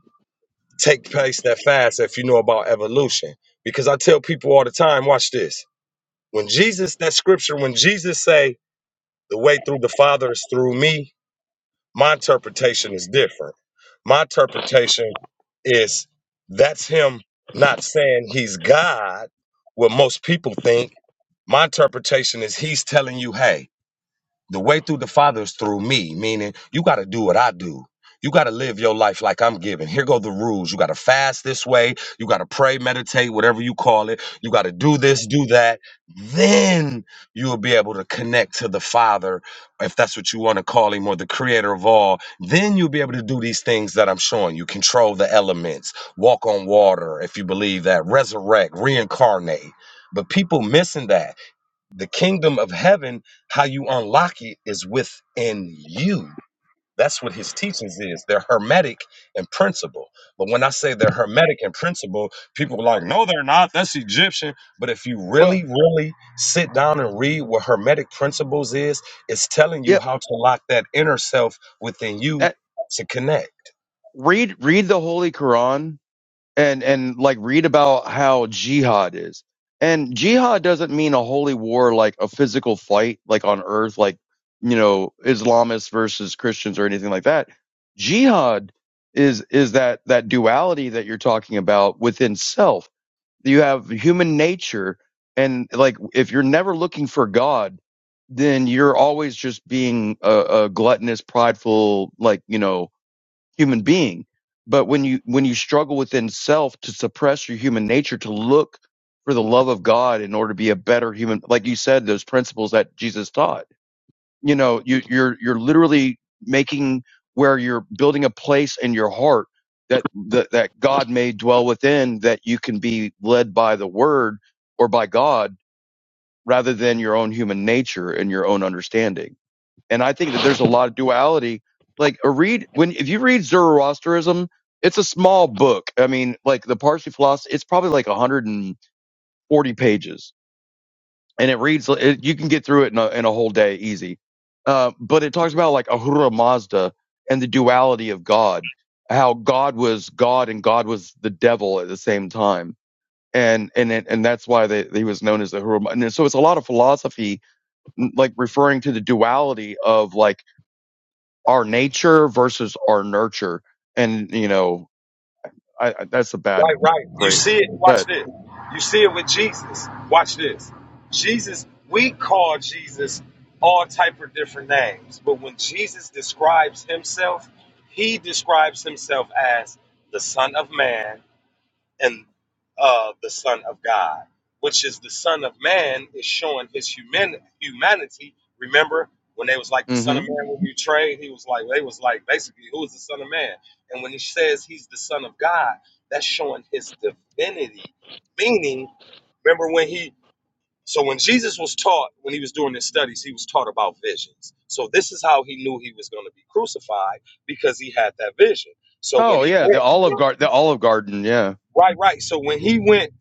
M: take place that fast. If you know about evolution, because I tell people all the time, watch this. When Jesus, that scripture, when Jesus say the way through the Father is through me, my interpretation is different. My interpretation is that's him not saying he's God, what most people think. My interpretation is he's telling you, hey, the way through the Father is through me, meaning you got to do what I do. You got to live your life like I'm giving. Here go the rules. You got to fast this way. You got to pray, meditate, whatever you call it. You got to do this, do that. Then you will be able to connect to the Father, if that's what you want to call Him, or the Creator of all. Then you'll be able to do these things that I'm showing you control the elements, walk on water, if you believe that, resurrect, reincarnate. But people missing that the kingdom of heaven, how you unlock it is within you. That's what his teachings is. They're hermetic in principle. But when I say they're hermetic in principle, people are like, no, they're not. That's Egyptian. But if you
E: Well,
M: really, really sit down and read what hermetic principles is, it's telling you
E: yep.
M: how to lock that inner self within you
E: That
M: to connect.
E: read read the Holy Quran and and like read about how jihad is and jihad doesn't mean a holy war like a physical fight like on earth like you know islamists versus christians or anything like that jihad is is that that duality that you're talking about within self you have human nature and like if you're never looking for god then you're always just being a, a gluttonous prideful like you know human being. But when you when you struggle within self to suppress your human nature to look for the love of God in order to be a better human, like you said, those principles that Jesus taught, you know, you, you're you're literally making where you're building a place in your heart that, that that God may dwell within, that you can be led by the Word or by God rather than your own human nature and your own understanding and I think that there's a lot of duality. Like a read when if you read Zoroastrianism, it's a small book. I mean, like the Parsi philosophy, it's probably like 140 pages, and it reads. It, you can get through it in a, in a whole day easy. Uh, but it talks about like Ahura Mazda and the duality of God, how God was God and God was the devil at the same time, and and and that's why they, he was known as the Ahura. Mazda. And so it's a lot of philosophy like referring to the duality of like our nature versus our nurture. And, you know, I, I that's a bad phrase, but,
M: Jesus with different names, but when Jesus describes himself, he describes himself as the Son of Man, and uh, the Son of God, which is the Son of Man, is showing his human humanity. Remember when they was like the Son
E: hmm
M: of Man will be betrayed? He was like they was like basically who is the Son of Man? And when he says he's the Son of God, that's showing his divinity. Meaning, remember when he so when Jesus was taught when he was doing his studies, he was taught about visions. So this is how he knew he was going to be crucified because he had that vision. So when
E: Oh
M: he
E: yeah. The
M: went
E: Olive Garden, the Olive Garden. Yeah.
M: Right, right. So when he went,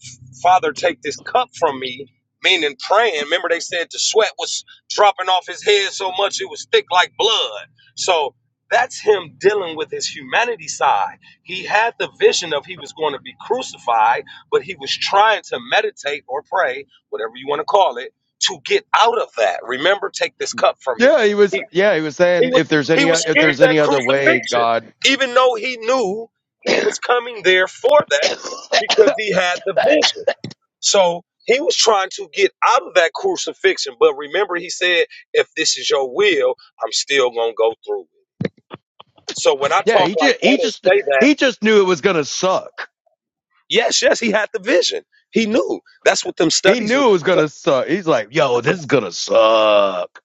M: Father, take this cup from me, meaning praying, remember they said the sweat was dropping off his head so much it was thick like blood. So that's him dealing with his humanity side. He had the vision of he was going to be crucified, but he was trying to meditate or pray, whatever you want to call it, to get out of that. Remember, take this cup from me.
E: Yeah. He
M: He
E: was, yeah, he was
M: he
E: saying
M: was
E: if there's
M: he
E: any,
M: was
E: if
M: scared of
E: there's
M: that
E: any other way,
M: crucifixion,
E: God.
M: even though he knew he was coming there for that because he had the vision. So he was trying to get out of that crucifixion. But remember, he said, if this is your will, I'm still gonna go through it. So when I
E: Yeah.
M: talk
E: He
M: like
E: just, he
M: that and
E: just,
M: say that,
E: he just knew it was going to suck.
M: yes, yes, he had the vision. He knew. That's what them
E: He
M: studies. were-
E: knew it was going to suck. He's like, yo, this is going to suck.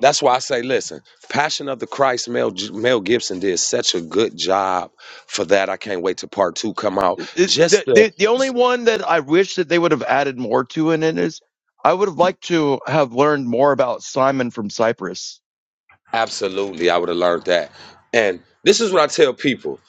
M: That's why I say, listen, Passion of the Christ, Mel, Mel Gibson did such a good job for that. I can't wait to part two come out
E: It- it-
M: just
E: The,
M: the
E: the, the only one that I wish that they would have added more to in it is I would have liked to have learned more about Simon from Cyprus.
M: Absolutely, I would have learned that. And this is what I tell people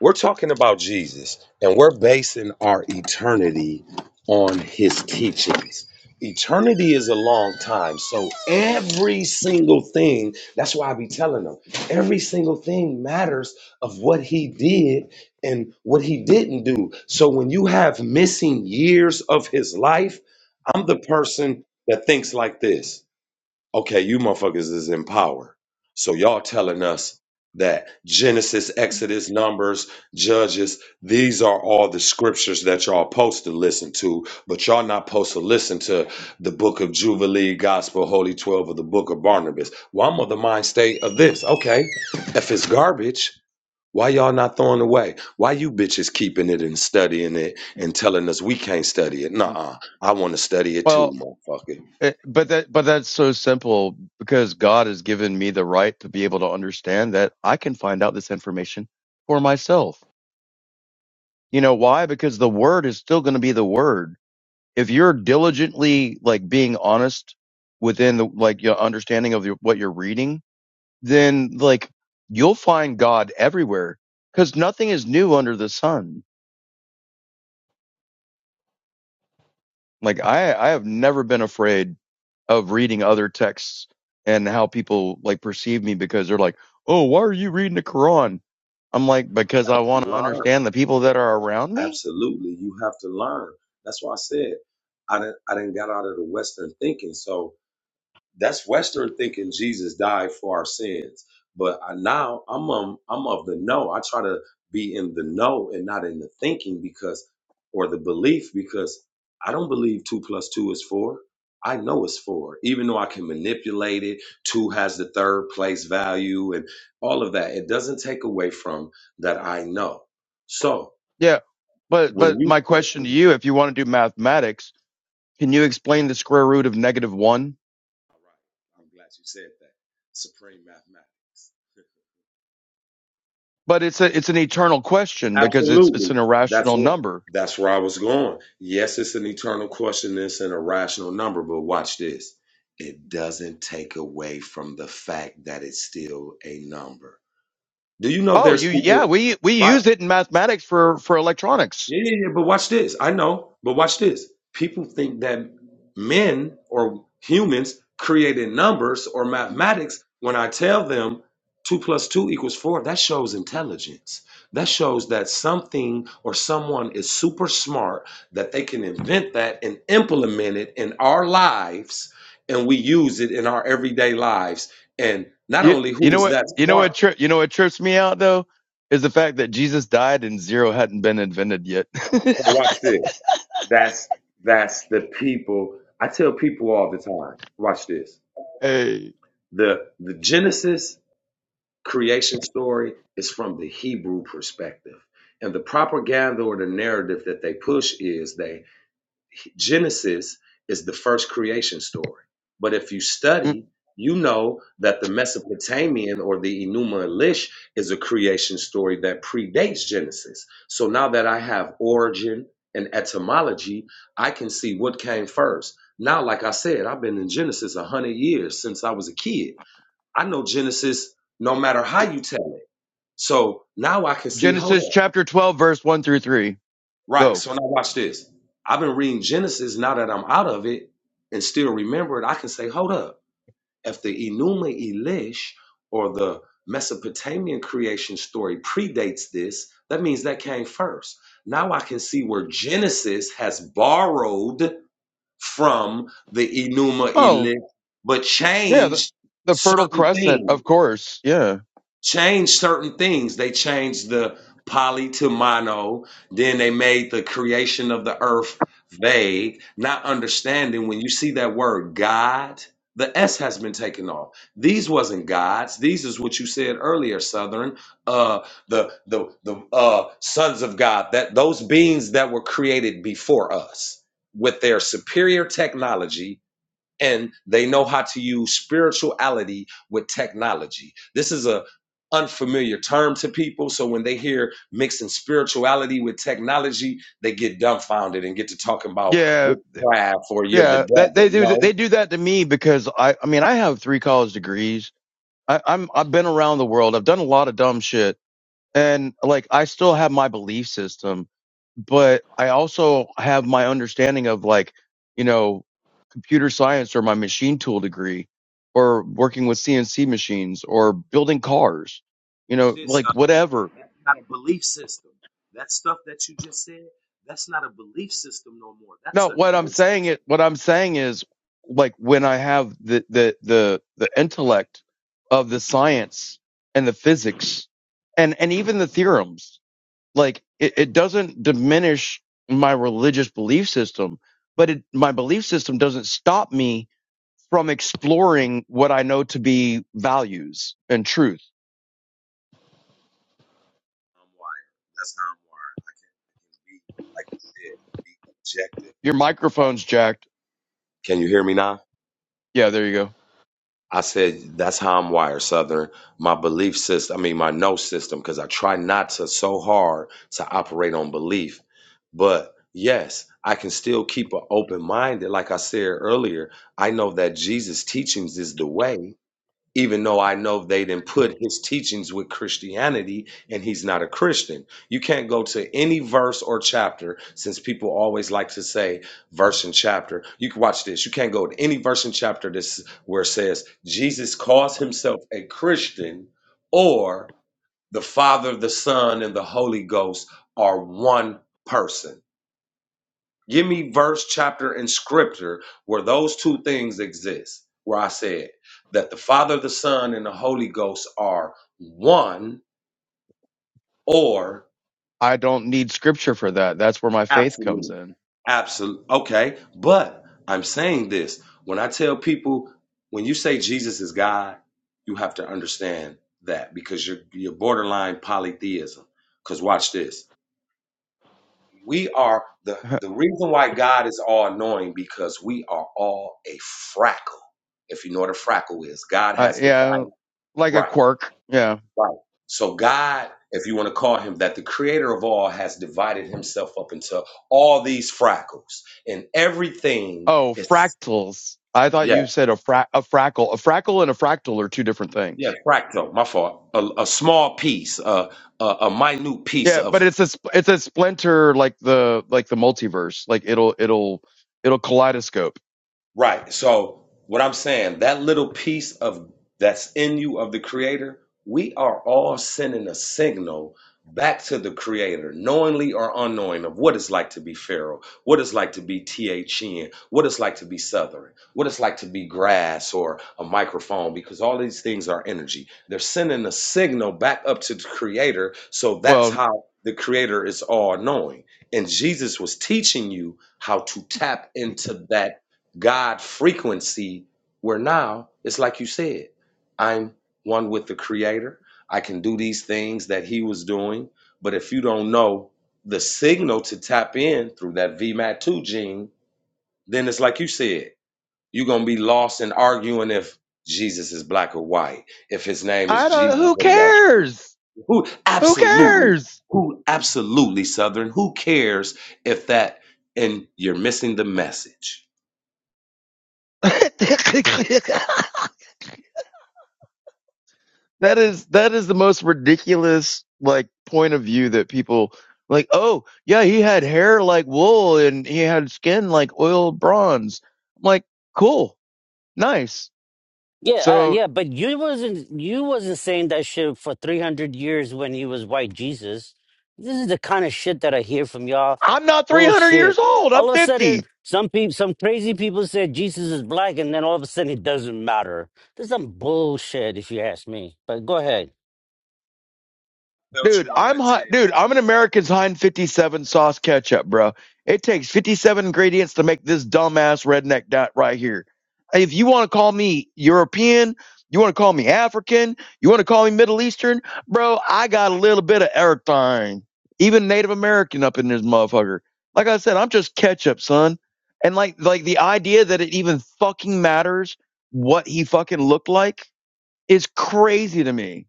M: we're talking about Jesus, and we're basing our eternity on his teachings. Eternity is a long time. So every single thing, that's why I be telling them, every single thing matters of what he did and what he didn't do. So when you have missing years of his life, I'm the person that thinks like this okay, you motherfuckers is in power. So y'all telling us that Genesis, Exodus, Numbers, Judges, these are all the scriptures that y'all supposed to listen to, but y'all not supposed to listen to the book of Jubilee, Gospel, Holy 12, or the book of Barnabas. Well, I'm of the mind state of this. Okay, if it's garbage, why y'all not throwing it away? Why you bitches keeping it and studying it and telling us we can't study it? Nuh-uh. I want to study it too,
E: Well,
M: motherfucker.
E: it, but that but that's so simple because God has given me the right to be able to understand that I can find out this information for myself. You know why? Because the word is still going to be the word. If you're diligently like being honest within the like your understanding of your, what you're reading, then like you'll find God everywhere because nothing is new under the sun Like I I have never been afraid of reading other texts and how people like perceive me because they're like, "Oh, why are you reading the Quran?" I'm like, "Because I want to understand the people that are around me."
M: Absolutely, you have to learn. That's why I said I didn't. I didn't got out of the Western thinking. So that's Western thinking. Jesus died for our sins, but I now I'm um, I'm of the know. I try to be in the know and not in the thinking because or the belief because I don't believe two plus two is four. I know it's four, even though I can manipulate it. Two has the third place value and all of that. It doesn't take away from that I know. So
E: Yeah. But
M: when
E: but my
M: you
E: question to you, if you want to do mathematics, can you explain the square root of negative 1?
M: All right. I'm glad you said that. Supreme mathematics. <laughs>
E: But it's a it's an eternal question because it's it's
M: Absolutely.
E: an
M: That's
E: irrational
M: what.
E: number.
M: That's where I was going. Yes, it's an eternal question. It's an irrational number, but watch this. It doesn't take away from the fact that it's still a number. Do you know
E: Oh,
M: there's
E: you yeah,
M: people?
E: we we
M: Right.
E: use it in mathematics for for electronics.
M: Yeah, yeah, yeah. But watch this. I know, but watch this. People think that men or humans created numbers or mathematics. When I tell them two plus two equals four, that shows intelligence. That shows that something or someone is super smart, that they can invent that and implement it in our lives, and we use it in our everyday lives. And not
E: You,
M: only who
E: you know
M: is
E: what?
M: that
E: You know what?
M: smart,
E: Tri- you know what trips me out though is the fact that Jesus died and zero hadn't been invented yet. <laughs>
M: but watch this. That's that's the people. I tell people all the time. Watch this.
E: hey,
M: The the Genesis creation story is from the Hebrew perspective. And the propaganda or the narrative that they push is they Genesis is the first creation story. But if you
E: Mm.
M: study, you know that the Mesopotamian or the Enuma Elish is a creation story that predates Genesis. So now that I have origin and etymology, I can see what came first. Now, like I said, I've been in Genesis a hundred years since I was a kid. I know Genesis no matter how you tell it. So now I can see, hold
E: Genesis
M: on.
E: chapter twelve, verse one through three.
M: Right.
E: Go.
M: So now watch this. I've been reading Genesis now that I'm out of it and still remember it. I can say, hold up. If the Enuma Elish or the Mesopotamian creation story predates this, that means that came first. Now I can see where Genesis has borrowed from the Enuma
E: Oh
M: Elish, but
E: yeah, the,
M: changed
E: the Fertile
M: certain
E: Crescent,
M: things
E: of course. Yeah,
M: changed certain things. They changed the poly to mono. Then they made the creation of the earth vague, not understanding when you see that word God, the S has been taken off. These wasn't gods. These is what you said earlier, Southern. Uh the the the uh sons of God, that those beings that were created before us with their superior technology and they know how to use spirituality with technology. This is a unfamiliar term to people, so when they hear mixing spirituality with technology, they get dumbfounded and get to talking about
E: yeah,
M: witchcraft or you're the
E: yeah. That
M: devil.
E: they do.
M: No,
E: They do that to me because I. I mean, I have three college degrees. I, I'm. I've been around the world. I've done a lot of dumb shit and like I still have my belief system, but I also have my understanding of like, you know, computer science or my machine tool degree or working with CNC machines or building cars, you know, like whatever. No, what I'm saying it what I'm saying is like when I have the the the the intellect of the science and the physics and and even the theorems like it, it doesn't diminish my religious belief system but it, my belief system doesn't stop me from exploring what i know to be values and truth
M: I'm wired. That's how I'm wired. Be, like you said, be objective.
E: your microphone's jacked
M: Can you hear me now?
E: yeah there you go
M: I said, that's how I'm wired, Southern. My belief system, I mean, my no system, because I try not to so hard to operate on belief. But yes, I can still keep an open minded. Like I said earlier, I know that Jesus' teachings is the way even though I know they didn't put his teachings with Christianity and he's not a Christian. You can't go to any verse or chapter since people always like to say verse and chapter. You can watch this. You can't go to any verse and chapter this where it says Jesus calls himself a Christian or the Father, the Son, and the Holy Ghost are one person Give me verse, chapter, and scripture where those two things exist, where I said that the Father, the Son, and the Holy Ghost are one or
E: i don't need scripture for that that's where my faith comes
M: absolute.
E: in
M: Absolute. Okay. But I'm saying this when I tell people, when you say Jesus is God, you have to understand that because you're, you're borderline polytheism. Because watch this. We are the the
E: <laughs>
M: reason why God is all knowing because we are all a frackle. If you know what a frackle is, God
E: I,
M: has
E: yeah
M: divided
E: like a
M: right,
E: quirk yeah
M: right. So God, if you want to call him that, the creator of all has divided himself up into all these frackles, and everything
E: Oh,
M: is
E: fractals. I thought
M: yeah,
E: you said a fra- a frackle. A frackle and a fractal are two different
M: yeah,
E: things.
M: fractal. My fault. A, a small piece, a, a a minute piece
E: Yeah,
M: of
E: but it's a sp- it's a splinter like the like the multiverse. Like it'll it'll it'll kaleidoscope.
M: Right. So what I'm saying, that little piece of that's in you of the creator, we are all sending a signal back to the creator, knowingly or unknowing of what it's like to be feral, what it's like to be THN, what it's like to be southern, what it's like to be grass or a microphone, because all these things are energy. They're sending a signal back up to the creator. So that's
E: Well,
M: how the creator is all knowing. And Jesus was teaching you how to tap into that God frequency, where now it's like you said, I'm one with the Creator. I can do these things that He was doing. But if you don't know the signal to tap in through that VMAT2 gene, then it's like you said, you're going to be lost in arguing if Jesus is black or white, if His name is
E: I
M: Jesus
E: don't. Who
M: or Yahshua.
E: cares?
M: Who? Absolutely. Who? Absolutely, Southern. Who cares if that and you're missing the message?
E: <laughs> that is that is the most ridiculous like point of view that people like. Oh yeah, he had hair like wool and he had skin like oiled bronze. I'm like, cool, nice.
C: Yeah, uh,
E: So
C: yeah, but you wasn't you wasn't saying that shit for three hundred years when he was white Jesus. This is the kind of shit that I hear from y'all.
E: I'm not 300 years
C: Bullshit.
E: old. I'm
C: All of a sudden,
E: 50.
C: some people, some crazy people said Jesus is black, and then all of a sudden it doesn't matter. This is some bullshit, if you ask me. But go ahead.
E: Dude, I'm hot. Dude, I'm an American's Hind 57 sauce ketchup, bro. It takes 57 ingredients to make this dumbass redneck dot right here. If you want to call me European, you want to call me African, you want to call me Middle Eastern, bro, I got a little bit of everything. Even Native American up in this motherfucker. Like I said, I'm just ketchup, son. And like like the idea that it even fucking matters what he fucking looked like is crazy to me.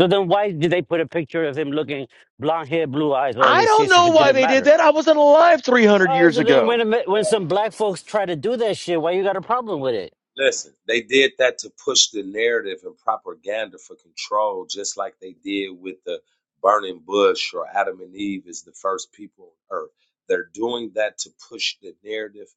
C: So then, why did they put a picture of him looking blonde hair, blue eyes, all
E: I
C: this
E: don't
C: shit if
E: know
C: it
E: why
C: didn't
E: they did
C: matter?
E: that. I wasn't alive 300
C: All right,
E: years
C: so then
E: ago.
C: when a mi- when some black folks try to do that shit, why you got a problem with it?
M: Listen, they did that to push the narrative and propaganda for control, just like they did with the burning bush or Adam and Eve is the first people on earth. They're doing that to push the narrative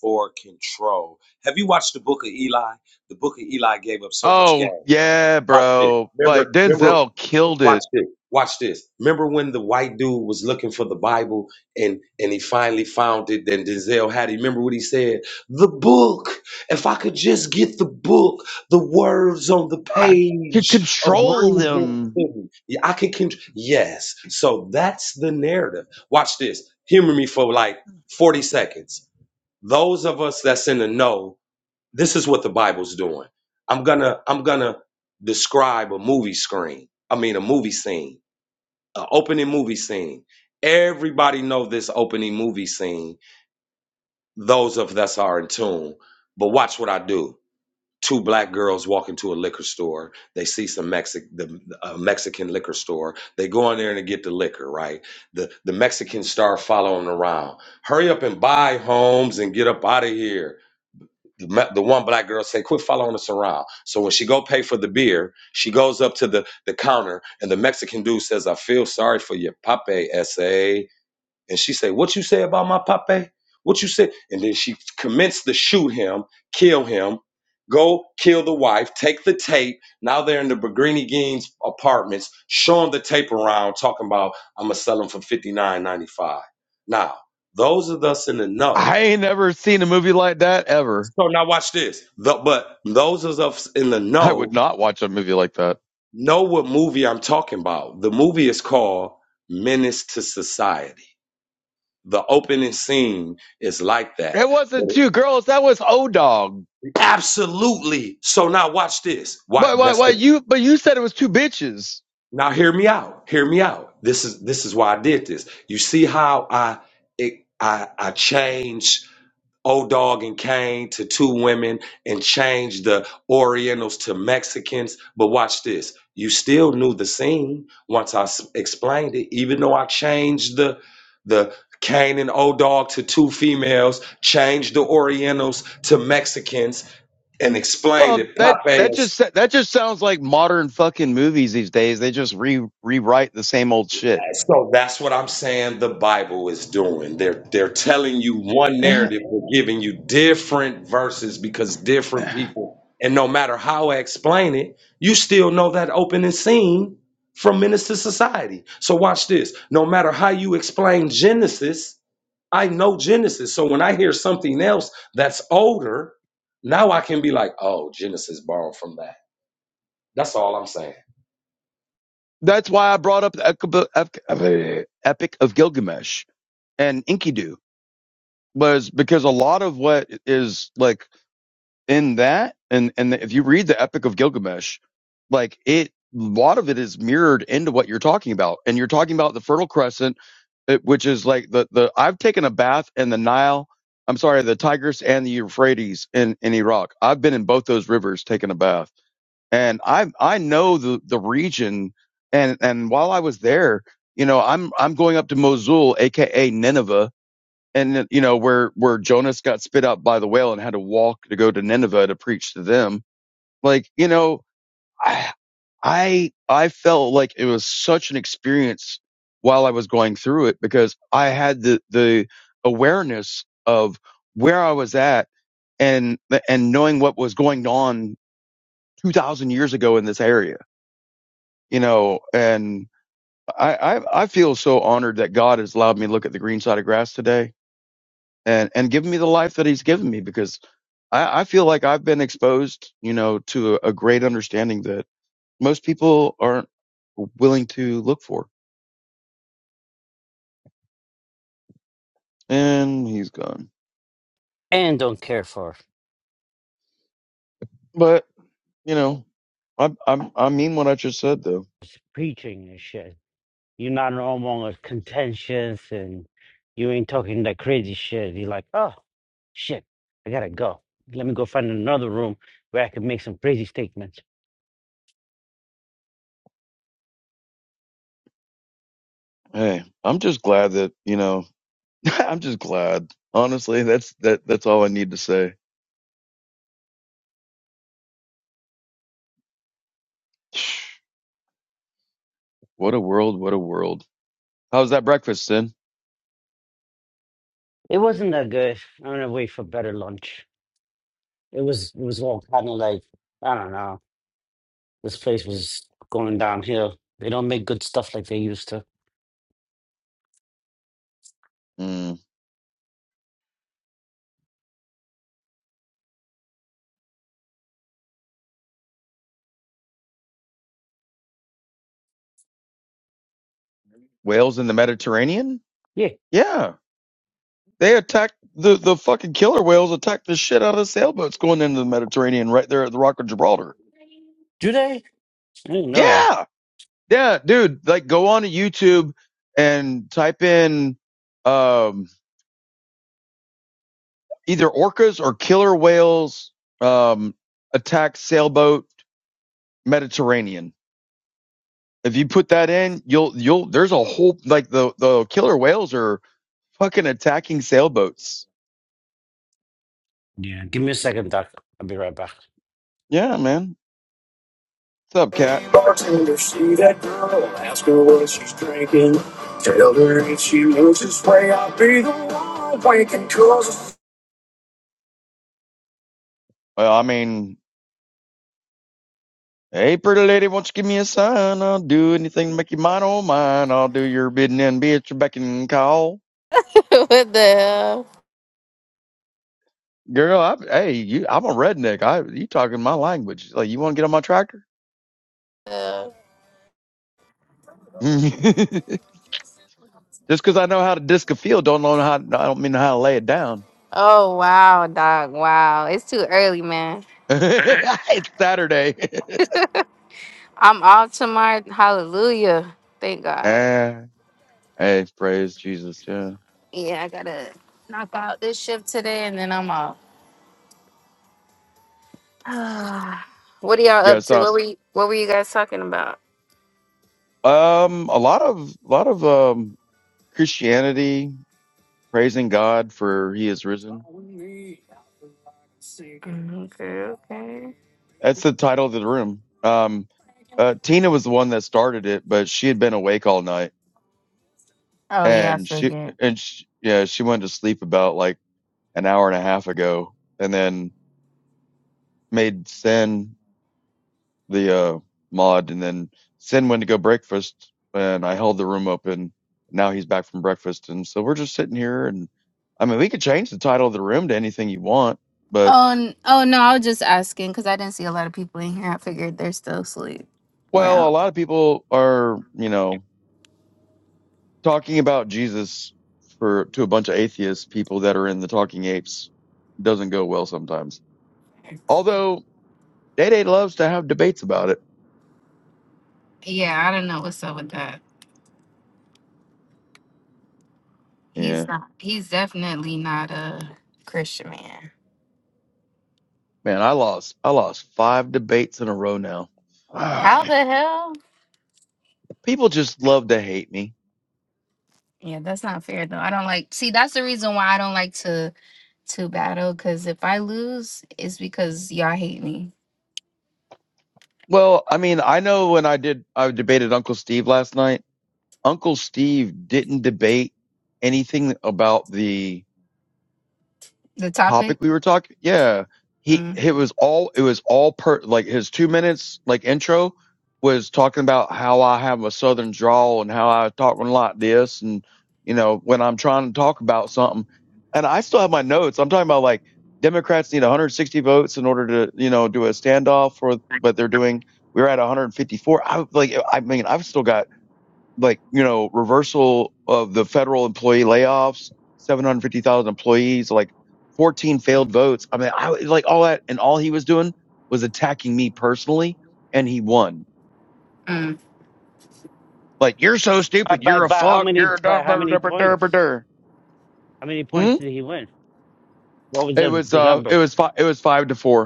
M: for control. Have you watched the book of Eli? The book of Eli gave up so much
E: Oh,
M: game.
E: yeah,
M: Watch this.
E: bro. Like
M: Remember, remember
E: Denzel killed
M: Watch
E: it.
M: this. Watch this. Remember when the white dude was looking for the Bible and and he finally found it? Then Denzel had it. Remember what he said? The book. If I could just get the book, the words on the
E: I could
M: page, uh,
E: control
M: bring him
E: them.
M: to me. Yeah, I can. Con- yes. So that's the narrative. Watch this. Humor me for like forty seconds. Those of us that's in the know this is what the Bible's doing. I'm gonna I'm gonna describe a movie screen. I mean a movie scene, an opening movie scene. Everybody know this opening movie scene. Those of us are in tune. But watch what I do. Two black girls walk into a liquor store. They see some Mexican, the a Mexican liquor store. They go in there and they get the liquor. Right. The the Mexicans start following around. Hurry up and buy homes and get up out of here the, the one black girl say, "Quit following us around." So when she go pay for the beer, she goes up to the the counter, and the Mexican dude says, "I feel sorry for your pape, sa." And she say, "What you say about my pape? What you say?" And then she commenced to shoot him, kill him, go kill the wife, take the tape. Now they're in the Bergrini Gaines apartments, showing the tape around, talking about, "I'm gonna sell them for fifty nine ninety five. Now those of us in the know
E: I ain't never seen a movie like that ever.
M: so now watch this. The, but those of us in the
E: I would
M: know
E: not watch a movie like that.
M: know what movie I'm talking about. The movie is called Menace to Society. The opening scene is like that.
E: It
M: But
E: wasn't two girls. That was O Dog.
M: absolutely. So now watch this.
E: Why?
M: What
E: Why?
M: that's
E: Why?
M: the
E: You, but you said it was two bitches.
M: now hear me out. Hear me out. This is this is why I did this. You see how I it, I I changed Old Dog and Kane to two women and changed the Orientals to Mexicans. But watch this. You still knew the scene once I s- explained it, even though I changed the the Kane and Old Dog to two females, changed the Orientals to Mexicans, and explained
E: Well,
M: it.
E: that, that
M: Popeye
E: just, that just sounds like modern fucking movies these days. They just re, rewrite the same old shit.
M: So that's what I'm saying the Bible is doing. They're they're telling you one narrative,
E: <sighs>
M: but giving you different verses because different people and no matter how I explain it, you still know that opening scene from Minister Society. So watch this. No matter how you explain Genesis, I know Genesis. So when I hear something else that's older, now I can be like, oh, Genesis borrowed from that. That's all I'm saying.
E: That's why I brought up the Epic of Gilgamesh and Enkidu was because a lot of what is like in that and and if you read the Epic of Gilgamesh, like it a lot of it is mirrored into what you're talking about, and you're talking about the Fertile Crescent, it, which is like the the I've taken a bath in the Nile. I'm sorry, the Tigris and the Euphrates in in Iraq. I've been in both those rivers taking a bath and I I know the the region and and while I was there, you know, I'm I'm going up to Mosul, aka Nineveh, and you know where where Jonas got spit out by the whale and had to walk to go to Nineveh to preach to them. Like, you know, I I I felt like it was such an experience while I was going through it because I had the the awareness of where I was at and and knowing what was going on 2000 years ago in this area you know, and I, I, I feel so honored that God has allowed me to look at the green side of grass today and, and given me the life that he's given me because I, I feel like I've been exposed, you know, to a, a great understanding that most people aren't willing to look for. And he's gone.
C: And don't care for
E: But, you know, I, I, I mean what I just said though.
C: preaching and shit. You're not normal and contentious and you ain't talking that crazy shit. You're like, oh shit, I gotta go. Let me go find another room where I can make some crazy statements.
E: Hey, I'm just glad that, you know, <laughs> I'm just glad. Honestly, that's, that, that's all I need to say. What a world. What a world. How's that breakfast, Sin?
C: It wasn't that good. I'm gonna wait for better lunch. It was it was all kind of like, I don't know. This place was going downhill. They don't make good stuff like they used to.
E: Hmm. Whales in the Mediterranean?
C: Yeah,
E: Yeah. They attacked the, the fucking killer whales attacked the shit out of sailboats going into the Mediterranean right there at the Rock of Gibraltar.
C: do they? I didn't know that.
E: Yeah. Yeah, dude. Like go on to YouTube and type in um either orcas or killer whales um attack sailboat Mediterranean. If you put that in, you'll you'll there's a whole like the the killer whales are fucking attacking sailboats.
C: Yeah. Give me a second, Doc. I'll be right back.
E: Yeah, man. What's up, cat?
N: Bartender, see that girl, ask her what she's drinking. Tell her if she moves this way, I'll be the one waking cause
E: Well, I mean, Hey, pretty lady, won't you give me a sign? I'll do anything to make you mine, oh mine. I'll do your bidding and be at your beck and call.
N: <laughs> what the hell?
E: Girl, I, hey, you, I'm a redneck. I, you talking my language. Like, you want to get on my tractor?
N: Uh,
E: <laughs> Just 'cause I know how to disc a field, don't know how, I don't mean how to lay it down.
N: Oh wow, dog. Wow. It's too early, man.
E: <laughs> it's Saturday. <laughs>
N: I'm off tomorrow. Hallelujah. Thank God.
E: Eh, hey, praise Jesus. Yeah.
N: Yeah, I gotta knock out this shift today and then I'm off. <sighs> what are y'all
E: Yeah,
N: up
E: it's
N: to?
E: not,
N: What were you what were you guys talking about?
E: um, a lot of, a lot of, um, Christianity praising God for he is risen
N: Okay, okay.
E: That's the title of the room. Um, uh, Tina was the one that started it, but she had been awake all night,
N: Oh yeah, I
E: and she
N: figured.
E: and she, yeah, she went to sleep about like an hour and a half ago, and then made Sin the uh, mod, and then Sin went to go breakfast, and I held the room open. Now he's back from breakfast, and so we're just sitting here, and I mean, we could change the title of the room to anything you want, but
N: Oh, n- oh no, I was just asking because I didn't see a lot of people in here. I figured they're still asleep or
E: well, a
N: out.
E: lot of people are, you know. talking about Jesus for to a bunch of atheist people that are in the Talking Apes doesn't go well sometimes. Although Day Day loves to have debates about it.
N: Yeah, I don't know what's up with that. He's
E: Yeah,
N: not. He's definitely not a Christian man.
E: man, I lost. I lost five debates in a row now.
N: How
E: Ugh.
N: the hell?
E: People just love to hate me.
N: Yeah, that's not fair though. I don't like. See, that's the reason why I don't like to to battle. Because if I lose, it's because y'all hate me.
E: Well, I mean, I know when I did, I debated Uncle Steve last night. Uncle Steve didn't debate anything about the
N: The topic.
E: topic we were talking. Yeah, he
N: Mm-mm.
E: it was all it was all per like his two minutes like intro was talking about how I have a southern drawl and how I talk a lot this and you know when I'm trying to talk about something and I still have my notes. I'm talking about like Democrats need 160 votes in order to you know do a standoff for but they're doing. We were at 154. I like I mean I've still got like you know reversal of the federal employee layoffs 750,000 employees like 14 failed votes i mean i like all that and all he was doing was attacking me personally and he won like you're so
C: Uh,
E: stupid
C: By
E: you're a
C: by how
E: fuck you're
C: many
E: a
C: by
E: dumb
C: how
E: brr,
C: many
E: brr, brr, brr,
C: points?
E: brr, brr."
C: How many
E: Hmm?
C: points did he win? What was
E: it
C: the
E: was
C: the
E: uh it
C: numbers?
E: was five it was 5 to 4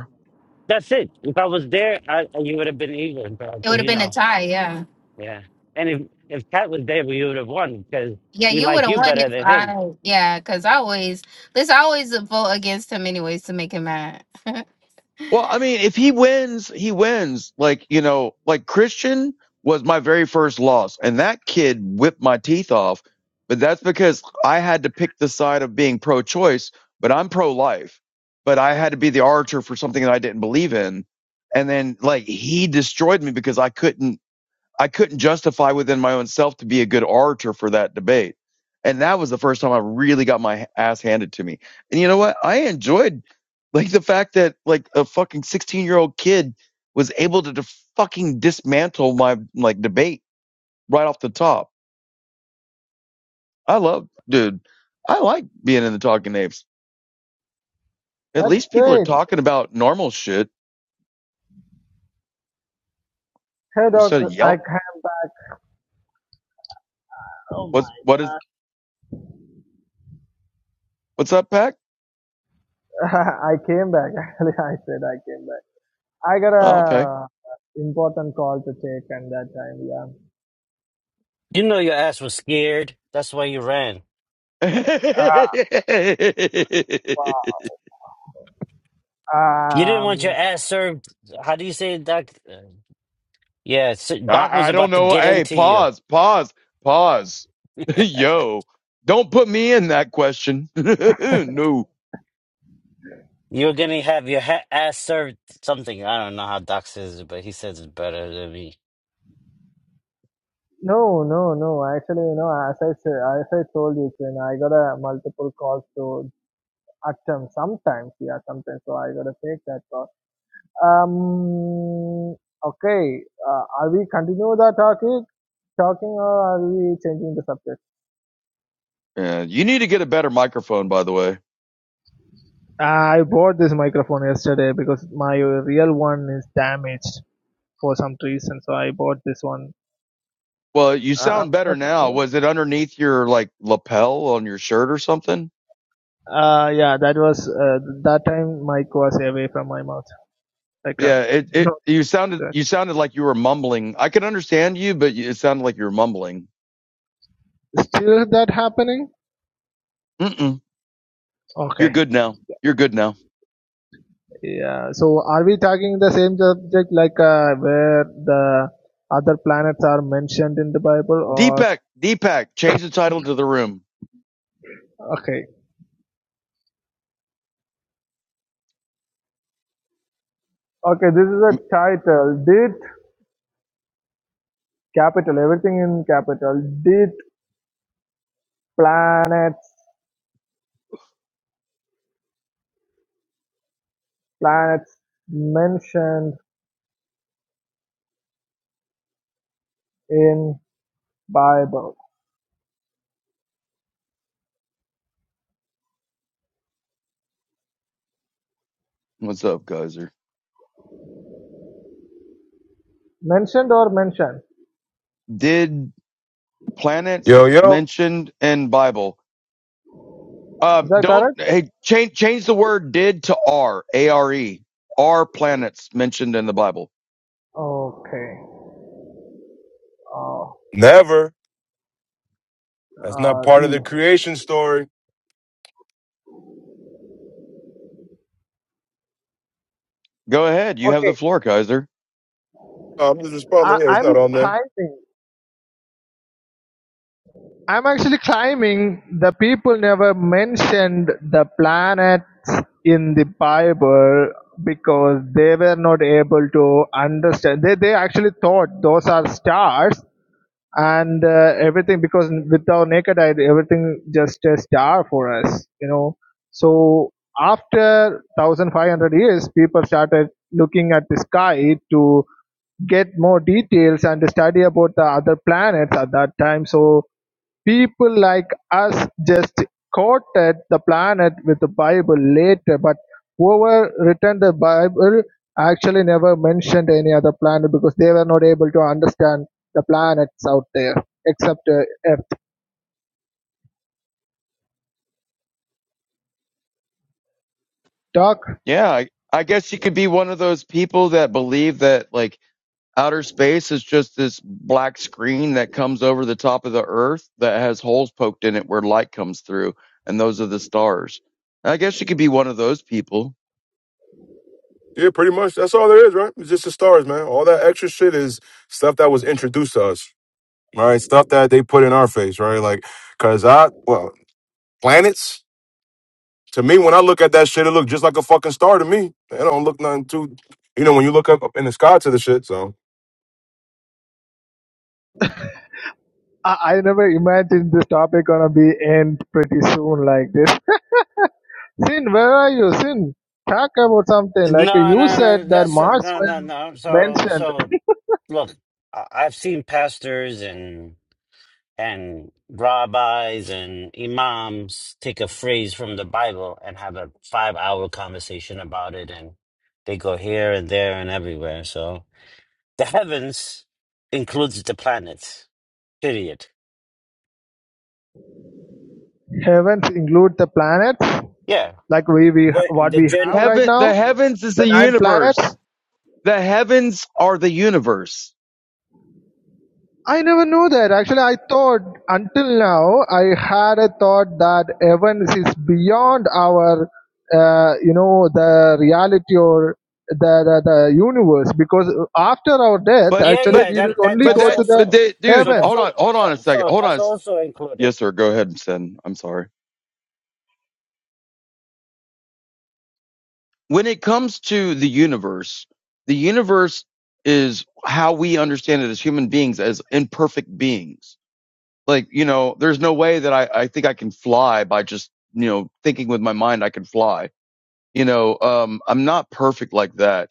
C: That's it. If I was there, I, you would have been evil, bro.
N: It would
C: Because
N: have
C: you
N: been a
C: know,
N: tie, yeah.
C: yeah. And if if Cat was there, we would have won because
N: Yeah,
C: we
N: you would
C: like
N: have
C: you
N: won if
C: better than him.
N: I, yeah, because I always, this I always vote against him anyways to make him mad. <laughs>
E: Well, I mean, if he wins, he wins. Like, you know, like Christian was my very first loss, and that kid whipped my teeth off. But that's because I had to pick the side of being pro choice, but I'm pro life. But I had to be the archer for something that I didn't believe in. And then, like, he destroyed me because I couldn't. I couldn't justify within my own self to be a good orator for that debate. And that was the first time I really got my ass handed to me. And you know what? I enjoyed like the fact that like a fucking 16 year old kid was able to def- fucking dismantle my like debate right off the top. I love, dude, I like being in the talking apes. At
F: That's
E: least people are
F: great.
E: talking about normal shit
F: Hey Doc,
E: instead of
F: I
E: yell.
F: came back. Oh
E: What's,
F: my
E: what is, what's up, Pack?
F: god. <laughs> I came back. <laughs> Actually, I said I came back. I got
E: Oh, okay.
F: a important call to take and that time, yeah.
C: You know, your ass was scared. That's why you ran.
F: Uh, wow.
E: <laughs>
C: You didn't want your
F: Um,
C: ass served. How do you say, it, Doc? Uh, Yeah, so Doc was
E: I, I don't
C: about to
E: know.
C: get
E: Hey,
C: into you.
E: pause, pause, pause. <laughs> Yo, don't put me in that question. <laughs> no.
C: You were gonna have your ha- ass served something. I don't know how Doc says it, but he says it better than me.
F: no, no, no. Actually, you know, as I said, as I told you, Chin, I got a multiple calls to At times, sometimes, yeah, sometimes. So I gotta take that part. Um, okay. Uh, are we continue the talking, talking, or are we changing the subject?
E: Yeah, you need to get a better microphone, by the way.
F: I bought this microphone yesterday because my real one is damaged for some reason. So I bought this one.
E: Well, you
F: Uh, I'm
E: sound better
F: not
E: now.
F: clear.
E: Was it underneath your like lapel on your shirt or something?
F: Uh, yeah, that was uh, that time. Mic was away from my mouth. Like, um,
E: Yeah, it, it
F: no,
E: you sounded
F: that.
E: you sounded like you were mumbling. I can understand you, but you- it sounded like you were mumbling.
F: still that happening?
E: Mm-mm. You're
F: Okay.
E: good now. You're good now.
F: Yeah. So are we talking the same subject like uh, where the other planets are mentioned in the Bible or
E: Deepak, Deepak, change the title to the room.
F: okay. Okay, this is a
E: Um,
F: title. Did capital everything in capital? Did planets planets mentioned in Bible?
E: What's up, Geyser?
F: Mentioned or mentioned?
E: Did
O: Yo,
E: planets
O: yo,
E: mentioned in Bible.
F: Is
E: Um,
F: that
E: don't
F: correct?
E: hey, change change the word did to R A R E. Are planets mentioned in the Bible?
F: Okay. Uh,
O: never. That's not
F: uh,
O: part of the
F: e.
O: creation story.
E: Go ahead, you have
F: Okay.
E: the floor, Kaiser.
O: I'm just responding.
F: I,
O: Yeah, it's not
F: I'm
O: on there.
F: trying. I'm actually climbing. The people never mentioned the planets in the Bible because they were not able to understand. They, they actually thought those are stars, and uh, everything because with our naked eye everything just a star for us you know so after 1500 years people started looking at the sky to get more details and study about the other planets at that time so people like us just quoted the planet with the bible later but whoever written the bible actually never mentioned any other planet because they were not able to understand the planets out there except uh, Earth. Doc,
E: Yeah, I, I guess you could be one of those people that believe that like outer space is just this black screen that comes over the top of the Earth that has holes poked in it where light comes through, and those are the stars. I guess you could be one of those people.
O: Yeah, pretty much. That's all there is, right? It's just the stars, man. All that extra shit is stuff that was introduced to us, right? Stuff that they put in our face, right? Like, cause I, well, planets. To me, when I look at that shit, it look just like a fucking star to me. It don't look nothing too, you know, when you look up, up in the sky to the shit. So
F: I, I never imagined this topic gonna be end pretty soon like this. Sin, where are you? Sin, talk about something. Like uh,
C: No,
F: you
C: no,
F: said
C: no.
F: that
C: That's
F: Mars
C: no, no,
F: was
C: no. So,
F: mentioned.
C: so look, I- I've seen pastors and and rabbis and imams take a phrase from the Bible and have a five hour conversation about it. And they go here and there and everywhere. So the heavens includes the planets, period.
F: Heavens include the planets,
C: Yeah.
F: like we, we
C: Where
F: what
C: the
F: we
C: gen,
F: have right
E: Heaven,
F: now,
E: the heavens is
F: the
E: the
F: nine planets.
E: universe. the heavens are the universe.
F: I never knew that. Actually, I thought until now I had a thought that Evans is beyond our, uh, you know, the reality or the, the the universe. Because after our death,
E: But
C: yeah,
F: actually,
E: but
C: yeah,
F: we will
C: that, that
F: only
E: but
C: that's
F: go
E: that
F: to the
E: but
C: also,
E: that dude,
C: so
F: heaven.
C: that's
E: hold
C: all,
E: on, hold
C: so,
E: on a second.
C: so
E: Hold
C: that's
E: on.
C: also included.
E: Yes, sir. Go ahead and send. I'm sorry. When it comes to the universe, the universe is how we understand it as human beings, as imperfect beings. Like, you know, there's no way that I, I think I can fly by just, you know, thinking with my mind I can fly. You know, um, I'm not perfect like that.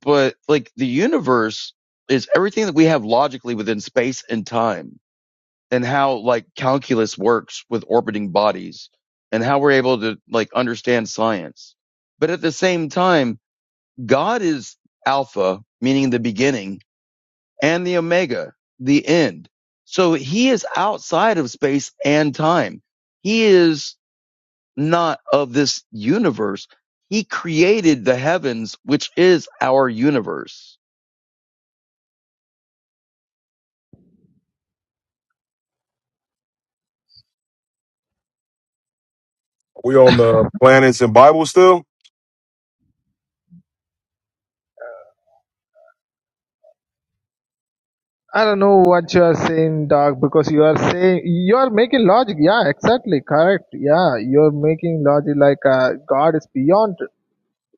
E: But like the universe is everything that we have logically within space and time and how like calculus works with orbiting bodies and how we're able to like understand science. But at the same time, God is Alpha, meaning the beginning, and the Omega, the end. So he is outside of space and time. He is not of this universe. He created the heavens, which is our universe.
O: we on the planets and Bible still.
F: I don't know what you are saying, Doc. Because you are saying you are making logic. Yeah, exactly, correct. Yeah, you are making logic like uh, God is beyond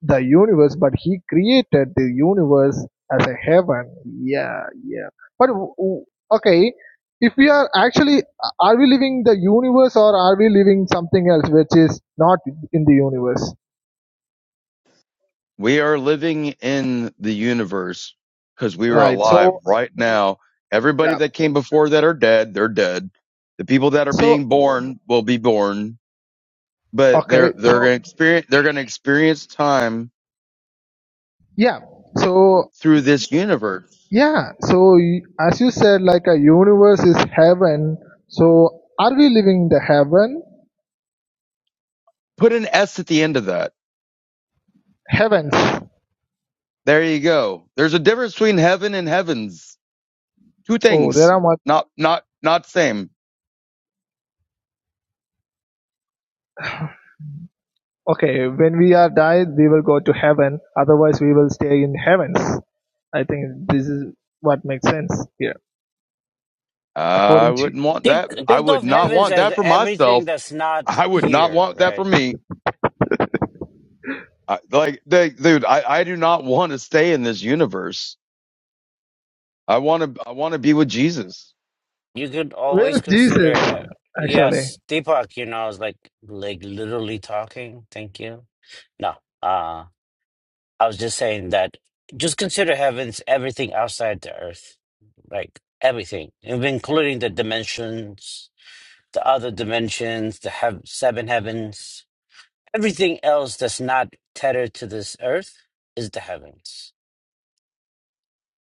F: the universe, but he created the universe as a heaven. Yeah, yeah. But w- w- okay, if we are actually, are we living the universe or are we living something else which is not in the universe?
E: We are living in the universe because we are
F: Right.
E: alive
F: So
E: right now. Everybody
F: yeah.
E: that came before that are dead, they're dead. The people that are being
F: So
E: born will be born, but
F: okay.
E: they're they're gonna
F: So
E: experience they're gonna experience time
F: yeah. So
E: through this universe.
F: yeah. So y- as you said, like a universe is heaven. So are we living the heaven?
E: Put an S at the end of that.
F: Heavens.
E: There you go. There's a difference between heaven and heavens. Two
F: Oh, there
E: things.
F: are
E: Not not not same.
F: Okay, when we are died, we will go to heaven. Otherwise, we will stay in heavens. I think this is what makes sense here.
E: I
F: According to
E: wouldn't want
C: Think,
E: that. I
C: think
E: would
C: of
E: not
C: heavens
E: want
C: as
E: that for
C: everything
E: myself.
C: that's not
E: I would not
C: here,
E: want that
C: right?
E: for me. I, like, they, dude, I, I do not want to stay in this universe. I want to, I want to be with Jesus,
C: you could
F: where
C: always
F: is Jesus
C: consider uh,
F: actually?
C: yes deepak you know i was like like literally talking thank you no uh i was just saying that just consider heavens everything outside the earth like everything and including the dimensions the other dimensions the heav seven heavens everything else that's not tethered to this earth is the heavens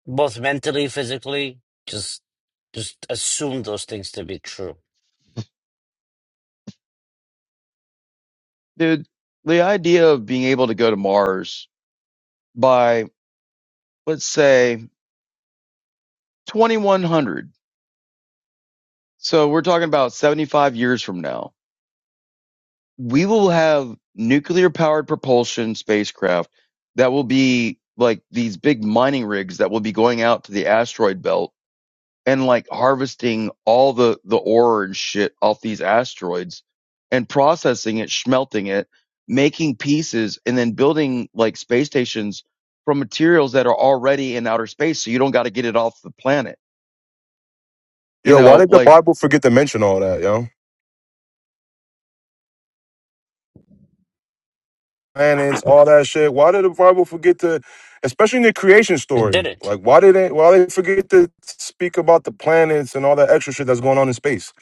C: both mentally physically just just assume those things to be true
E: dude. The idea of being able to go to Mars by, let's say, 2100. So we're talking about 75 years from now. We will have nuclear powered propulsion spacecraft that will be like these big mining rigs that will be going out to the asteroid belt and like harvesting all the the ore and shit off these asteroids and processing it, smelting it, making pieces, and then building like space stations from materials that are already in outer space, so you don't got to get it off the planet. You
O: Yo, why
E: know,
O: did the
E: like,
O: Bible forget to mention all that, yo? planets, all that shit. Why did the Bible forget to, especially in the creation
C: it
O: story?
C: didn't
O: Like, why did they, why they forget to speak about the planets and all that extra shit that's going on in space?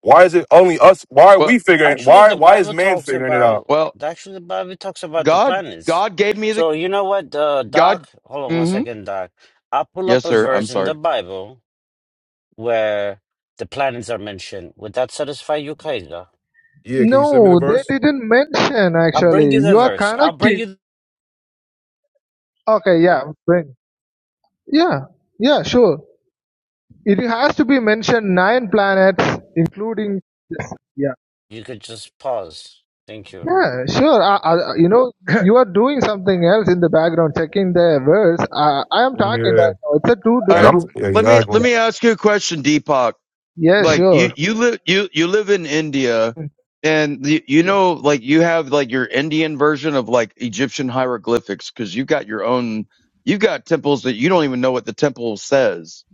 O: Why is it only us? Why are
E: well,
O: we figuring?
C: Actually,
O: Why
C: the
O: why is
C: Bible
O: man
C: talks
O: figuring it out?
C: about
E: well,
C: actually the Bible talks about the
E: God,
C: planets.
E: God gave me the
C: So you know what, uh,
E: God.
C: Doc? Hold on one
E: hmm
C: second, Doc. I'll pull
E: Yes,
C: up a
E: sir. I'm
C: verse in the
E: sorry.
C: Bible where the planets are mentioned. Would that satisfy you, Kaida?
O: Yeah, can you send me the
F: No, they
O: verse?
F: didn't mention
C: I'll bring you
F: actually.
C: the
F: You are
C: verse. I'll bring
F: connecting.
C: you.
F: Okay, yeah, when? Yeah, yeah, sure. It has to be mentioned nine planets, including yeah,
C: You could just pause. Thank you.
F: yeah, sure. Uh, uh, you know,
E: <laughs> All
F: you are doing something else in the background, checking the verse. Uh, I am talking
O: Yeah,
F: right now. It's a two
O: and
E: right.
O: I'm
F: different.
O: yeah,
E: Let me
O: exactly.
E: let me ask you a question, Deepak.
F: Yeah,
E: like you
F: sure.
E: you live you you live in India
F: Mm.
E: and you, you know like you have like your Indian version of like Egyptian hieroglyphics cuz you got your own you got temples that you don't even know what the temple says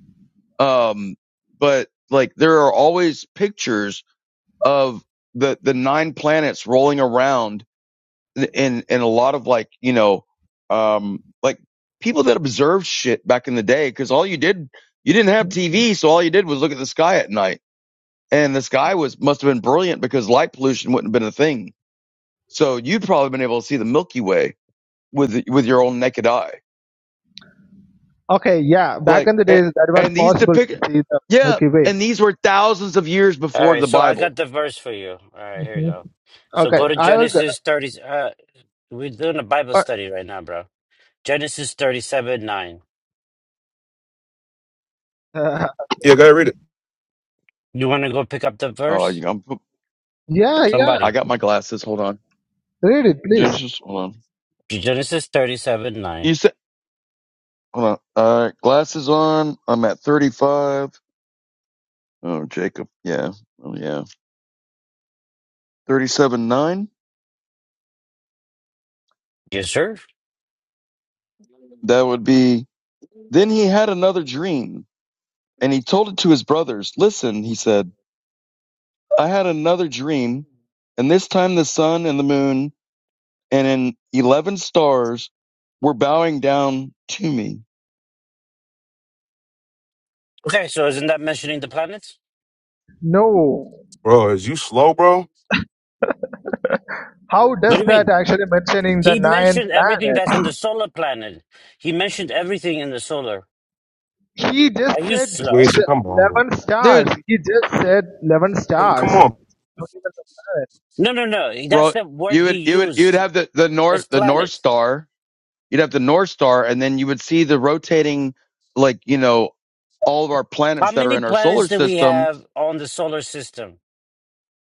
E: um but like there are always pictures of the the nine planets rolling around in in a lot of like you know um like people that observed shit back in the day cuz all you did you didn't have TV so all you did was look at the sky at night and the sky was must have been brilliant because light pollution wouldn't have been a thing. So you'd probably been able to see the Milky Way with with your own naked eye.
F: Okay, yeah. Back
E: Like
F: in the
E: and,
F: days, that was
E: and these
F: possible
E: depict
F: to see the
E: yeah,
F: Milky Way.
E: and these were thousands of years
C: All
E: before
C: right,
E: the
C: so I got
E: Bible.
C: the verse for you. All right, here you
F: hmm
C: go. So
F: Okay,
C: go to
F: I will.
C: Genesis thirty. Uh, we're doing a Bible
F: Uh,
C: study right now, bro. Genesis thirty-seven nine.
F: uh,
O: Yeah, go ahead read it,
C: You want to go pick up the
E: Oh, you
C: verse?
E: know, I'm,
F: <laughs> yeah, yeah.
E: I
C: Somebody.
E: got my glasses. Hold on.
F: Read it, please.
E: Genesis, hold on.
C: Genesis 37 9.
E: You said hold on. All right, glasses on. I'm at 35. Oh, Jacob. Yeah. Oh yeah. 37 9.
C: Yes, sir.
E: That would be Then he had another dream, and he told it to his brothers. Listen, he said. I had another dream, and this time the sun and the moon and in 11 stars were bowing down to me.
C: Okay, so isn't that mentioning the planets?
F: No.
O: bro. Is you slow, bro?
F: How
C: What
F: does
C: do you
F: that
C: mean?
F: actually mentioning the
C: He
F: nine
C: mentioned everything that's
F: planets?
C: in the solar planet. He mentioned everything in the solar.
F: He just
C: Are you
F: said
O: Wait,
C: slow?
F: s-
O: so come on, bro.
F: eleven
E: dude.
F: stars. He just said eleven
O: Uh,
F: stars.
O: Come on.
F: Not even the planets.
C: No, no, no. That's
E: Well,
C: the word
E: you
C: he
E: would you would you would
C: used.
E: have the the north
C: It's
E: the North
C: planet.
E: Star. You'd have the North Star, and then you would see the rotating, like you know, all of our
C: How
E: planets that are
C: many
E: in our
C: planets
E: solar
C: do we
E: system.
C: have on the solar system?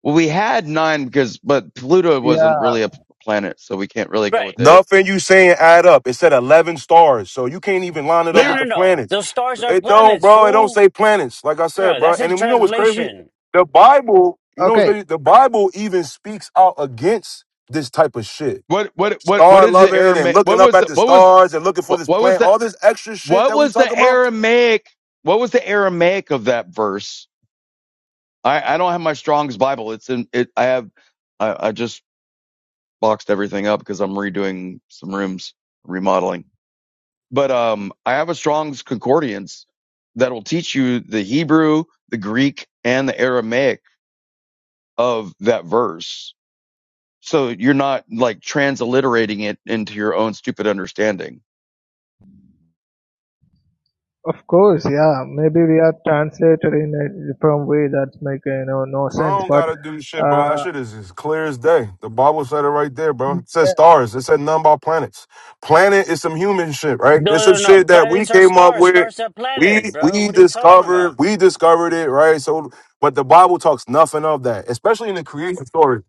E: Well, we had nine because, but Pluto wasn't
F: Yeah.
E: really a planet, so we can't really go
C: Right.
E: with it.
O: Nothing you saying add up. It said eleven stars, so you can't even line it
C: No,
O: up
C: no,
E: Yeah.
O: with
C: no,
O: the
C: no.
O: planets.
C: Those stars are
O: It don't,
C: planets,
O: bro. It don't
C: fool.
O: say planets. Like I
C: No,
O: said,
C: no,
O: bro.
C: that's
O: And
C: in
O: then you know what's crazy?
C: translation.
O: The Bible, you know what's
F: Okay.
O: crazy? The Bible even speaks out against this type of shit.
E: What what what what
O: Star
E: did the
O: loving and
E: Aramaic? What
O: looking up
E: was
O: at
E: the
O: the
E: what was
O: stars and looking for
E: what
O: this
E: was
O: planet.
E: that?
O: All this extra shit
E: What
O: that we
E: was
O: talking
E: the
O: about.
E: Aramaic? What was the Aramaic of that verse? I, I don't have my Strong's Bible. It's in it. I have. I, I just boxed everything up because I'm redoing some rooms, remodeling. But um, I have a Strong's concordance that'll teach you the Hebrew, the Greek, and the Aramaic of that verse. So you're not like transliterating it into your own stupid understanding.
F: Of course. Yeah. Maybe we are translated in a different way. That's make you know no
O: I
F: sense,
O: don't
F: but.
O: gotta do shit, bro. That shit
F: Uh,
O: is as clear as day. The Bible said it right there, bro. It says stars. It said nothing about planets. Planet is some human shit, right? It's some
C: No, no, no.
O: shit that we
C: Planets are
O: came up
C: stars.
O: with.
C: Stars are planet,
O: We
C: bro.
O: we
C: What are you talking about?
O: discovered we discovered it, right? So, but the Bible talks nothing of that, especially in the creation story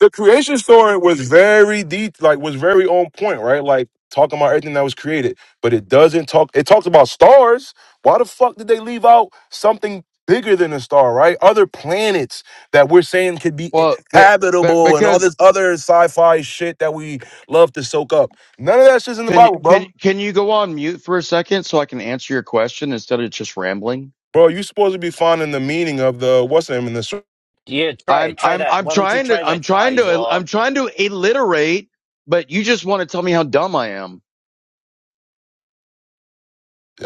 O: the creation story was very deep, like was very on point, right? Like talking about everything that was created, but it doesn't talk. It talks about stars. Why the fuck did they leave out something bigger than a star, right? Other planets that we're saying could be
E: Well, they, that-
O: habitable and all
E: because
O: this other sci-fi shit that we love to soak up. None of that shit's in the
E: Can you-
O: Bible,
E: can
O: bro.
E: can you go on mute for a second so I can answer your question instead of just rambling?
O: Bro, you supposed to be finding the meaning of the what's the name in the. sur-
C: Yeah, try
E: I'm
C: it. Try
E: I'm
C: that.
E: I'm
C: Why don't you
E: trying
C: try
E: to I'm
C: that,
E: trying to
C: Kaiser?
E: I'm trying to alliterate, but you just want to tell me how dumb I am.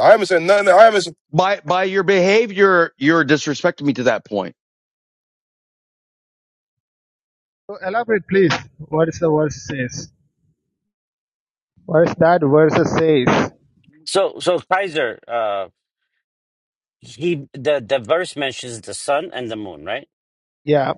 O: I haven't said nothing. I haven't. s-
E: By by your behavior, you're disrespecting me to that point.
F: So elaborate, please. What is the verse says? What is that verse says?
C: So, so Kaiser, uh, he the the verse mentions the sun and the moon, right?
F: Yeah.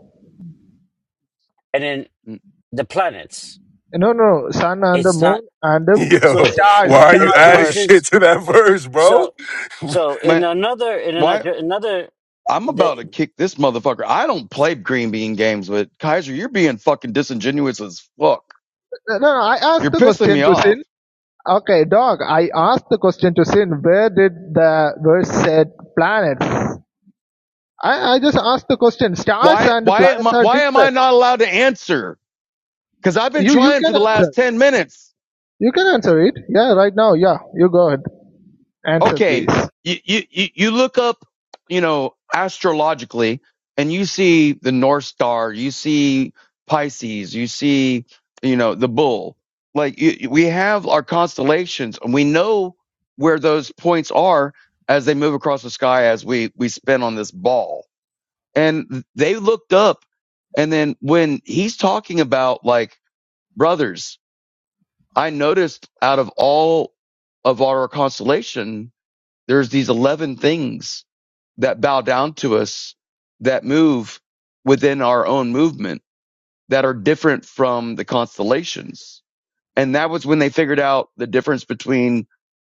C: And then
E: Mm,
C: the planets.
F: No, no. Sun and the
C: It's
F: moon
C: not
F: and the
O: <laughs>
C: so.
O: Yo,
C: It,
F: stars.
O: why are you
C: it
F: Stars.
O: adding
E: But
O: shit
C: mentions
O: to that verse, bro?
C: so.
O: <laughs>
C: So in
E: man,
C: another in
E: why
C: another another
E: I'm about to
C: the
E: kick this motherfucker. I don't play green bean games, but Kaiser, you're being fucking disingenuous as fuck.
F: No, no. I
E: You're
F: asked the
E: pissing me
F: question to
E: off.
F: sin. Okay, dog. I asked the question to sin. Where did the verse said planets? I, I just asked the question. Stars
E: Why
F: and
E: why am
F: planets
E: I
F: are
E: why am I
F: different.
E: not allowed to answer? Because I've been
F: You you
E: trying
F: can
E: for the last
F: answer.
E: ten minutes.
F: You can answer it. Yeah, right now. Yeah, you go ahead. Answer,
E: okay,
F: please.
E: you, you, you look up, you know, astrologically and you see the North Star, you see Pisces, you see, you know, the bull. Like you- we have our constellations and we know where those points are as they move across the sky as we, we spin on this ball. And they looked up. And then when he's talking about like brothers, I noticed out of all of our constellation, there's these 11 things that bow down to us that move within our own movement that are different from the constellations. And that was when they figured out the difference between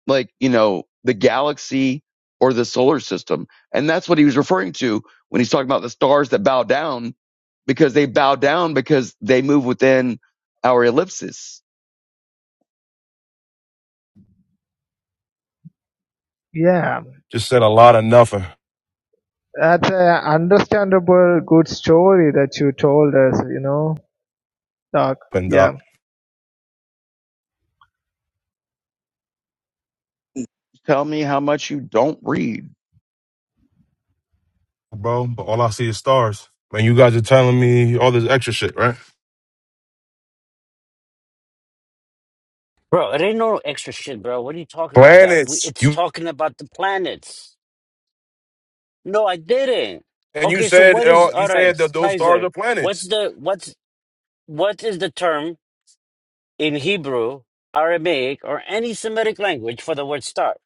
E: like, you know, the galaxy or the solar system. And that's what he was referring to when he's talking about the stars that bow down because they bow down because they move within our ellipsis.
F: Yeah.
O: Just said a lot of nothing,
F: That's a understandable good story that you told us, you know, Doc. Yeah.
O: Doc.
E: Tell me how much you don't read.
O: Bro, but all I see is stars. Man, you guys are telling me all this extra shit, right?
C: bro, it ain't no extra shit, bro. What are you talking about? That we
O: Planets.
C: it's
O: You
C: talking about the planets. No, I didn't.
O: and you
C: Okay, so
O: said
C: what
O: it
C: is
O: all- you
C: all right,
O: said that those stars
C: Kaiser?
O: are planets.
C: What's the what's what is the term? in Hebrew, Aramaic, or any Semitic language for the word start.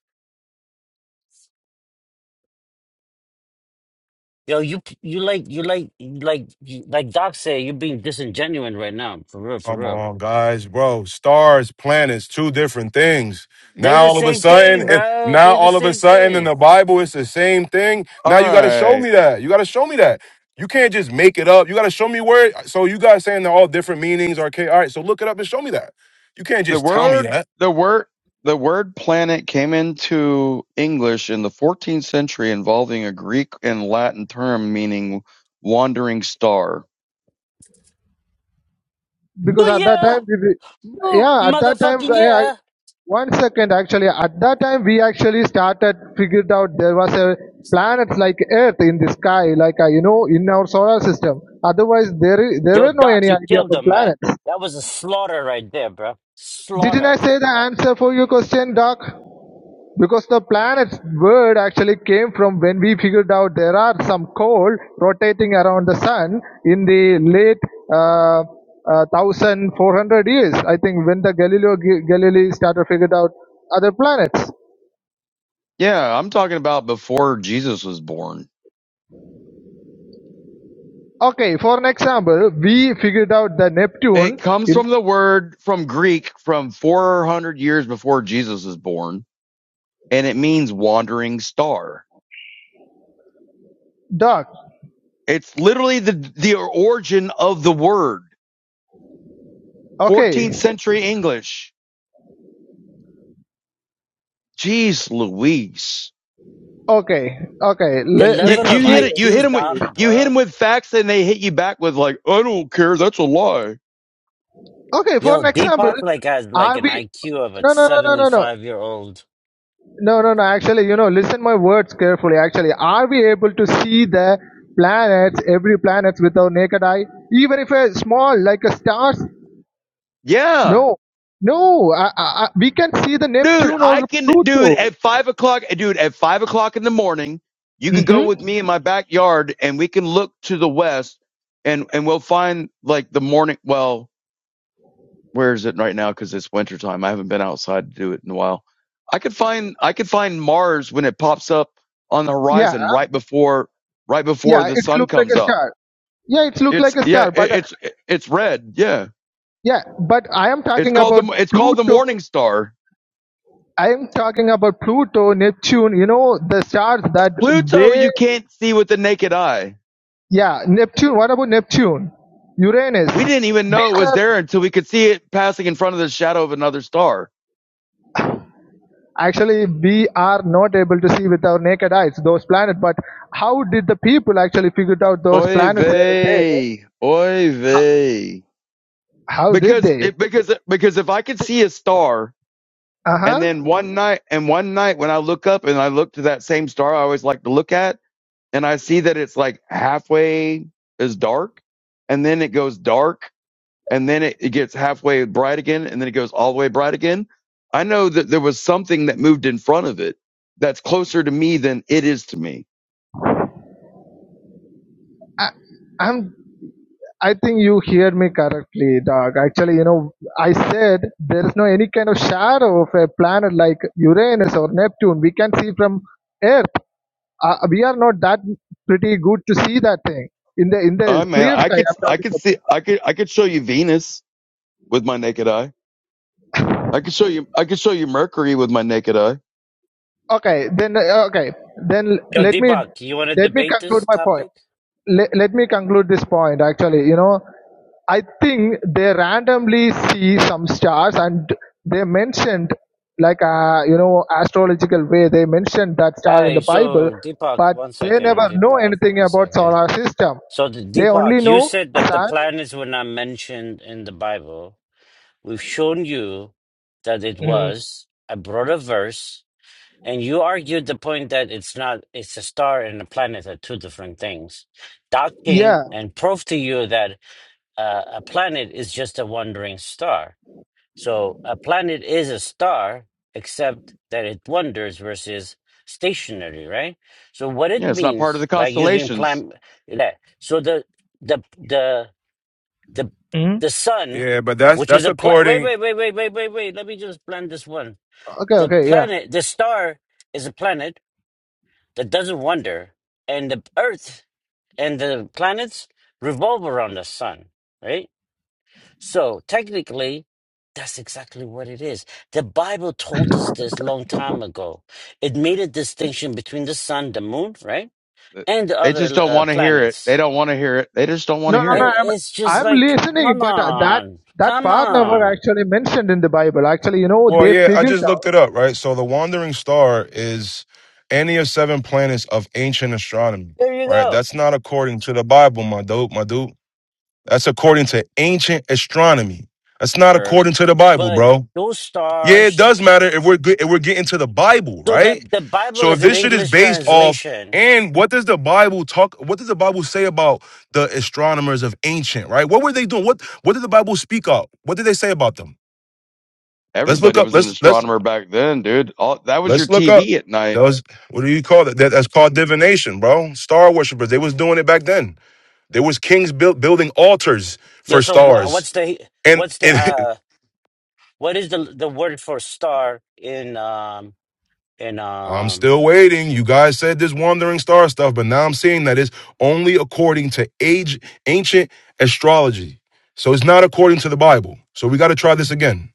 C: Yo, you you like you like like like Doc say, you're being disingenuous right now. For real, for
O: Come
C: real.
O: on, guys, bro. Stars, planets, two different things.
C: They're
O: Now
C: the
O: all of a
C: same
O: sudden,
C: thing,
O: and
C: bro.
O: now
C: They're the
O: all of a
C: same
O: sudden in
C: thing.
O: the Bible, it's the same thing.
E: All
O: Now you got to show
E: right.
O: me that. You got to show me that. You can't just make it up. You got to show me where. So you guys saying they're all different meanings. Okay, all right. So look it up and show me that. You can't
E: The
O: just tell me that.
E: word, the word, the word planet came into English in the 14th century, involving a Greek and Latin term meaning wandering star.
C: Boo
F: Because at that
C: yeah,
F: time, we, we-
C: boo
F: yeah, at that time,
C: motherfucking
F: I, I,
C: yeah.
F: one second actually, at that time we actually started, figured out there was a planet like Earth in the sky, like, uh, you know, in our solar system. Otherwise, there, i- there
C: Yo,
F: were no
C: Doc,
F: any
C: you
F: idea
C: killed
F: about
C: them, man.
F: planets.
C: That was a slaughter right there, bro.
F: Didn't
C: Slaughter.
F: I say the answer for your question, Doc? Because the planets word actually came from when we figured out there are some coal rotating around the sun in the late uh, uh, 1400 years. I think when the Galileo Galilei started figured out other planets.
E: Yeah, I'm talking about before Jesus was born.
F: Okay, for an example, we figured out the
E: It
F: Neptune
E: comes
F: in
E: from the word from Greek from 400 years before Jesus was born, and it means wandering star.
F: dark.
E: It's literally the the origin of the word.
F: Okay,
E: 14th century English. Jeez Louise.
F: okay, okay.
C: The
F: Le-
E: You
F: let's
C: level of
E: you hit
F: hear.
E: it. You hit
C: IQs,
E: them with
C: Doc,
E: you hit
C: bro.
E: them with facts, and they hit you back with like, I don't care. That's a lie.
F: Okay, for
C: Yo,
F: an example,
C: Deepak like has like
F: are
C: an
F: we?
C: IQ of a
F: No, no, no, no, no, no.
C: seventy-five year old
F: No, no, no. Actually, you know, listen my words carefully. Actually, are we able to see the planets, every planets with our naked eye, even if a small like a stars?
E: Yeah,
F: No, no. I, I, I- we can see the
E: dude.
F: Neptune
E: I
F: or
E: can, dude.
F: Pluto.
E: At five o'clock, dude. At five o'clock in the morning, you can go
F: Mm-hmm.
E: with me in my backyard, and we can look to the west, and and we'll find like the morning. Well, where is it right now? Because it's winter time. I haven't been outside to do it in a while. I could find I could find Mars when it pops up on the
F: Yeah,
E: horizon right before right before
F: yeah.
E: the
F: It's
E: sun
F: look like
E: comes
F: a
E: up
F: star. Yeah, it's look like
E: It's
F: a
E: yeah,
F: star.
E: it,
F: But uh,
E: it's it's red. Yeah,
F: yeah, but I am
E: it's
F: talking
E: called the
F: about
E: it's called the
F: Pluto.
E: Morning Star.
F: I am talking about Pluto, Neptune. You know, the stars that
E: Pluto,
F: way
E: you can't see with the naked eye.
F: Yeah, Neptune. What about Neptune? Uranus.
E: We didn't even know it
F: These
E: was
F: are
E: there until we could see it passing in front of the shadow of another star.
F: actually we are not able to see with our naked eyes those planets. But how did the people actually figured out those
E: Oy
F: planets are there?
E: vey, oy vey.
F: How did
E: Because
F: they?
E: it, because because if I could see a star,
F: Uh
E: and
F: huh.
E: then one night and one night when I look up and I look to that same star I always like to look at, and I see that it's like halfway is dark, and then it goes dark and then it, it gets halfway bright again, and then it goes all the way bright again. I know that there was something that moved in front of it that's closer to me than it is to me.
F: I, I'm. I think you hear me correctly, dog. Actually, you know, I said there is no any kind of shadow of a planet like Uranus or Neptune we can see from Earth. Uh, we are not that pretty good to see that thing in the in the
E: Oh man,
F: clear
E: I
F: sky.
E: could,
F: I'm
E: I
F: talking
E: could see,
F: about.
E: I could, I could show you Venus with my naked eye. I could show you, I could show you Mercury with my naked eye.
F: Okay, then uh, okay, then
C: Yo,
F: let me
C: Deepak, you want to
F: let me
C: debate
F: conclude
C: this
F: my point.
C: topic?
F: Let, let me conclude this point. Actually, you know, I think they randomly see some stars and they mentioned like uh, you know astrological way they mentioned that star in
C: Hey,
F: the Bible,
C: so Deepak,
F: but
C: one
F: they
C: second,
F: never know
C: Deepak,
F: anything
C: one
F: about
C: second.
F: solar system.
C: So, the,
F: They only
C: Deepak, you
F: know
C: said that the
F: sun.
C: planets were not mentioned in the Bible. We've shown you that it
F: Mm,
C: was. I brought a verse, and you argued the point that it's not, it's a star and a planet are two different things. Doc came
F: Yeah,
C: and proved to you that uh, a planet is just a wandering star. So a planet is a star, except that it wanders versus stationary, right? So what it
E: Yeah, it's not part of
C: means,
E: the
C: like using
E: constellations.
C: plan, that so the the the the the sun,
O: Yeah, but that's
C: which is
O: that's
C: a planet. Wait,
O: according.
C: wait, wait, wait, wait, wait, wait. Let me just plan this one.
F: Okay,
C: The
F: okay, yeah.
C: planet, the star, is a planet that doesn't wander, and the Earth and the planets revolve around the sun, right? So technically, that's exactly what it is. The Bible told us this long time ago. It made a distinction between the sun, the moon, right, and the
E: They
C: other
E: just don't
C: uh,
E: want to hear it. They
C: planets.
E: don't want to hear it. They just don't want to
F: No, no,
E: hear
F: no.
C: And
E: it.
F: I'm
C: it's just
F: I'm
C: like,
F: listening,
C: come
F: but uh, that
C: on,
F: that
C: come
F: part never
C: on.
F: actually mentioned in the Bible. Actually, you know,
O: Well,
F: they
O: yeah, I
F: figured
O: just looked
F: out.
O: it up, right? So the wandering star is any of seven planets of ancient astronomy,
C: There you
O: right?
C: go.
O: That's not according to the Bible, my dude, my dude. That's according to ancient astronomy. That's not
C: Sure.
O: according to the Bible,
C: But
O: bro.
C: those
O: Yeah, it
C: stars.
O: does matter if we're good, if we're getting to the Bible,
C: So the
O: right?
C: the Bible
O: So if
C: is an
O: this shit is
C: English
O: based off
C: translation.
O: and what does the Bible talk? What does the Bible say about the astronomers of ancient, right? What were they doing? What what did the Bible speak of? What did they say about them? Let's look
E: Everybody
O: up.
E: was an
O: Let's let's
E: astronomer back then, dude. All, that was your
O: let's look up.
E: TV at
O: That
E: night.
O: was what do you call that? that that's called divination, bro. Star worshippers. They was doing it back then. There was kings built building altars
C: Yeah.
O: for
C: So wha
O: stars.
C: what's the
O: And
C: what's the
O: it, <laughs>
C: uh what is the the word for star in um in
O: I'm
C: um
O: still waiting. You guys said this wandering star stuff, but now I'm seeing that it's only according to age ancient astrology. So it's not according to the Bible. So we got to try this again.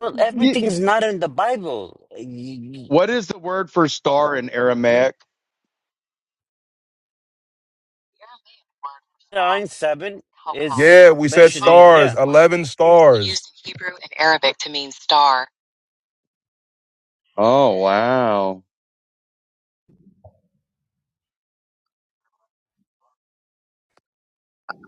C: Well,
F: y- y-
C: everything's not in the Bible. Y-
E: What is the word for star in Aramaic? The Aramaic word for star
C: Nine seven
E: is "kawkab."
C: is
O: Yeah, we
E: It's
O: said
E: a common
C: mentioning,
O: stars,
E: root
C: yeah,
E: word,
O: eleven
E: also
O: stars.
E: used in Hebrew and Arabic to mean star. Oh, wow.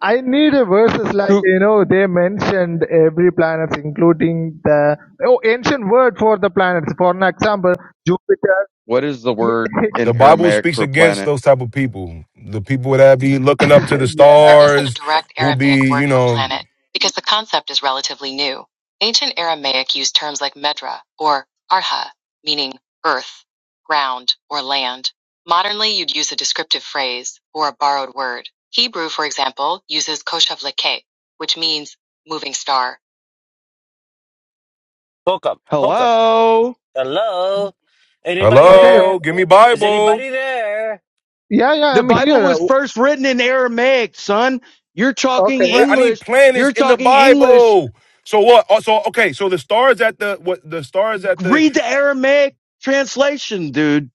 F: I need a verses like
E: Kook,
F: you know they mentioned every planet, including the oh ancient word for the planets. For an example, Jupiter.
E: what is the word
O: the
E: in
O: Bible
E: Aramaic
O: speaks
E: for
O: against
E: planet?
O: those type of people. The people that be looking up to the
F: <laughs> yeah.
E: There isn't a
O: stars,
E: direct
O: who
E: Aramaic
O: be, you
E: word for
O: know,
E: planet, because the concept is relatively new. Ancient Aramaic used terms like medra, or arha, meaning earth, ground, or land. Modernly, you'd use a descriptive phrase, or a borrowed word. Hebrew, for example, uses koshav leke, which means moving star.
C: hook up, hook up.
E: Hello?
C: Hello, anybody
F: Okay.
O: hello,
C: there?
O: give me
C: Is
O: Bible.
C: anybody there?
F: Yeah, yeah.
E: The
F: I'm
E: Bible
F: here.
E: was first written in Aramaic, son. You're talking
F: Okay.
O: Pla- I need
E: English.
O: planets
E: You're
O: in the
E: talking English.
O: Bible. So what? Oh, So okay, so the stars at the what the stars at the
E: Read the Aramaic translation, dude.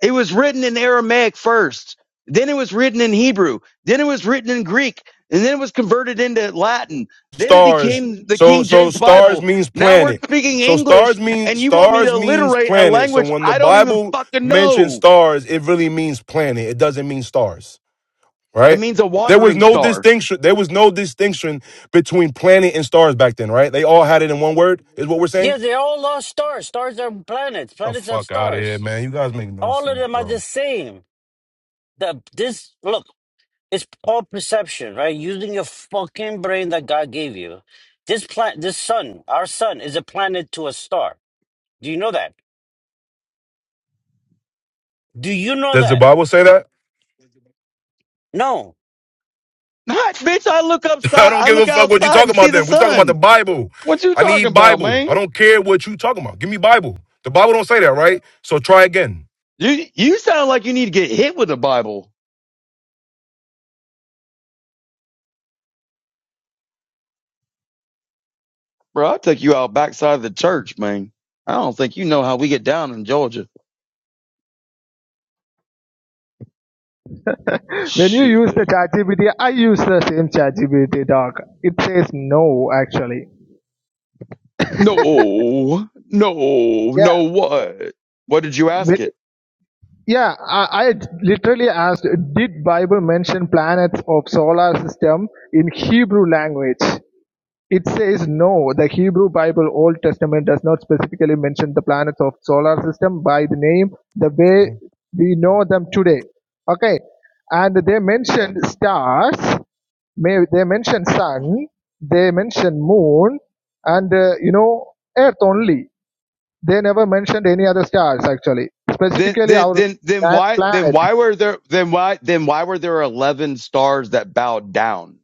E: It was written in Aramaic first. Then it was written in Hebrew. Then it was written in Greek. And then it was converted into Latin. Then it
O: stars.
E: became the
O: So
E: King
O: so
E: James
O: stars
E: Bible.
O: means
E: Now we're
O: planet.
E: speaking
O: So
E: English,
O: stars mean
E: and you want me to
O: stars means
E: alliterate a
O: planet. So
E: language
O: when the
E: I don't even
O: Bible
E: fucking
O: mentions
E: know.
O: stars, it really means planet. It doesn't mean stars.
E: It
O: right?
E: means a
O: There was
E: wandering
O: no
E: star.
O: distinction. There was no distinction between planet and stars back then, right? They all had it in one word. Is what we're
C: Yeah,
O: saying.
C: they all lost stars. Stars are planets.
O: The
C: Planets are
O: fuck out of here,
C: stars.
O: man! You guys make no
C: All of
O: sense,
C: them are
O: bro.
C: the same. The this look, it's all perception, right? Using your fucking brain that God gave you. This planet, this sun, our sun, is a planet to a star. Do you know that? Do you know
O: Does the
C: that?
O: Bible say that?
C: No.
E: <laughs> Not, bitch, I look
O: <laughs> I
E: upside,
O: don't
E: I
O: give a
E: look
O: fuck what you
E: outside
O: talking
E: and see
O: about.
E: the
O: Then we talking about the
E: sun.
O: Bible.
E: What you
O: I
E: talking
O: need
E: about,
O: Bible.
E: man?
O: I don't care what you talking about. Give me Bible. The Bible don't say that, right? So try again.
E: You you sound like you need to get hit with a Bible. Bro, I'll take you out backside of the church, man. I don't think you know how we get down in Georgia.
F: <laughs> when you
E: Shit.
F: use the ChatGPT, I use the same ChatGPT. Doc. It says no actually.
E: No, no, no.
F: Yeah.
E: What? What did you ask
F: When
E: it?
F: Yeah, I, I literally asked, did Bible mention planets of solar system in Hebrew language? It says no. The Hebrew Bible Old Testament does not specifically mention the planets of solar system by the name, the way
O: See?
F: we know them today. Okay, and they mentioned stars. May they mentioned sun. They mentioned moon, and uh, you know Earth only. They never mentioned any other stars actually.
E: Then,
F: Specifically,
E: then,
F: our
E: then, then why? Then
F: planet
E: why were there? Then why? Then why were there eleven stars that bowed down?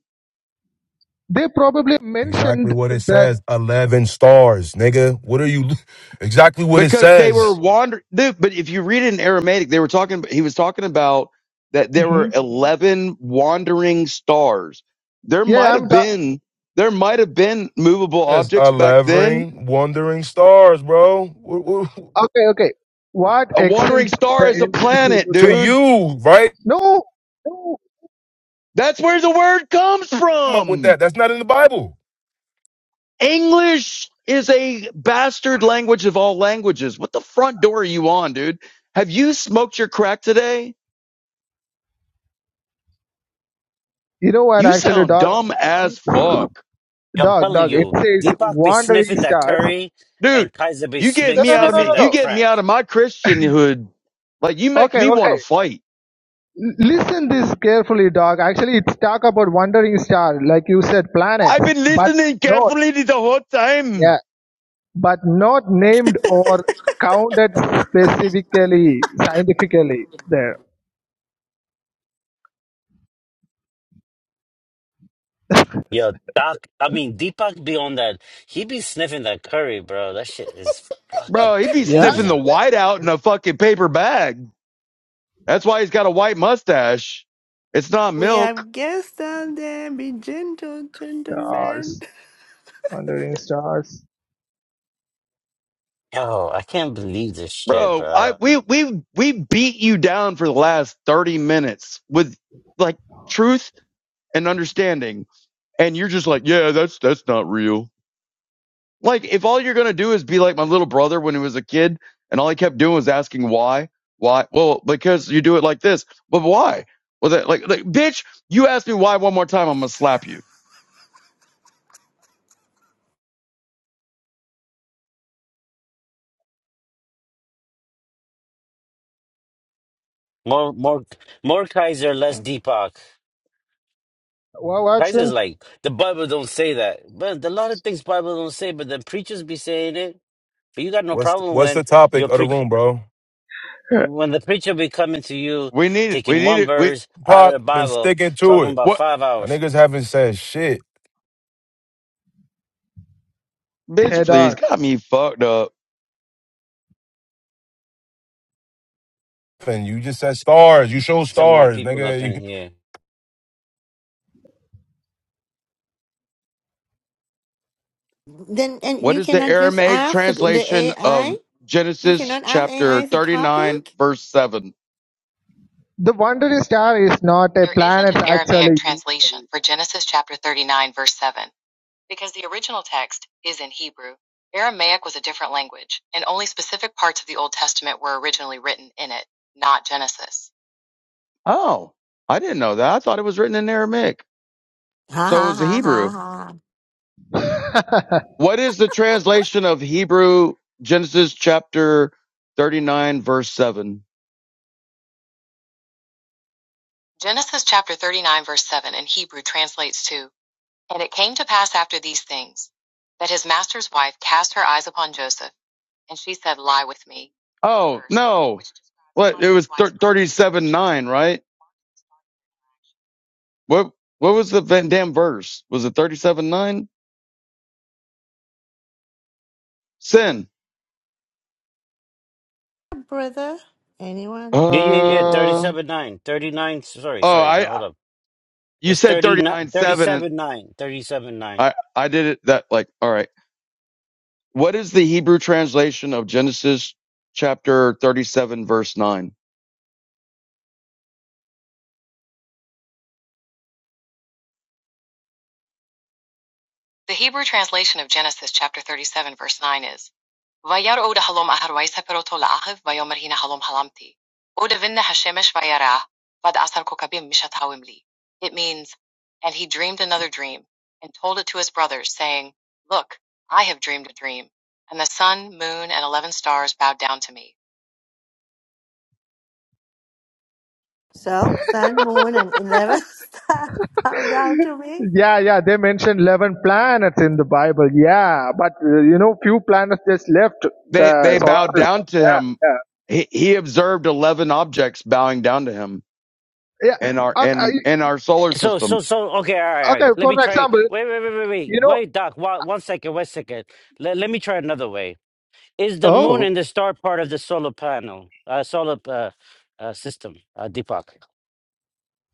F: They probably
O: Exactly
F: mentioned
O: what it
F: that.
O: says. Eleven stars, nigga. What are you? <laughs> Exactly what it
E: Because they
O: says.
E: were wandering. But if you read it in Aramaic, they were talking. He was talking about that there
F: hmm
E: were eleven wandering stars. There might
F: Yeah,
E: have
F: I'm ta-
E: been. There might have been movable
O: Yes,
E: objects back then.
O: unlevering, wandering stars, bro. W- w-
F: okay. Okay, what
E: A wandering
F: accent
E: star
F: the
E: is a
F: ancient
E: planet,
F: Hebrew
O: To
F: thought?
E: dude.
O: you, right?
F: No, no.
E: That's where the word comes
O: Come up with
E: from.
O: that. That's not in the Bible.
E: English is a bastard language of all languages. What the front door are you on, dude? Have you smoked your crack today?
F: You know what?
E: You
F: Actually,
E: sound
F: dog,
E: dumb as
F: it-
E: fuck.
C: I'm
F: dog,
C: telling
F: dog. It
C: you,
F: says
C: Deepak be
F: wandering
C: sniffing that
F: stars.
C: curry
E: Dude,
C: and Kaiser be
E: you get
F: No,
C: smi
E: me
F: no,
E: out
F: no,
E: of
F: no,
C: sniffing
E: me
F: no,
E: you
F: no.
C: that
E: get me
C: crack.
E: out of my Christianhood. Like you make
F: Okay,
E: me want
F: okay.
E: to fight.
F: L- Listen this carefully, dog. Actually, it's talk about wandering star, like you said,
E: I've
F: planets,
E: been
F: but
E: listening
F: not
E: carefully the whole time.
F: yeah, but not named or counted specifically scientifically there.
C: Yo, Doc, I mean, Deepak be on that. He be sniffing that curry, bro. That shit is fucking
E: Bro, he would be sniffing the
C: crazy.
E: white out in a fucking paper bag. That's why he's got a white mustache. It's not
D: We
E: milk.
D: have guests down there. Be gentle, gentlemen.
F: Yeah. Wandering stars.
C: Yo, I can't believe this shit,
E: Bro, I
C: bro.
E: we we we beat you down for the last 30 minutes with like truth and understanding and you're just like, "Yeah, that's that's not real." Like if all you're going to do is be like my little brother when he was a kid and all he kept doing was asking why, why? Well, because you do it like this. But why? Well, that like, like bitch, you ask me why one more time, I'm going to slap you.
C: More, more, more Kaiser, less
D: <laughs>
C: Deepak.
F: Wa-
C: Kaiser's
F: Watson,
C: like, the Bible don't say that. But a lot of things Bible don't say, but the preachers be saying it. But you got no
O: What's
C: problem
O: what's
C: when
O: the topic
C: you're
O: of the
C: preaching.
O: room, bro?
C: when the preacher be coming to you,
E: We need it. We
C: taking
E: need
C: one
E: it. We
C: verse out of
O: Pac
C: the
O: been
C: Bible,
O: sticking to
C: talking
O: it.
C: about
E: what
C: five
O: Y'all
C: hours,
O: niggas haven't said shit.
F: <laughs> hey
E: bitch, please.
F: dog.
E: Got me fucked up.
O: And you just said stars. You show
C: some more
O: stars,
C: people
O: nigga.
C: up
O: <laughs>
C: in
O: You-
C: here.
D: Then and
E: What
D: you
E: is the
D: cannot just
E: Aramaic
D: ask the, the
E: translation
D: AI.
E: of
D: You
E: Genesis
D: cannot ask AI
E: chapter
D: as a
E: 39,
D: topic.
E: verse 7?
F: The wandering star is not a
E: There isn't
F: planet,
E: an Aramaic
F: actually.
E: translation for Genesis chapter 39, verse 7, because the original text is in Hebrew. Aramaic was a different language, and only specific parts of the Old Testament were originally written in it, not Genesis. Oh, I didn't know that. I thought it was written in Aramaic.
D: Ha
E: So it
D: ha
E: was the
D: ha ha
E: Hebrew.
D: ha.
F: <laughs>
E: What is the translation of Hebrew Genesis chapter 39, verse 7? Genesis chapter 39 verse 7 in Hebrew translates to, And it came to pass after these things, that his master's wife cast her eyes upon Joseph, and she said, Lie with me. Oh Verse, no! What it was thirty-seven nine, right? What what was the damn verse? Was it thirty-seven nine? Sin.
D: Brother,
E: Uh
D: anyone?
C: Yeah, yeah, yeah.
E: oh,
C: 37 9. 39. Sorry, sorry. No,
E: I
C: hold up.
E: you
C: It's
E: said thirty-nine
C: 39,
E: seven, and
C: 37 9. 37 9.
E: I I did it that like all right. What is the Hebrew translation of Genesis chapter thirty-seven verse nine? The Hebrew translation of Genesis chapter 37 verse 9 is "Vayar'u od halom ahar vayseperoto la'achiv vayomer hina halom halamti. Od vinne hashemesh vayarah vad asar kokabim mishat hawim li." It means, and he dreamed another dream and told it to his brothers, saying, "Look, I have dreamed a dream, and the sun, moon, and eleven stars bowed down to me."
D: So sun, moon, and eleven <laughs> star bow down to me.
F: yeah, yeah. They mentioned eleven planets in the Bible. Yeah, but uh, you know, few planets just left
E: They
F: the
E: they
F: solar
E: bowed
F: system.
E: down to
F: Yeah,
E: him.
F: yeah,
E: He, he observed eleven objects bowing down to him in our
F: yeah. Okay,
E: in
F: uh,
E: in our solar
C: So, so,
E: system.
C: so, okay. All right, all
F: okay,
C: right. Let
F: for
C: me try.
F: example,
C: Wait, wait, wait, wait, wait.
F: you know,
C: Wait, Doc. wa- One, second, one second. Wait Let, let me try another way. Is the moon
F: oh,
C: and the star part of the solar panel, uh, solar uh, uh, system, uh, Deepak?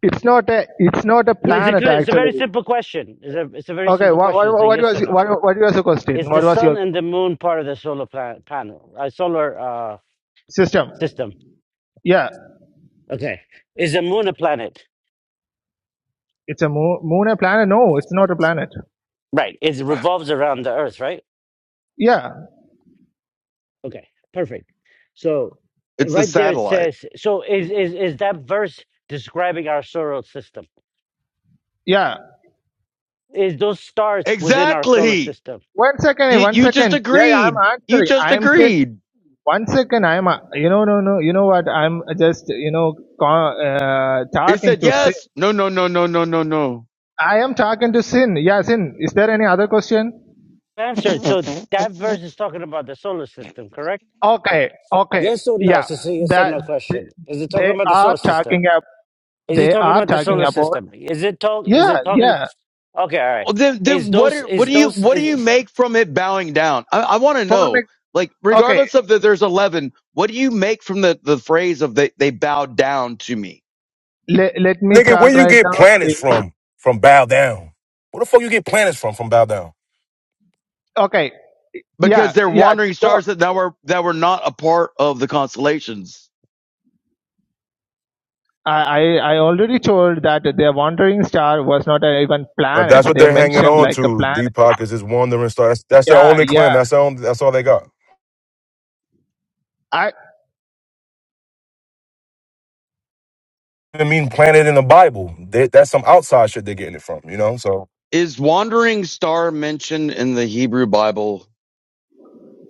F: it's not a, it's not a
C: It's a,
F: planet
C: cl- it's a very
F: actually.
C: simple question. It's a, it's a very
F: Okay,
C: simple
F: what, what,
C: question. It's a
F: what
C: yes or
F: was,
C: no.
F: what, what was your question?
C: Is the
F: What was
C: sun
F: your
C: and the moon part of the solar planet panel, uh, solar uh,
F: system?
C: system?
F: Yeah,
C: Okay. Is the moon a planet?
F: it's a moon, moon a planet? No, it's not a planet.
C: Right. It revolves around the Earth, right?
F: Yeah,
C: Okay. Perfect. So eh,
E: It's the
C: right there it
E: satellite.
C: says. So is is is that verse describing our solar system?
F: yeah.
C: Is those stars within our solar
E: Exactly.
C: system?
F: One second, hey,
E: You,
F: one
E: you just
F: second. Yeah, yeah,
E: agreed.
F: I'm
E: You
F: answering.
E: just
F: I'm saying
E: agreed.
F: one second. I'm uh, you know no no. You know what? I'm just you know co- uh,
E: He
F: talking
E: said
F: to sin.
E: yes. No, no, no, no, no, no, no.
F: I am talking to sin. Yeah, sin. Is there any other question?
C: Answered. So
E: <laughs>
C: that verse is talking about the solar system, correct?
F: Okay, okay.
C: Yes or no?
F: Yeah,
C: So it's a yes or
F: that
C: no
F: they,
C: question. Is it talking
F: they
C: about the
F: are
C: solar system?
F: talking up.
C: Is it
F: They
C: talking
F: are
C: about the
F: talking
C: solar
F: about.
C: system? Is it talk? Is
F: Yeah,
C: it talking?
F: yeah.
C: Okay, all right.
E: Well, then,
C: Is
E: then what?
C: those?
E: Are, what
C: Is
E: do you?
C: those?
E: What do you
C: Is
E: make from it bowing down? I, I want to
F: For
E: know.
F: next.
E: Like,
F: Okay,
E: regardless of that, there's eleven. What do you make from the the phrase of they they bowed down to me
F: let let me
O: nigga, where
F: talk
O: you
F: right
O: get
F: now.
O: planets from? From bow down. Where the fuck you get planets from? From bow down.
F: Okay.
E: because
F: Yeah,
E: they're
F: yeah.
E: wandering
F: Talk.
E: stars that, that were that were not a part of the constellations?
F: I, I I already told that their wandering star was not a, even
O: But that's
F: planets.
O: what
F: They
O: they're hanging
F: mentioned
O: on
F: like a
O: to.
F: planet.
O: Deepak is this wandering star. That's, that's their
F: Yeah,
O: only claim.
F: yeah.
O: That's their only, That's all they got.
F: I
O: even mean planted in the Bible. They, that's some outside shit they're getting it from, you know? So,
E: Is wandering star mentioned in the Hebrew Bible?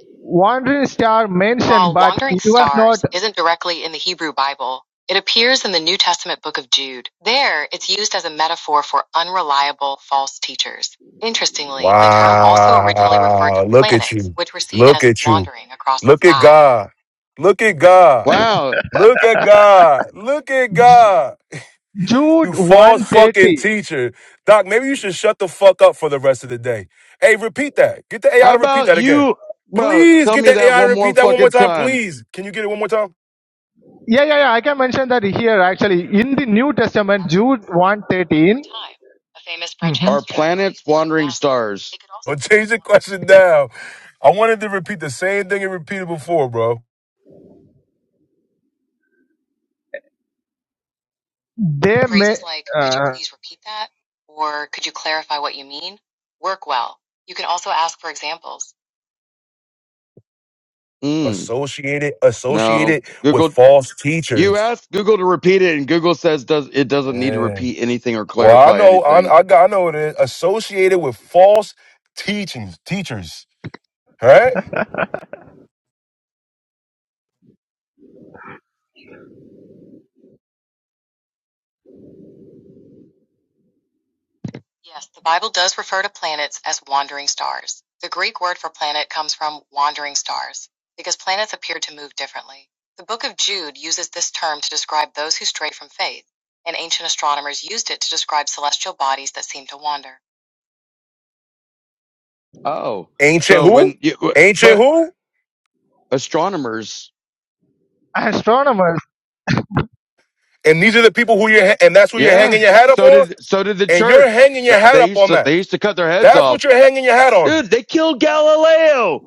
F: wandering star mentioned,
E: While
F: but
E: "wandering
F: it was not
E: stars" isn't directly in the Hebrew Bible, it appears in the New Testament book of Jude. There, it's used as a metaphor for unreliable false teachers. Interestingly, the term also originally referred to
O: wow. Look at
E: planets,
O: you.
E: which were seen
O: Look
E: as
O: at you.
E: wandering across the
O: Look at
E: sky.
O: God. Look at God.
E: Wow.
O: Look at God. Look at
F: J-
O: God. You
F: Jude
O: false
F: one
O: fucking
F: thirty.
O: teacher. Doc, maybe you should shut the fuck up for the rest of the day. Hey, repeat that. Get the AI
E: How
O: to repeat
E: about
O: that again.
E: you, bro?
O: Please
E: Tell
O: get
E: me
O: the
E: that
O: AI to
E: one more
O: repeat that one more
E: fucking
O: time.
E: time.
O: Please. Can you get it one more time? <laughs>
F: Yeah, yeah, yeah. I can mention that here actually
E: You're
F: in
E: likely
F: the New
E: thinking of the
F: Testament,
E: Daft Punk
F: Jude
E: song
F: one
E: One More
F: thirteen.
E: Time, a famous French Are
F: Mm-hmm.
E: house track planets wandering stars? It could also
O: Or change
E: mean
O: the
E: wanting
O: question now. I wanted to repeat the same thing it repeated before, bro.
F: They may
E: Phrases like, could you
F: uh,
E: please repeat that? Or could you clarify what you mean? Work well. You can also ask for examples. Mm,
O: associated
E: no.
O: associated with
E: Google
O: false
E: You
O: teachers.
E: ask Google to repeat it, and Google says does it doesn't need to
O: Yeah.
E: repeat anything or
O: Well, I
E: clarify
O: know
E: anything.
O: I, I got I know it is associated with false teachings teachers. All Right?
E: Yes, the Bible does refer to planets as wandering stars. The Greek word for planet comes from wandering stars because planets appear to move differently. The book of Jude uses this term to describe those who stray from faith, and ancient astronomers used it to describe celestial bodies that seem to wander. Oh,
O: Ancient
E: so
O: who?
E: when you,
O: Ancient
E: but
O: who?
E: astronomers,
F: astronomers.
O: And these are the people who you're ha- and that's who you're
E: yeah.
O: hanging your hat up
E: So
O: on.
E: did so did the
O: And you're
E: church.
O: hanging your
E: They,
O: hat
E: they
O: up
E: used
O: on
E: to
O: that.
E: they used to cut their heads
O: That's
E: off,
O: what you're hanging your hat on.
E: dude. They killed Galileo.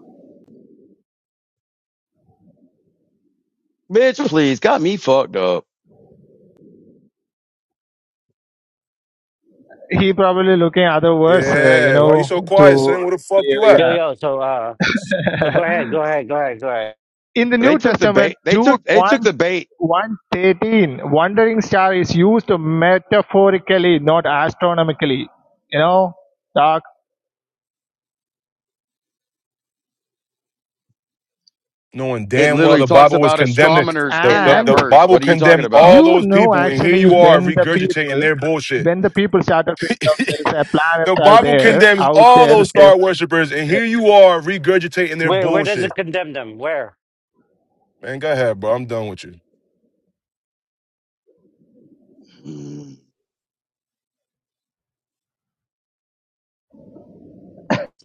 E: Bitch, please, got me fucked up.
F: He probably looking other words. Uh, you
O: Yeah. Why you so
F: know
O: quiet, son?
F: to
O: Where the fuck you at?
C: yo
F: yeah.
C: yo? So uh, so
F: yeah.
C: go
F: <laughs>
C: ahead, go ahead, go ahead, go ahead.
F: In the
E: They
F: New
E: took the bait.
F: Testament,
E: They
F: Jude
E: took they took
F: one
E: the bait.
F: one thirteen, wandering star is used metaphorically, not astronomically. You know, Doc.
O: Knowing
E: It
O: damn well
E: literally
O: the
E: talks
O: Bible was
E: about
O: condemning
E: astronomers
O: the,
E: in
O: the,
E: that
F: And
O: the
E: verse.
O: Bible
E: What are you talking
O: condemned all
E: about?
F: you
O: those
F: know
O: people, and here
F: actually
O: you are
F: when the
O: regurgitating
F: people
O: their bullshit.
F: when the people started figuring out
O: <laughs>
F: there is a
O: The
F: planets are
O: Bible
F: there
O: condemns
F: out
O: all
F: there.
O: those star worshipers, and here you are regurgitating their
C: Where where does
O: bullshit.
C: it condemn them? Where
O: Man, go ahead, bro. I'm done with you.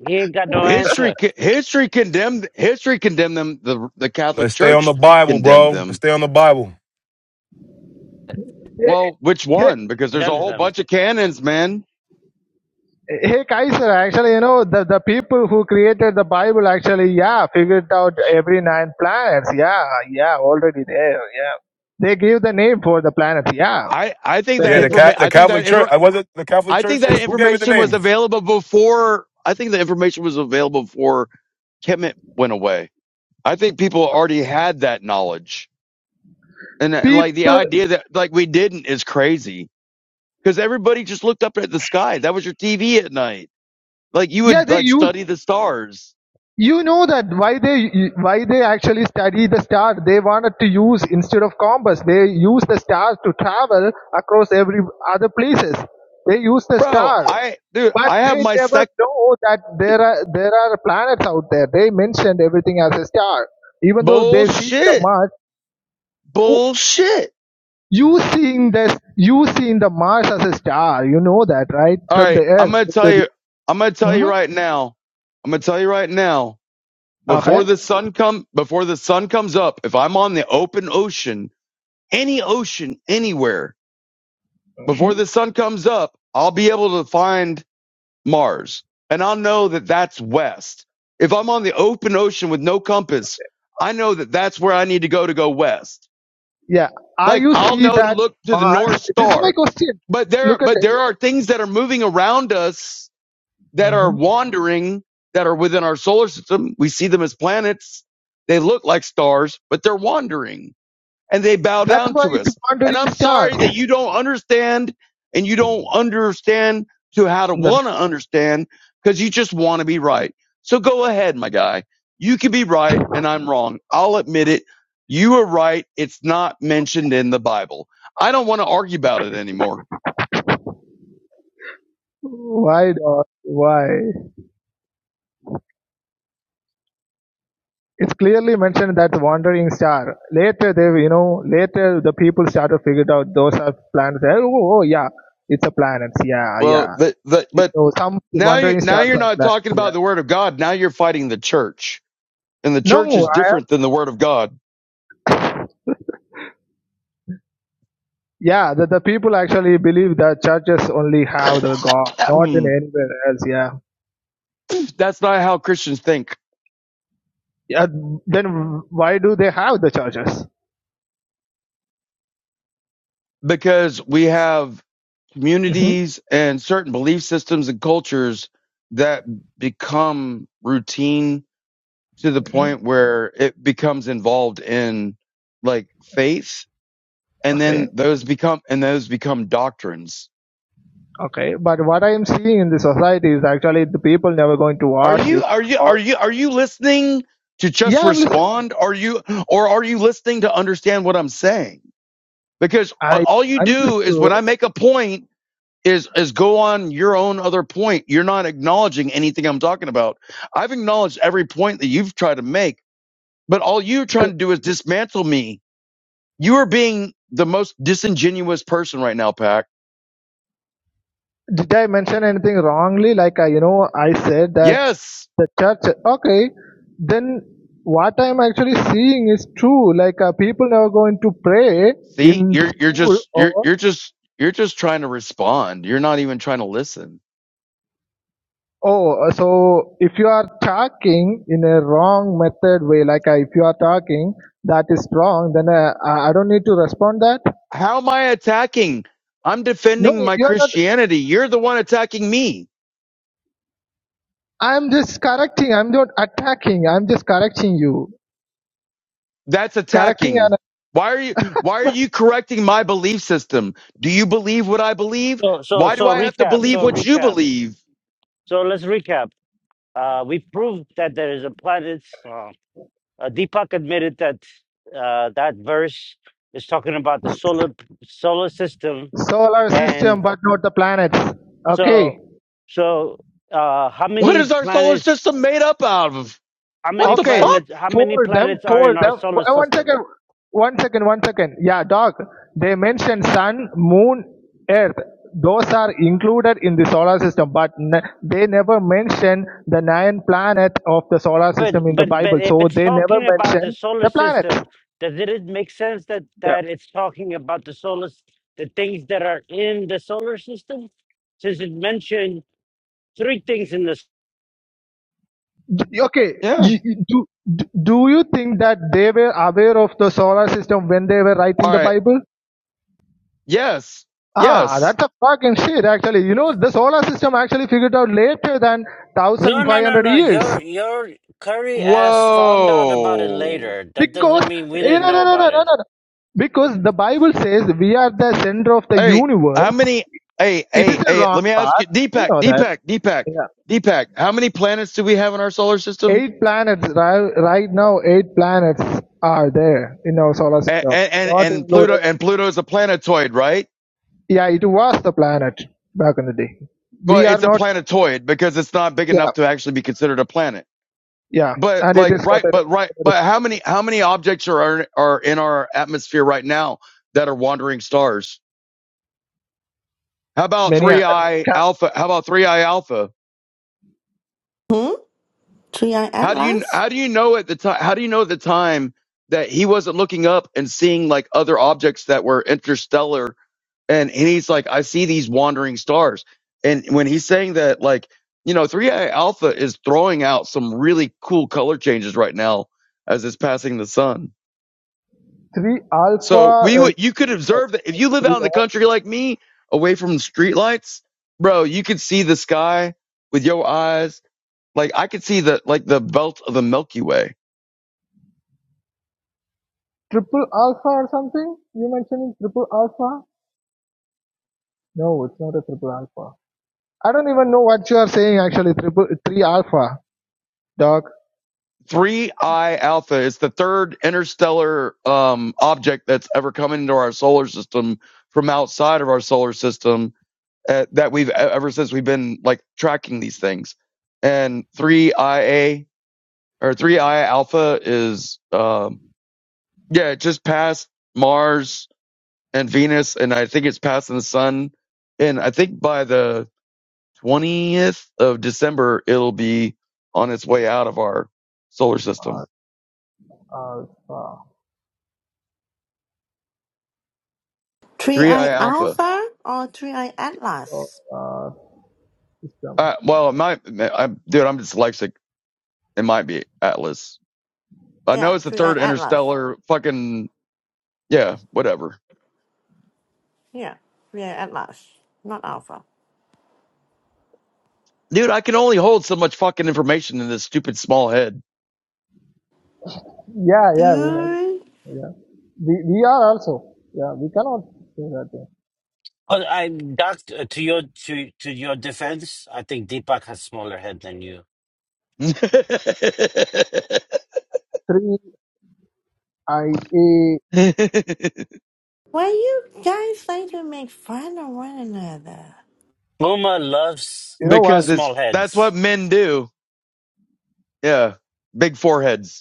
C: he ain't got no
E: History,
C: answer.
E: history condemned, history condemned them. The the Catholic
O: Let's stay on the
E: Church
O: Bible,
E: condemned
O: bro. Let's
E: them.
O: stay on the Bible.
E: Well, which
F: they-
E: one? Because there's a
C: Condemns
E: whole
C: them.
E: bunch of canons, man.
F: Hey Kaiser, actually, you know, the, the people who created the Bible actually, yeah, figured out every nine planets. Yeah, yeah, already there. Yeah. They gave the name for the planets. Yeah.
E: I I think
F: Then
E: that
O: Yeah, the
F: the
O: Ca-
E: information.
O: the
E: I think that
O: Catholic Church.
E: ever.
O: I was it the Catholic
E: I think
O: Church.
E: that
O: Who gave it the
E: information was
O: name?
E: available before. I think the information was available before Kemet went away. I think people already had that knowledge, and, and like the
F: people,
E: idea that like we didn't is crazy because everybody just looked up at the sky. That was your TV at night. Like you
F: yeah,
E: would
F: they
E: like
F: use,
E: study the stars
F: you know that why they, why they actually study the star. They wanted to use, instead of compass, they use the star to travel across every other places. They use the
E: Bro,
F: star.
E: I dude,
F: But
E: I have
F: they
E: my
F: never
E: sec
F: know that there are there are planets out there. They mentioned everything as a star, even though they see the
E: bullshit.
F: Mars. Oh,
E: Bullshit.
F: You seeing this? You seeing the Mars as a star? You know that, right?
E: All
F: From the
E: right, I'm
F: Earth.
E: gonna tell you I'm gonna tell you
F: hmm
E: right now. I'm gonna tell you right now, before
F: Okay.
E: the sun come before the sun comes up, if I'm on the open ocean, any ocean, anywhere, before
F: hmm
E: the sun comes up, I'll be able to find Mars. And I'll know that that's west. If I'm on the open ocean with no compass, I know that that's where I need to go to go west.
F: Yeah. Are
E: Like
F: you
E: I'll
F: see
E: know to
F: that
E: look to the
F: Mars?
E: North
F: This is my
E: Star.
F: question.
E: but there
F: Look at
E: but
F: it.
E: there are things that are moving around us that are
F: hmm
E: wandering that are within our solar system we see them as planets they look like stars but they're wandering and they bow
F: That's
E: down
F: why
E: to
F: it's
E: us and
F: wandering
E: i'm sorry that
F: stars.
E: you don't understand and you don't understand to how to
F: No.
E: want to understand because you just want to be right so go ahead my guy you can be right and i'm wrong i'll admit it you were right it's not mentioned in the bible i don't want to argue about it anymore
F: Why not? Why? It's clearly mentioned that wandering star. Later they, you know, later the people started figured out those are planets. Eh, Oh, oh oh, yeah, it's a planet. Yeah,
E: Well,
F: yeah.
E: the, the,
F: You
E: but
F: know, some
E: now you
F: wandering
E: now
F: stars
E: you're
F: are
E: not
F: planets.
E: talking about
F: Yeah.
E: the word of God. Now you're fighting the church, and the
F: No,
E: church is
F: I have.
E: different than the word of God.
F: Yeah, the, the people actually believe that churches only
E: <coughs>
F: have the God,
E: That's
F: not in anywhere else. Yeah.
E: not how Christians think
F: Yeah. Then why do they have the churches?
E: because we have
F: hmm
E: communities and certain belief systems and cultures that become routine to the point where it becomes involved in like faith and
F: Okay.
E: then those become and those become doctrines
F: Okay. But what I am seeing in the society is actually the people never going to
E: Are you
F: worship
E: are you are
F: or
E: you are you listening to just
F: yeah, I'm listening.
E: respond? Are you or are you listening to understand what I'm saying? Because a-
F: I
E: all you do is when
F: understood.
E: I make a point is is go on your own other point. You're not acknowledging anything I'm talking about. I've acknowledged every point that you've tried to make, but all you're trying
F: So,
E: to do is dismantle me. You are being the most disingenuous person right now, Pac.
F: did I mention anything wrongly? Like, I, you know, I said that
E: Yes.
F: the church. Okay, then what I'm actually seeing is true. Like, uh, people never going to pray
E: See,
F: in the
E: you're you're
F: school
E: just you're
F: or.
E: you're just you're just trying to respond. You're not even trying to listen.
F: Oh, so if you are talking in a wrong method way, like uh, if you are talking that is wrong, then uh, I I don't need to respond that.
E: How am I attacking? I'm
F: No,
E: defending my
F: you are not.
E: Christianity. You're the one attacking me.
F: I'm just correcting. I'm not attacking. I'm just correcting you.
E: That's
F: Correcting
E: attacking. Why are you why are you correcting my belief system? Do you believe what I believe?
C: So so
E: Why do
C: so
E: I have to
C: recap.
E: believe
C: So
E: what you
C: recap.
E: believe?
C: So let's recap. Uh, we proved that there is a planet. Uh, uh, Deepak admitted that uh, that verse is talking about the solar solar system,
F: solar system
C: and.
F: but not the planets okay
C: So, so uh, how
E: What
C: many
E: is our solar
C: planets?
E: system made up out of?
C: How many
E: What the
F: okay
E: fuck?
C: planets? How many
F: for them
C: planets are in
F: for
C: our
F: them
C: solar
F: Uh, one
C: system?
F: second one second one second yeah dog they mentioned sun moon earth those are included in the solar system but n- they never mention the nine planets of the solar
C: But
F: system in the
C: but but
F: bible
C: if
F: so
C: it's
F: they never
C: talking about the
F: mention
C: solar
F: the planets
C: system, does it make sense that
F: yeah
C: that it's talking about the solar, s- the things that are in the solar system, since it mentioned three things in this?
F: D- okay
E: Yeah.
F: you, you- do do do you think that they were aware of the solar system when they were
E: All
F: writing the
E: right.
F: bible
E: Yes.
F: Ah,
E: Yes.
F: that's a fucking shit, actually. You know, the solar system actually figured out later than
C: No, no, no,
F: 1500
C: no.
F: years.
C: Your your curry ass found out about it
E: Whoa.
C: later. That
F: Because,
C: doesn't mean we
F: eh,
C: didn't
F: no, no,
C: know
F: no, no,
C: about
F: no,
C: it.
F: no. no. Because the Bible says we are the center of the
E: Hey,
F: universe.
E: how many? Hey,
F: It is
E: hey,
F: a
E: hey.
F: wrong
E: Let me
F: path.
E: ask you,
F: You
E: Deepak,
F: know that.
E: Deepak, Deepak,
F: Yeah.
E: Deepak. How many planets do we have in our solar system?
F: Eight planets, right, right now, eight planets are there in our solar
E: And
F: system.
E: and
F: Not
E: and Pluto
F: included.
E: and Pluto is a planetoid, right?
F: Yeah, it was the planet back in the day.
E: Well,
F: We are
E: it's a
F: not,
E: planetoid because it's not big
F: yeah,
E: enough to actually be considered a planet.
F: yeah.
E: But
F: And it
E: like,
F: is
E: right?
F: rotating.
E: But right? But how many? How many objects are are in our atmosphere right now that are wandering stars? How about
F: Many, uh,
E: three I
F: ca-
E: alpha? How about three I alpha?
D: Hmm. Three eye
E: How do you
D: atlas,
E: how do you know at the time how do you know at the time that he wasn't looking up and seeing like other objects that were interstellar and, and he's like I see these wandering stars and when he's saying that like you know 3 A alpha is throwing out some really cool color changes right now as it's passing the sun.
F: three alpha
E: So we would
F: uh,
E: you could observe that if you live
F: three
E: out in the
F: uh,
E: country like me away from streetlights, bro, you could see the sky with your eyes. Like I could see the like the belt of the Milky Way
F: triple alpha or something you mentioning triple alpha no it's not a triple alpha i don't even know what you are saying actually triple three alpha dog
E: Three I Alpha is the third interstellar um, object that's ever come into our solar system from outside of our solar system uh, that we've e-, ever since we've been like tracking these things. And three IA or three I Alpha is um, yeah, it just passed Mars and Venus, and I think it's passing the Sun. And I think by the 20th of December, it'll be on its way out of our solar system.
F: alpha
D: three
E: 3i
D: eye
E: Alpha.
D: alpha, or three eye
F: so,
D: atlas.
F: uh, system
E: Uh, well, it might, I'm, dude, I'm dyslexic. It might be Atlas. I know
D: Yeah,
E: it's the
D: three eye
E: third
D: atlas.
E: interstellar fucking, yeah, whatever.
D: Yeah, three eye atlas, not alpha.
E: Dude, I can only hold so much fucking information in this stupid small head.
F: yeah yeah we know
D: Good.
F: yeah we, we are also yeah we cannot say that thing.
C: Oh, I that uh, to your to to your defense, I think Deepak has smaller head than you.
E: <laughs> because
F: three i a
D: Why you guys like to make fun of one another?
C: Uma loves
F: you know what
E: it's,
C: small
E: that's what
C: heads.
E: men do. Yeah. Big foreheads.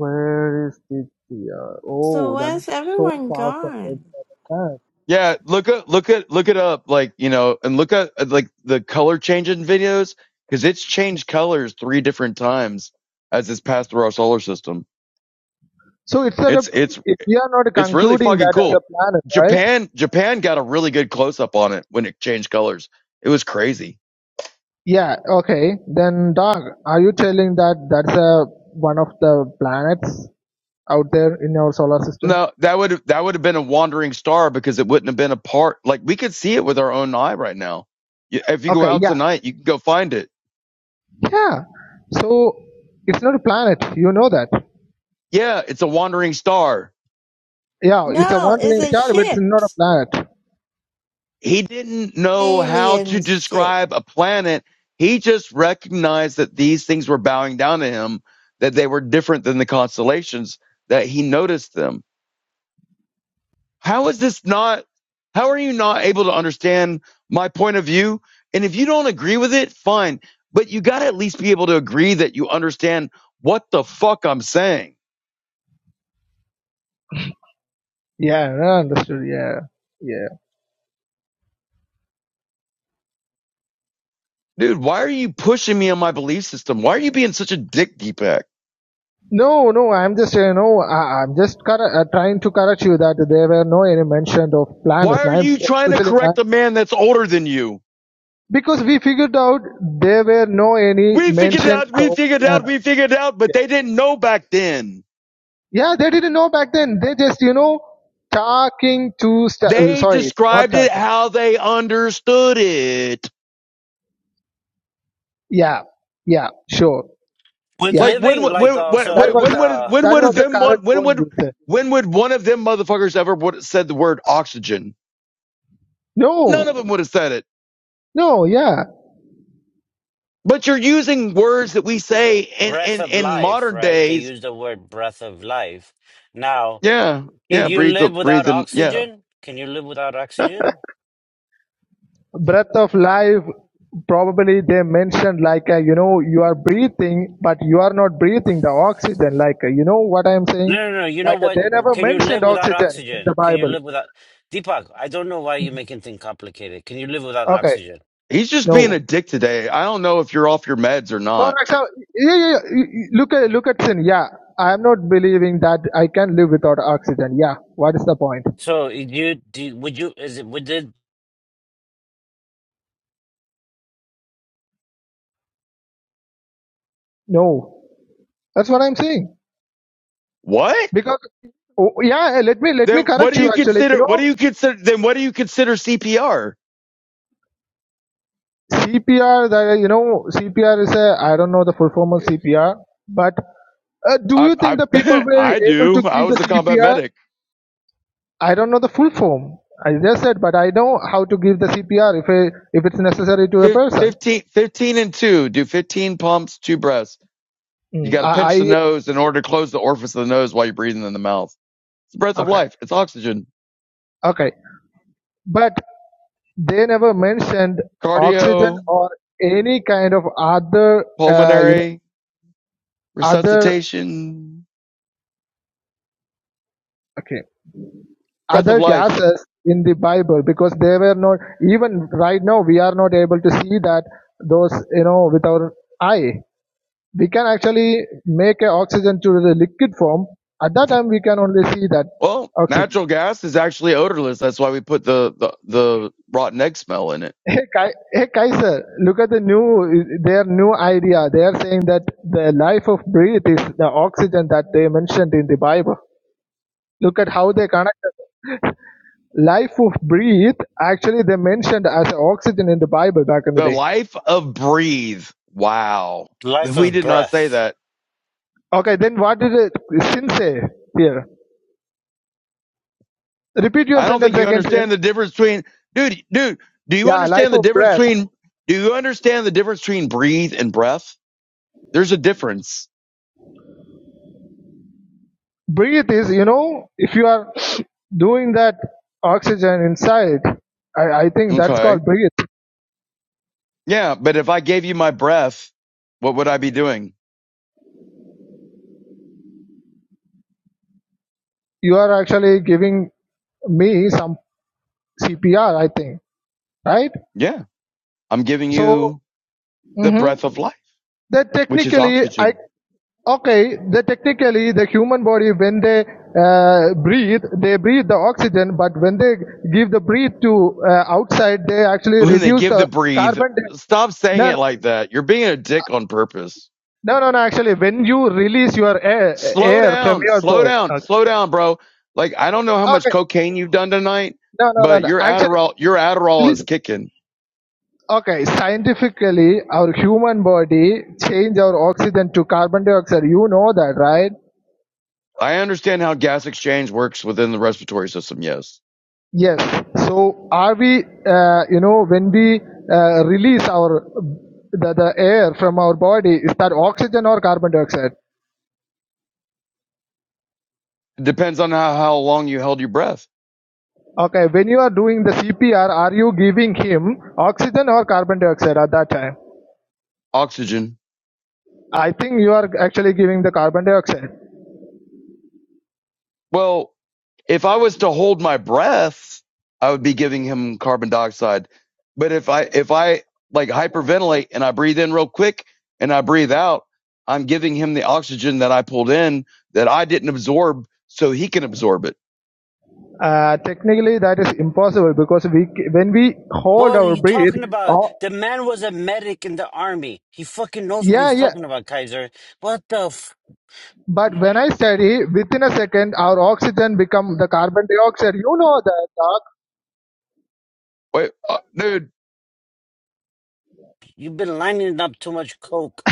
F: where is it? the, uh,
D: So
F: oh that is
D: where's
F: so
D: everyone
F: far from
D: gone?
F: it
E: Yeah, look at look at, look it up, like you know, and look at at, like the color changing videos because it's changed colors three different times as it's passed through our solar system.
F: So it's that a,
E: It's it's
F: if we are not
E: it's really
F: concluding
E: fucking
F: that as a
E: cool.
F: planet, right?
E: Japan Japan got a really good close up on it when it changed colors. It was crazy.
F: Yeah. Okay. Then, dog, are you telling that that's a one of the planets out there in our solar system?
E: No, that would that would have been a wandering star because it wouldn't have been a part. Like we could see it with our own eye right now. Y- If you go
F: Okay.
E: out
F: Yeah.
E: tonight, you can go find it.
F: Yeah. So it's not a planet. You know that.
E: Yeah, it's a wandering star.
F: Yeah. It's a
D: No, it's
F: wandering
D: a
F: star, but it's
D: ship.
F: not a planet.
E: he didn't know how to
D: Alien ship.
E: describe a planet. He just recognized that these things were bowing down to him, that they were different than the constellations, that he noticed them. How is this not, how are you not able to understand my point of view? And if you don't agree with it, fine, but you got to at least be able to agree that you understand what the fuck I'm saying.
F: Yeah. I understood. Yeah. Yeah.
E: Dude, why are you pushing me on my belief system? Why are you being such a dick, Deepak?
F: No, no, I'm just, you know, I, I'm just corre- uh, trying to correct you that there were no any mention of planets,
E: Why are
F: nine,
E: you trying to
F: especially
E: correct a
F: nine.
E: man that's older than you?
F: Because we figured out there were no any
E: We figured it
F: mentions
E: out, we
F: of
E: figured it out,
F: planets.
E: we figured it out, but
F: Yeah.
E: they didn't know back then.
F: yeah, they didn't know back then. They just, you know, talking to, st-
E: They
F: sorry, not
E: described it
F: talking.
E: how they understood it.
F: Yeah, yeah, sure.
C: With
F: Yeah,
E: Like when
C: living,
E: would-
C: like
E: when when
F: that
E: when
C: also
F: was, a,
E: when would
C: the
E: when
F: that
E: would
F: was the
E: them
F: correct
E: when
F: point
E: would
F: you said.
E: when would one of them motherfuckers ever would have said the word oxygen? None of
F: No,
E: them would have said it.
F: no, yeah.
E: But you're using words that we say in
C: breath
E: in
C: of
E: in
C: life,
E: modern
C: right? They
E: days.
C: use the word breath of life. Now,
E: Yeah,
C: can
E: yeah,
C: you
E: breathe
C: live without
E: breathe and Yeah,
C: oxygen? Can you live without oxygen?
F: Breath of life, probably they mentioned like, uh, you know, you are breathing, but you are not breathing the oxygen. Like, uh, you know what I'm
C: No,
F: saying?
C: no, no. You know
F: Like, uh,
C: what?
F: they never
C: Can you live
F: mentioned
C: without
F: oxygen in the
C: oxygen? Can you
F: Bible.
C: live without Deepak? I don't know why you're making things complicated. Can you live without
F: Okay.
C: oxygen?
E: he's just being
F: No.
E: a dick today. I don't know if you're off your meds or
F: For
E: not.
F: example, yeah, yeah, yeah, y- y- look at look at sin. Yeah, I am not believing that I can live without oxygen. Yeah, what is the point?
C: So, you do? Would you? Is it? Would it?
F: No, that's what I'm saying.
E: What?
F: Because oh, yeah, eh, let me let me
E: Then what
F: correct
E: do
F: you.
E: you
F: Actually, you
E: consider? What
F: know
E: do you consider? Then what do you consider CPR?
F: CPR. That you know CPR is a I don't know the full form of CPR, but uh, do
E: I
F: you think the people
E: I <laughs>
F: were
E: I
F: able to
E: do. I
F: give
E: was
F: the
E: a combat
F: CPR?
E: medic.
F: I don't know the full form. I just said, but I know how to give the CPR if I, if it's necessary to a
E: Fif-
F: person.
E: 15, fifteen and two. Do fifteen pumps, two breaths. You
F: Mm,
E: got to pinch the
F: I,
E: nose in order to close the orifice of the nose while you're breathing in the mouth. It's the breath
F: I
E: of
F: okay.
E: life. It's oxygen,
F: Okay. But they never mentioned oxygen
E: cardio,
F: or any kind of other, uh, you know,
E: pulmonary
F: other,
E: resuscitation,
F: okay,
E: breath of
F: other
E: life.
F: gases in the Bible because they were not, even right now, we are not able to see that those, you know, with our eye. We can actually make a oxygen to the liquid form. At that time, we can only see that
E: Well,
F: oxygen.
E: natural gas is actually odorless. That's why we put the the, the rotten egg smell in it
F: Hey, Kai, hey Kaiser, look at the new, their new idea. They are saying that the life of breath is the oxygen that they mentioned in the Bible. Look at how they connected. Life of breath, actually they mentioned as oxygen in the Bible back in the
E: The
F: day.
E: life of breathe. Wow.
C: Life
E: We
C: of
E: did not say
C: breath.
E: that.
F: Okay, then what did it, sin say here? Repeat your
E: I don't think
F: sentence
E: you
F: again, sin.
E: understand the difference between dude, dude, do you
F: Yeah, life
E: understand the
F: of
E: difference
F: breath.
E: between do you understand the difference between breathe and breath? There's a difference.
F: Breathe is, you know, if you are doing that oxygen inside, I, I think that's
E: Okay.
F: called breathe.
E: Yeah, but if I gave you my breath, what would I be doing?
F: you are actually giving me some CPR, I think, right?
E: Yeah. I'm giving
F: So
E: you the breath
F: mm-hmm.
E: of life,
F: that
E: which is
F: technically, I
E: oxygen. <laughs>
F: okay, That technically the human body when they uh, breathe, they breathe the oxygen, but when they give the breathe to uh, outside, they actually
E: When they
F: reduce
E: give the
F: the
E: breathe,
F: carbon. di-
E: stop saying
F: No, no,
E: it like that. You're being a dick on purpose.
F: no, no, no. Actually, when you release your air,
E: slow
F: air from
E: down,
F: your
E: slow
F: body,
E: down,
F: okay,
E: slow down, bro. Like I don't know how much
F: okay.
E: cocaine you've done tonight,
F: no, no, no,
E: but
F: no.
E: your
F: Actually,
E: Adderall, your Adderall is
F: listen.
E: kicking.
F: Okay, scientifically, our human body change our oxygen to carbon dioxide. You know that, right?
E: I understand how gas exchange works within the respiratory system. Yes,
F: Yes. So, are we, uh, you know, when we uh, release our the, the air from our body, is that oxygen or carbon dioxide?
E: it depends on how, how long you held your breath.
F: Okay, when you are doing the CPR, are you giving him oxygen or carbon dioxide at that time?
E: Oxygen.
F: I think you are actually giving the carbon dioxide.
E: Well, if I was to hold my breath, I would be giving him carbon dioxide. But if I if I like hyperventilate and I breathe in real quick and I breathe out, I'm giving him the oxygen that I pulled in that I didn't absorb, so he can absorb it.
F: Uh, technically, that is impossible because we, c- when we hold
C: What are
F: our
C: you
F: breath,
C: talking about?
F: all,
C: The man was a medic in the army. He fucking knows what
F: Yeah,
C: he's
F: yeah.
C: talking about, Kaiser. What the f?
F: But when I study, within a second, our oxygen become the carbon dioxide. You know that, dog.
E: Wait, uh, dude,
C: You've been lining up too much coke.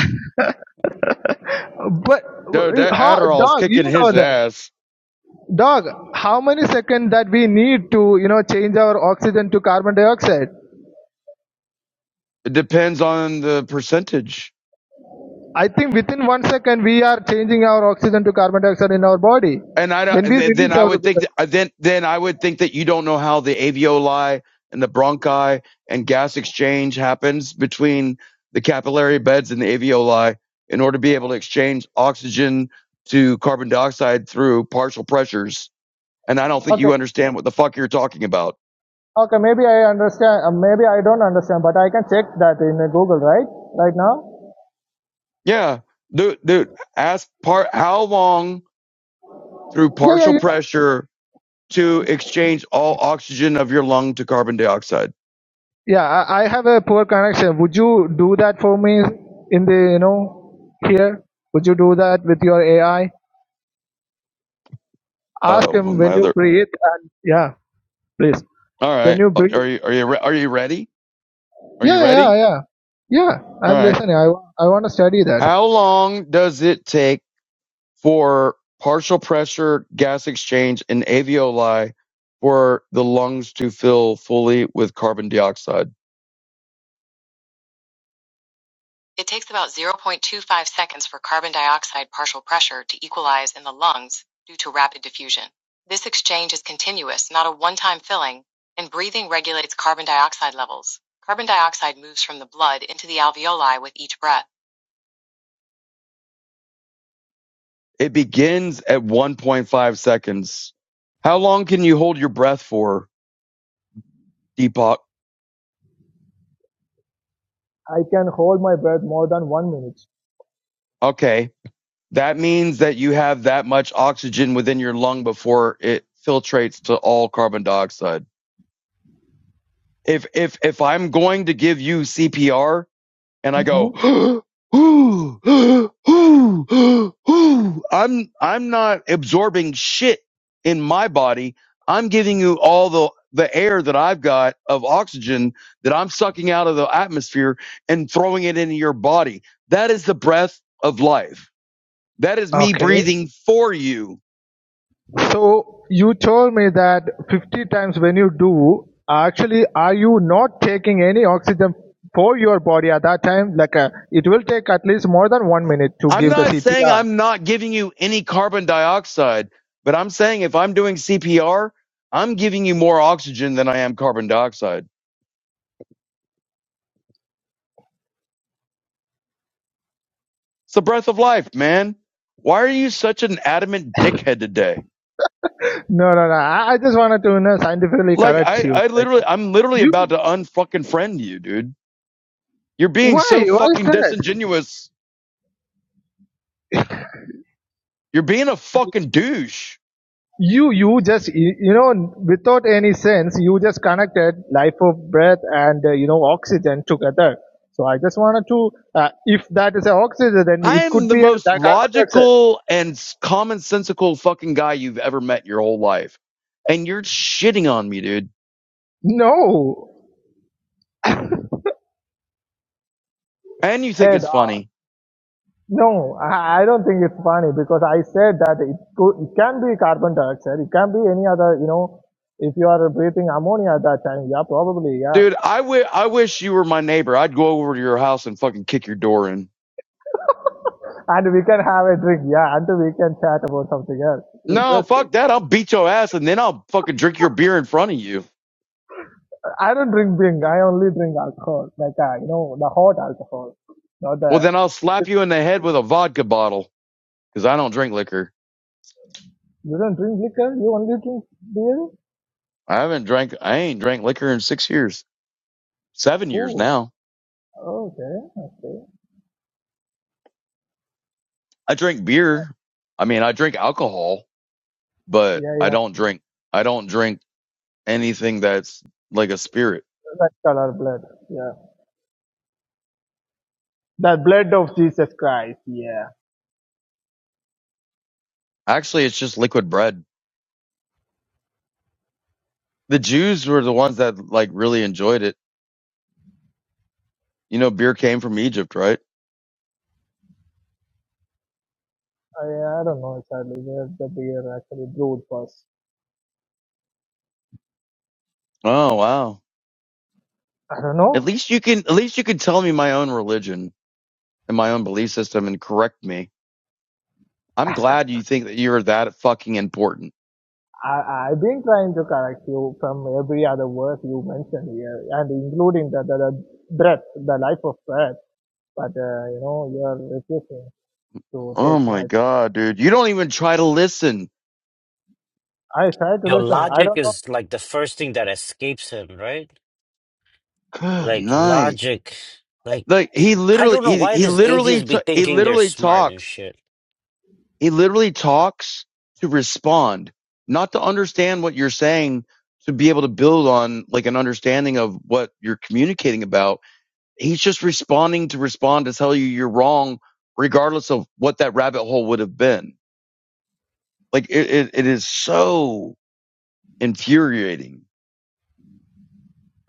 F: But
E: dude, that
F: how,
E: Adderall's
F: dog? You
E: kicking his
F: know that,
E: ass.
F: dog. How many seconds that we need to, you know, change our oxygen to carbon dioxide?
E: It depends on the percentage.
F: I think within one second we are changing our oxygen to carbon dioxide in our body
E: and I don't,
F: when
E: and
F: we
E: then
F: release
E: I
F: our.
E: would think that, uh, then then I would think that you don't know how the alveoli and the bronchi and gas exchange happens between the capillary beds and the alveoli in order to be able to exchange oxygen to carbon dioxide through partial pressures. And I don't think
F: Okay,
E: you understand what the fuck you're talking about.
F: okay. Maybe I understand. uh, Maybe I don't understand, but I can check that in uh, Google, right? Right now.
E: Yeah, dude, dude ask part how long through
F: Yeah, yeah.
E: partial
F: You,
E: pressure to exchange all oxygen of your lung to carbon dioxide.
F: Yeah, I, I have a poor connection. Would you do that for me in the, you know, here? Would you do that with your AI? Ask
E: Oh,
F: him when
E: my other
F: you breathe and yeah, please.
E: All
F: When
E: right.
F: you breathe.
E: Are you are you re- are you ready? Are you
F: Yeah, yeah,
E: ready?
F: yeah. Yeah,
E: All
F: I'm
E: right.
F: listening. I, I want to study that.
E: How long does it take for partial pressure gas exchange in alveoli for the lungs to fill fully with carbon dioxide? It takes about 0.25 seconds for carbon dioxide partial pressure to equalize in the lungs due to rapid diffusion. This exchange is continuous, not a one time filling, and breathing regulates carbon dioxide levels. Carbon dioxide moves from the blood into the alveoli with each breath. It begins at 1.5 seconds. How long can you hold your breath for, Deepak?
F: I can hold my breath more than one minute.
E: Okay. That means that you have that much oxygen within your lung before it filtrates to all carbon dioxide. If if if I'm going to give you CPR and I go
F: Mm-hmm.
E: I'm I'm not absorbing shit in my body. I'm giving you all the the air that I've got of oxygen that I'm sucking out of the atmosphere and throwing it into your body. That is the breath of life. That is me breathing for you.
F: So you told me that 50 times when you do, actually, are you not taking any oxygen for your body at that time? Like, uh, it will take at least more than one minute to
E: I'm
F: give the
E: not saying
F: CPR.
E: I'm not giving you any carbon dioxide, but I'm saying if I'm doing CPR, I'm giving you more oxygen than I am carbon dioxide. It's the breath of life, man. Why are you such an adamant dickhead today?
F: No, no, no. I, I just wanted to you know, scientifically
E: Like
F: correct
E: I,
F: you.
E: I
F: Like,
E: literally,
F: uh,
E: I'm literally about
F: you,
E: to unfucking friend you, dude. You're being
F: why?
E: so
F: Why is
E: fucking
F: that?
E: disingenuous. You're being a fucking douche.
F: You, you just, you, you know, without any sense, you just connected life of breath and, uh, you know, oxygen together. So I just wanted to, uh, if that is a oxygen, then
E: I
F: it
E: am
F: could
E: the
F: be a
E: most
F: di- carbon dioxide.
E: logical and commonsensical fucking guy you've ever met in your whole life, and you're shitting on me, dude.
F: No,
E: And you think
F: head.
E: it's
F: Uh,
E: funny,
F: no, I, I don't think it's funny because I said that it, could, it can be carbon dioxide. It can be any other, you know, if you are breathing ammonia at that time, yeah, probably, yeah.
E: dude. I wi- I wish you were my neighbor. I'd go over to your house and fucking kick your door in.
F: And we can have a drink, yeah, and we can chat about something else.
E: No,
F: Interesting.
E: fuck that. I'll beat your ass and then I'll fucking drink your beer in front of you.
F: I don't drink beer. I only drink alcohol, like, uh, you know, the hot alcohol, not
E: Well,
F: the,
E: then I'll slap you in the head with a vodka bottle. because I don't drink liquor.
F: you don't drink liquor, you only drink beer?
E: I haven't drank, I ain't drank liquor in six years, seven years
F: Oh,
E: now.
F: okay, okay.
E: I drink beer. I mean, I drink alcohol, but
F: Yeah,
E: I
F: yeah.
E: don't drink, I don't drink anything that's like a spirit.
F: That color blood. Yeah. The blood of Jesus Christ, yeah.
E: Actually, it's just liquid bread. The Jews were the ones that like really enjoyed it. You know, beer came from Egypt, right?
F: I, I don't know exactly where the beer actually brewed first.
E: Oh, wow.
F: I don't
E: At
F: know.
E: least you can, at least you can tell me my own religion and my own belief system and correct me. I'm glad you think that you're that fucking important.
F: I, I've been trying to correct you from every other word you mentioned here, and including the, the, the breath, the life of breath. But, uh, you know, you're refusing to
E: Oh
F: take
E: my
F: my.
E: god, dude. You don't even try to listen.
F: I try to
C: Your
F: listen. I
C: logic
F: don't know.
C: is like the first thing that escapes him, right?
E: Good
C: Like
E: night.
C: logic. Like
E: Like he
C: I
E: literally
C: don't know
E: he
C: why
E: he
C: this
E: literally
C: atheists be
E: t- he
C: thinking they're
E: literally
C: smart and
E: talks.
C: shit.
E: He literally talks to respond, not to understand what you're saying to be able to build on like an understanding of what you're communicating about. He's just responding to respond to tell you you're wrong regardless of what that rabbit hole would have been. Like it it, it is so infuriating.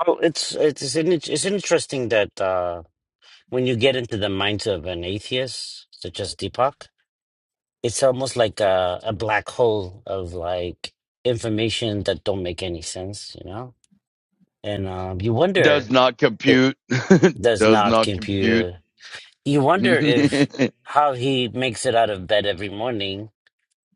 C: Oh, it's it's an, it's interesting that uh, when you get into the mindset of an atheist, such as Deepak. it's almost like a, a black hole of like information that don't make any sense you know and um, you
E: Does
C: wonder
E: not
C: it
E: compute. <laughs>
C: does
E: Does
C: not
E: not compute.
C: compute you wonder if
E: <laughs>
C: how he makes it out of bed every morning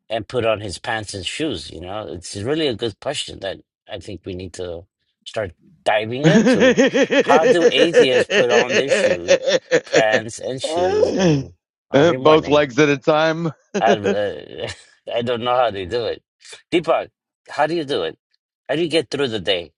C: and put on his pants and shoes you know it's really a good question that i think we need to start diving into how do atheists put on their shoe pants and shoes and every
E: Both
C: morning
E: legs at a time.
C: I uh, <laughs> I don't know how they do it. Deepak, how do you do it? How do you get through the day?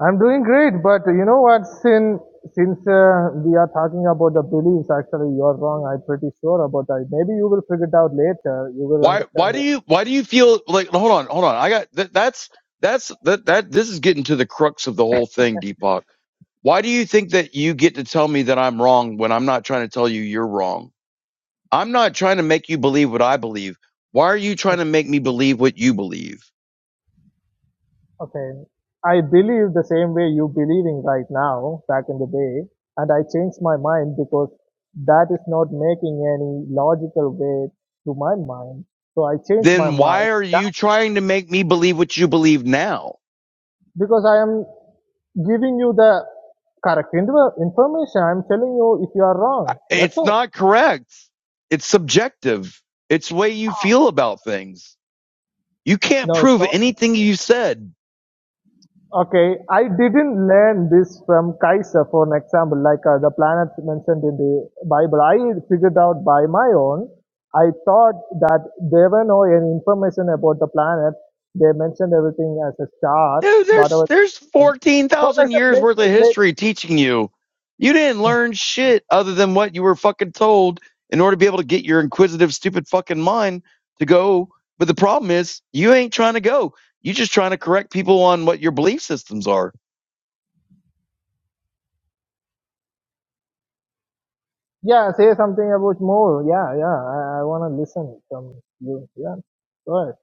F: I'm doing great, but you know what? Sin, since uh, we are talking about the beliefs, actually, you're wrong. I'm pretty sure about that. Maybe you will figure it out later. You will
E: Why? Why
F: understand
E: do you? Why do you feel like? Hold on, hold on. I got that. That's that's that that. This is getting to the crux of the whole thing, Deepak. Why do you think that you get to tell me that I'm wrong when I'm not trying to tell you you're wrong? I'm not trying to make you believe what I believe. Why are you trying to make me believe what you believe?
F: Okay. I believe the same way you believing right now, back in the day, and I changed my mind because that is not making any logical way to my mind. So I changed my
E: Then
F: mind
E: why are
F: now
E: you trying to make me believe what you believe now?
F: because I am giving you the correct inf- information. I'm telling you if you are wrong. That's
E: It's
F: all.
E: not correct. It's subjective. It's the way you feel about things. You can't
F: No, it's
E: prove
F: not.
E: anything you said.
F: Okay, I didn't learn this from Kaiser, for an example, like uh, the planets mentioned in the Bible. I figured out by my own. I thought that there were no any information about the planet. They mentioned everything as a star,
E: Dude, there's
F: whatever.
E: there's
F: For an
E: 14,000
F: example,
E: years worth of
F: let,
E: history teaching you. You didn't
F: let,
E: learn shit other than what you were fucking told in order to be able to get your inquisitive stupid fucking mind to go. But the problem is, you ain't trying to go. You are just trying to correct people on what your belief systems are.
F: yeah, say something about more. Yeah, yeah, I, I want to listen from you. Yeah, go ahead.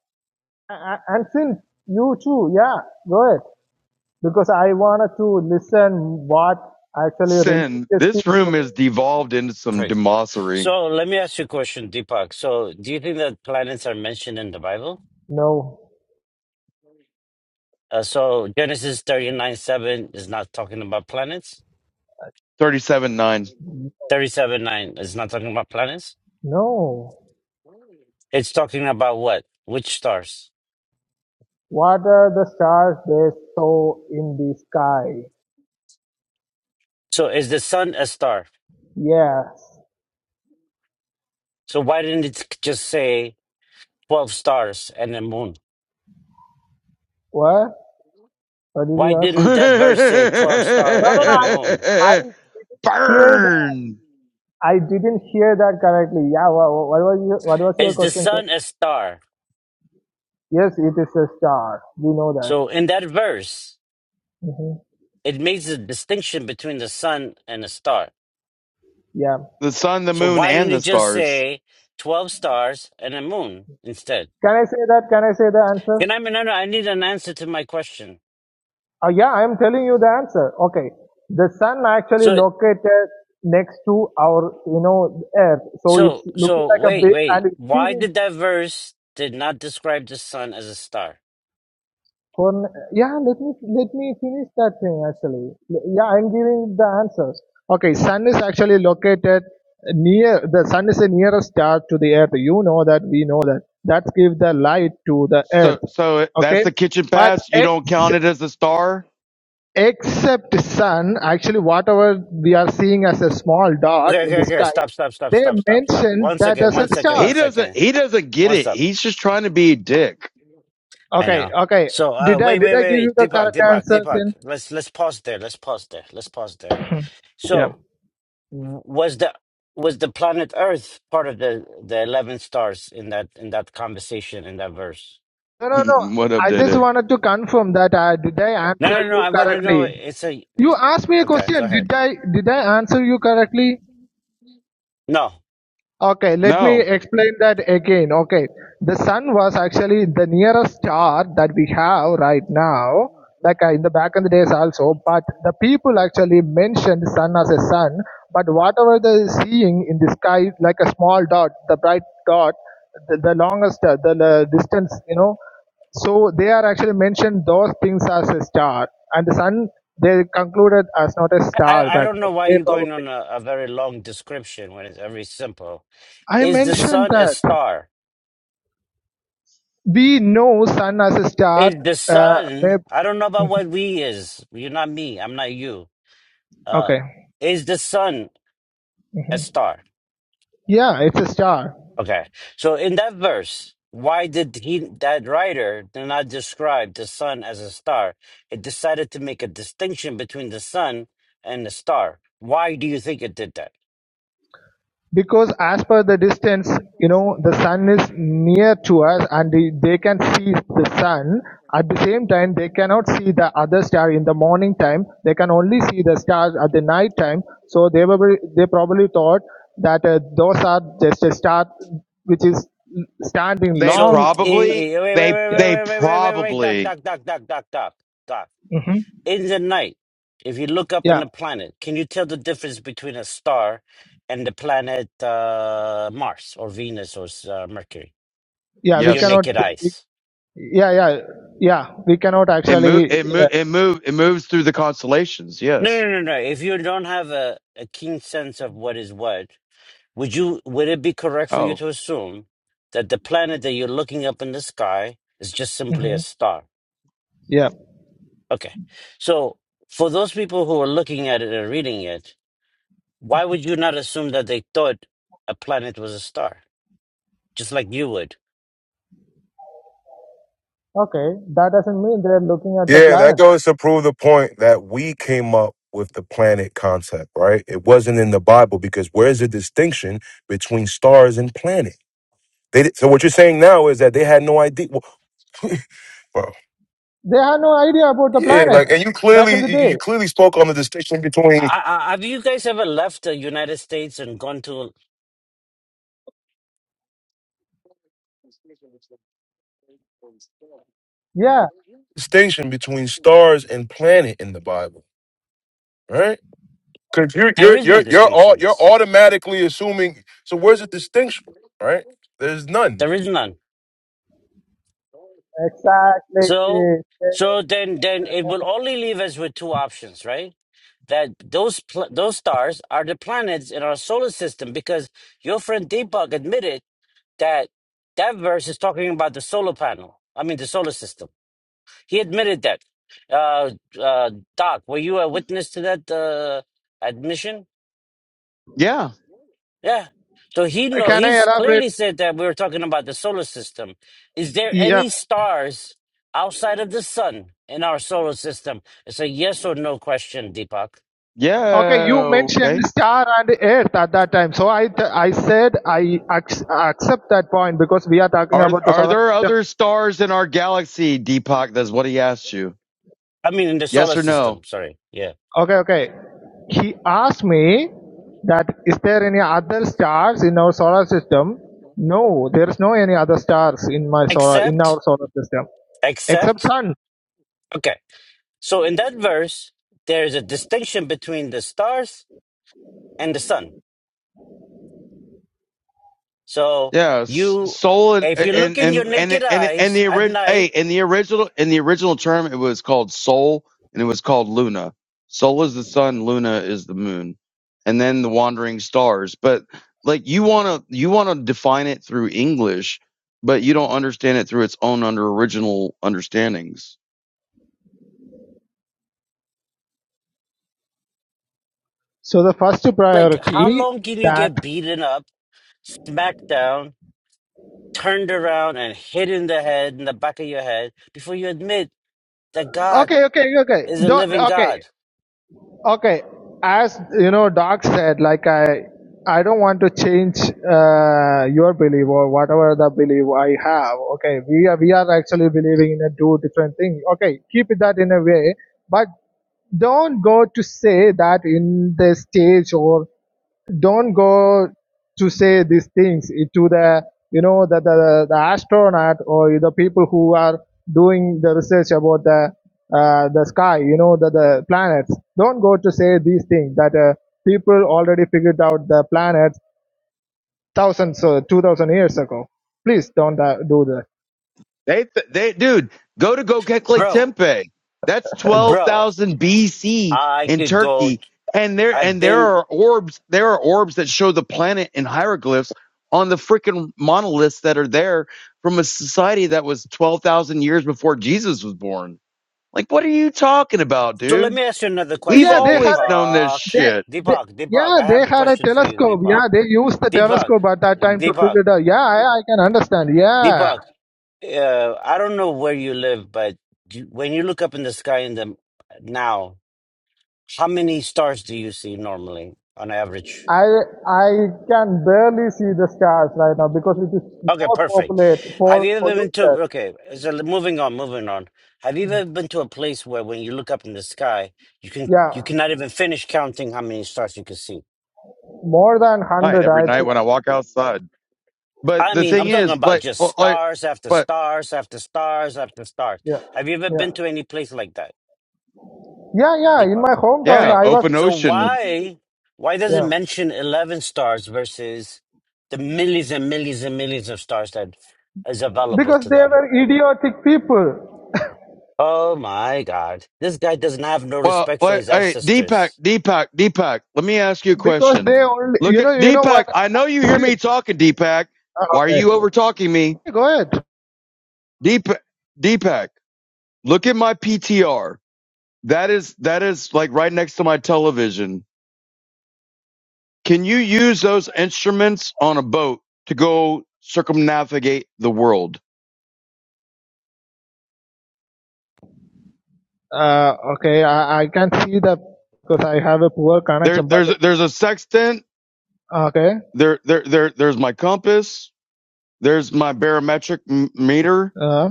F: A- a- And since you too, yeah, go ahead. because I wanted to listen what actually
E: Sin,
F: religious
E: this room
F: people
E: is devolved into some
C: Perfect.
E: demosery.
C: So let me ask you a question, Deepak. So do you think that planets are mentioned in the Bible?
F: know.
C: Uh, so Genesis 39 7 is not talking about planets.
E: 37-9.
C: 37 9 is not talking about planets.
F: No.
C: It's talking about what? Which stars?
F: What are the stars they saw in the sky?
C: So is the sun a star?
F: Yes.
C: So why didn't it just say 12 stars and a moon?
F: What? What did
C: Why
F: you
E: <laughs>
F: ask?
C: didn't
E: Burn
C: that verse say 12 stars
F: No, no, no.
C: and a
F: I,
C: moon?
F: I hear that. I didn't hear that correctly. Yeah. What, what was your, what was your
C: Is the
F: question? sir?
C: sun a star?
F: Yes, it is a star. We know that.
C: So in that verse,
F: hmm
C: it makes a distinction between the sun and a star.
F: Yeah.
E: the sun, the
C: So
E: moon,
C: why didn't
E: and the
C: it just
E: stars.
C: say 12 stars and a moon instead?
F: Can I say that? Can I say the answer?
C: Can I, manana? I need an answer to my question.
F: Uh, yeah, I am telling you the answer. Okay. The sun actually
C: So,
F: located next to our, you know, earth. So it's
C: so,
F: looking
C: so
F: like a
C: wait,
F: big
C: wait.
F: and it's
C: Why
F: giving
C: did that verse did not describe the sun as a star?
F: corn. Yeah, let me, let me finish that thing actually. Yeah, I'm giving the answers. Okay. Sun is actually located near, the sun is the nearest star to the earth. You know that, we know that. That gives the light to the earth.
E: So, so that's
F: Okay.
E: the kitchen
F: But
E: pass. You don't
F: X
E: count it as a star.
F: except sun, actually whatever we are seeing as a small dot
C: Okay,
F: in
C: okay,
F: the
C: okay.
F: sky,
C: Stop, stop, stop,
F: they
C: stop, stop, stop.
F: mentioned
C: One
F: that
C: second,
F: as a
C: one second, one
E: He
F: star.
E: doesn't.
C: second.
E: He doesn't get
C: One
E: it.
C: stop.
E: He's just trying to be a dick.
C: I
F: Okay,
C: know.
F: okay.
C: So, uh,
F: Did I
C: wait,
F: did
C: wait,
F: I
C: wait,
F: give you
C: wait.
F: the
C: Deepak,
F: correct
C: Deepak,
F: answer? Then
C: Deepak. Let's let's pause there. Let's pause there. Let's pause there.
F: Yeah.
C: So, w- was the was the planet Earth part of the the eleven stars in that in that conversation in that verse?
F: no,
E: <laughs>
F: no, no.
E: what up,
F: I just
E: Diddy?
F: wanted to confirm that I did I
C: No,
F: answer
C: no, no.
F: you
C: I want to know.
F: correctly.
C: It's a
F: You
C: it's-
F: asked me a
C: okay. Go
F: question.
C: ahead.
F: Did I did I answer you correctly?
C: No,
F: Okay, let me
E: No,
F: explain that again. Okay, the sun was actually the nearest star that we have right now, like uh, in the back in the days also. But the people actually mentioned sun as a sun. But whatever they seeing in the sky, like a small dot, the bright dot, the, the longest, uh, the, the distance, you know. So they are actually mentioned those things as a star, and the sun they concluded as not a star
C: I I
F: back.
C: don't
F: then.
C: know why
F: They
C: you're going
F: probably
C: on a, a very long description when it's very simple.
F: I
C: Is the
F: mentioned
C: sun a
F: that.
C: star?
F: We know Sun as a star.
C: Is the
F: Uh, may-
C: sun. I don't know about what we is. You're not me. I'm not you. Uh,
F: okay,
C: is the sun a star?
F: yeah, it's a star
C: Okay. So in that verse, why did he that writer did not describe the sun as a star? It decided to make a distinction between the sun and the star. Why do you think it did that?
F: because as per the distance, you know, the sun is near to us, and they they can see the sun. At the same time, they cannot see the other star in the morning time. They can only see the stars at the night time. So they were they probably thought that uh, those are just a star which is standing
E: they
C: So
F: long.
C: eh,
E: probably.
C: eh, wait, wait,
E: They
C: wait,
F: Yeah.
E: they
C: wait, wait, wait, wait, wait, wait, doc,
E: probably
C: doc, doc, doc, doc, doc, doc.
F: hmm
C: in the night, if you look up in
F: Yeah.
C: the planet, can you tell the difference between a star and the planet uh, Mars or Venus or uh, Mercury
F: Yeah.
C: with
F: We
C: your
E: yes.
C: naked
F: cannot.
C: eyes?
F: yeah yeah yeah we cannot
E: It move
F: actually
E: it move
F: yeah,
E: it move it moves through the constellations.
C: No,
E: Yes.
C: no, no, no. If you don't have a, a keen sense of what is what, would you would it be correct for you
E: Oh
C: to assume that the planet that you're looking up in the sky is just simply
F: hmm
C: a star?
F: yeah.
C: Okay. So for those people who are looking at it and reading it, why would you not assume that they thought a planet was a star? just like you would.
F: Okay, that doesn't mean they're looking at the
O: Yeah, that
F: planets.
O: goes to prove the point that we came up with the planet concept, right? It wasn't in the Bible because where's the distinction between stars and planet? They, di- so what you're saying now is that they had no idea, well, <laughs> bro.
F: They had no idea about the
O: Yeah,
F: planets
O: like, and you
F: back in
O: clearly
F: the
O: you you
F: day.
O: clearly spoke on the distinction between
C: I, I, have you guys ever left the United States and gone to?
F: Yeah,
O: distinction between stars and planet in the Bible, right? Because you're
C: There
O: you're
C: is no
O: you're you're all you're
C: distinctions.
O: automatically assuming. So where's the distinction, right? There's none.
C: There is none.
F: exactly.
C: So, so then, then it will only leave us with two options, right? That those pl- those stars are the planets in our solar system, because your friend Deepak admitted that that verse is talking about the solar panel. I mean, the solar system. He admitted that. Uh, uh, Doc, were you a witness to that uh, admission?
E: yeah
C: Yeah. So he know
F: can I
C: he's
F: elaborate?
C: clearly said that we were talking about the solar system. Is there
F: Yeah.
C: any stars outside of the sun in our solar system? It's a yes or no question, Deepak.
F: Okay,
E: yeah
F: you
E: okay.
F: mentioned star and earth at that time. So I, th- I said I ac- accept that point because we are talking
E: Are
F: about the
E: are
F: solar
E: there
F: system.
E: other stars in our galaxy, Deepak? That's what he asked you.
C: I mean in the
E: Yes
C: solar
E: or
C: system,
E: no?
C: sorry. Yeah.
F: Okay, okay. He asked me that is there any other stars in our solar system? No, there is no any other stars in my solar in
C: Except
F: our solar system except
C: except
F: sun.
C: okay. So in that verse, there's a distinction between the stars and the sun. So
E: Yeah, s-
C: you
E: soul and
C: if you look
E: and
C: in
E: and
C: your
E: and
C: naked
E: and, and
C: eyes
E: the
C: at
E: ori- hey,
C: night,
E: in the original in the original term, it was called soul and it was called Luna. Soul is the sun, Luna is the moon, and then the wandering stars. But like you want to you want to define it through English, but you don't understand it through its own under original understandings.
F: So the first
C: like how
F: priority
C: long can you
F: that
C: get beaten up, smacked down, turned around and hit in the head, in the back of your head, before you admit that God
F: okay, okay, okay.
C: is a
F: Don't
C: living
F: okay.
C: God.
F: Okay, as you know, Doc said, like I, I don't want to change uh, your belief or whatever the belief I have. Okay, we are we are actually believing in a two different thing. Okay, keep it that in a way, but don't go to say that in the stage or don't go to say these things it- to the you know the, the the astronaut or the people who are doing the research about the uh, the sky you know the, the planets don't go to say these things that uh, people already figured out the planets thousands or 2000 years ago please don't uh, do that
E: They, they, dude, go to Göbekli
C: Bro,
E: Tepe. That's twelve
C: bro,
E: thousand BC
C: I
E: in
C: could go.
E: Turkey, and there
C: I've
E: and there
C: been.
E: are orbs. There are orbs that show the planet in hieroglyphs on the freaking monoliths that are there from a society that was twelve thousand years before Jesus was born. Like, what are you talking about,
C: So let
E: dude?
C: me ask you another
E: We've
F: yeah
C: question,
F: they had
E: always
F: a,
E: known this
C: Deepak.
F: they,
E: shit.
F: they
C: Deepak, Deepak,
F: yeah
C: I
F: they
C: have a
F: had a
C: question for you,
F: telescope
C: Deepak.
F: yeah they used the
C: Deepak,
F: telescope at that time to
C: Deepak,
F: figure it out yeah i, I can understand yeah
C: Deepak. Uh, I don't know where you live, but you, when you look up in the sky in the now, how many stars do you see normally on average?
F: I I can barely see the stars right now because it is
C: Okay,
F: more
C: perfect.
F: populated,
C: Have
F: more
C: you ever been to,
F: polluted.
C: okay, so l- moving on, moving on. Have you ever been to a place where when you look up in the sky, you can you
F: Yeah,
C: cannot even finish counting how many stars you can see?
F: more than
E: Right,
F: hundred,
E: every
F: I
E: night
F: think.
E: when I walk outside. But
C: I
E: the
C: mean,
E: thing
C: I'm talking
E: is,
C: about
E: like,
C: just
E: well, like,
C: stars after
E: but
C: stars after stars after stars.
F: Yeah,
C: Have you ever
F: yeah,
C: been to any place like that,
F: yeah, yeah. In
C: Deepak?
F: my hometown,
C: Okay.
E: yeah,
F: I was.
E: open
C: So
E: ocean.
C: why why does it
F: Yeah,
C: mention 11 stars versus the millions and millions and millions of stars that is available
F: because
C: to
F: they
C: them?
F: were idiotic people.
C: Oh my God. This guy does not have no
E: Well,
C: respect for
E: wait,
C: his
E: hey, Deepak,
C: ancestors.
E: Deepak, Deepak, let me ask you a
F: Because
E: question.
F: they only,
E: Look
F: you know,
E: at
F: you know what?
E: Deepak. I know you hear
F: See,
E: me talking, Deepak.
F: uh,
E: Why are you
F: okay,
E: over talking me?
F: go ahead.
E: Deepak, Deepak, look at my PTR. That is, that is like right next to my television. Can you use those instruments on a boat to go circumnavigate the world?
F: Uh, okay, I, I can see that because I have a poor
E: There,
F: connection. But
E: there's, there's a sextant.
F: okay,
E: There, there, there, there's my compass. There's my barometric m- meter
F: uh,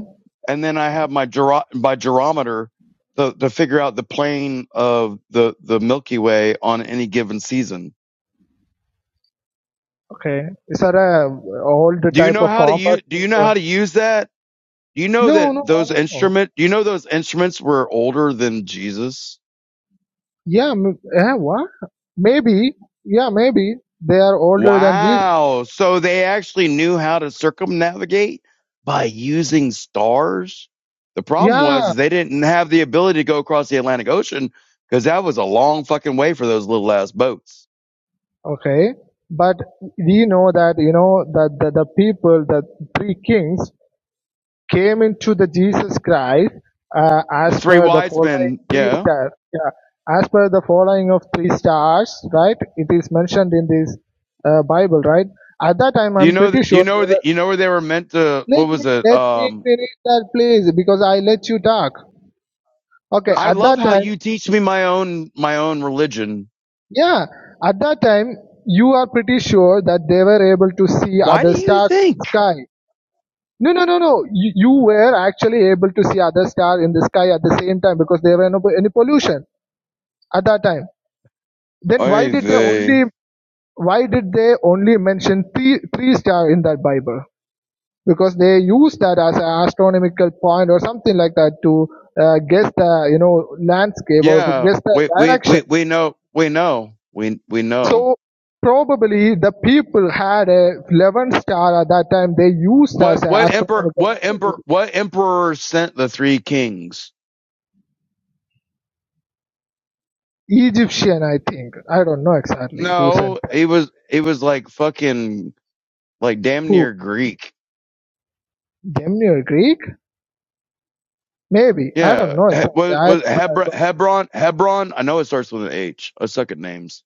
E: and then I have my gyro- my gyrometer to, to figure out the plane of the the Milky Way on any given season.
F: okay, is that a old
E: Do you
F: type
E: know
F: of
E: how to use? Do you
F: combat?
E: know how to use that? Do you know
F: No,
E: that
F: no, I
E: those
F: don't know.
E: instrument? Do you know those instruments were older than Jesus?
F: Yeah, m- eh, what? Maybe, yeah, maybe they are older than this.
E: Wow! So they actually knew how to circumnavigate by using stars. The problem
F: Yeah,
E: was they didn't have the ability to go across the Atlantic Ocean because that was a long fucking way for those little ass boats.
F: okay. But we know that, you know, that the, the people, the three kings came into the Jesus Christ uh,
E: The
F: as
E: three
F: per the
E: wise
F: following
E: men.
F: three
E: Yeah.
F: stars. Yeah, as per the following of three stars, right? It is mentioned in this uh, Bible, right? At that time,
E: Do you
F: I'm
E: know?
F: pretty
E: th- Do you
F: sure they
E: know that
F: were.
E: you know where they were meant to? What
F: Let
E: was
F: me
E: it?
F: let me
E: Um,
F: finish that, please, because I let you talk. Okay,
E: I
F: at
E: love
F: that
E: how
F: time,
E: you teach me my own my own religion.
F: yeah, at that time, you are pretty sure that they were able to see
E: Why do
F: other
E: you
F: stars in
E: think?
F: the sky. No, no, no, no. You, you were actually able to see other stars in the sky at the same time because there were no any pollution at that time. Then why
E: I
F: did they
E: they.
F: only why did they only mention three three star in that Bible? Because they use that as an astronomical point or something like that to uh, guess the you know landscape or
E: Yeah.
F: guess the
E: We we
F: direction.
E: we we know we know we we know
F: So probably the people had a 11 star at that time. They used
E: what
F: as an
E: what emperor
F: astronomical
E: what
F: unit.
E: emperor what emperor sent the three kings?
F: Egyptian, I think. I don't know exactly who sent
E: No,
F: that.
E: he was he was like fucking like damn
F: Who?
E: near Greek.
F: Gemini or Greek? Maybe. I don't
E: Yeah,
F: know
E: he,
F: exactly.
E: was
F: I,
E: was
F: I
E: Hebron,
F: don't
E: Hebron Hebron? I know it starts with an H. I suck at names.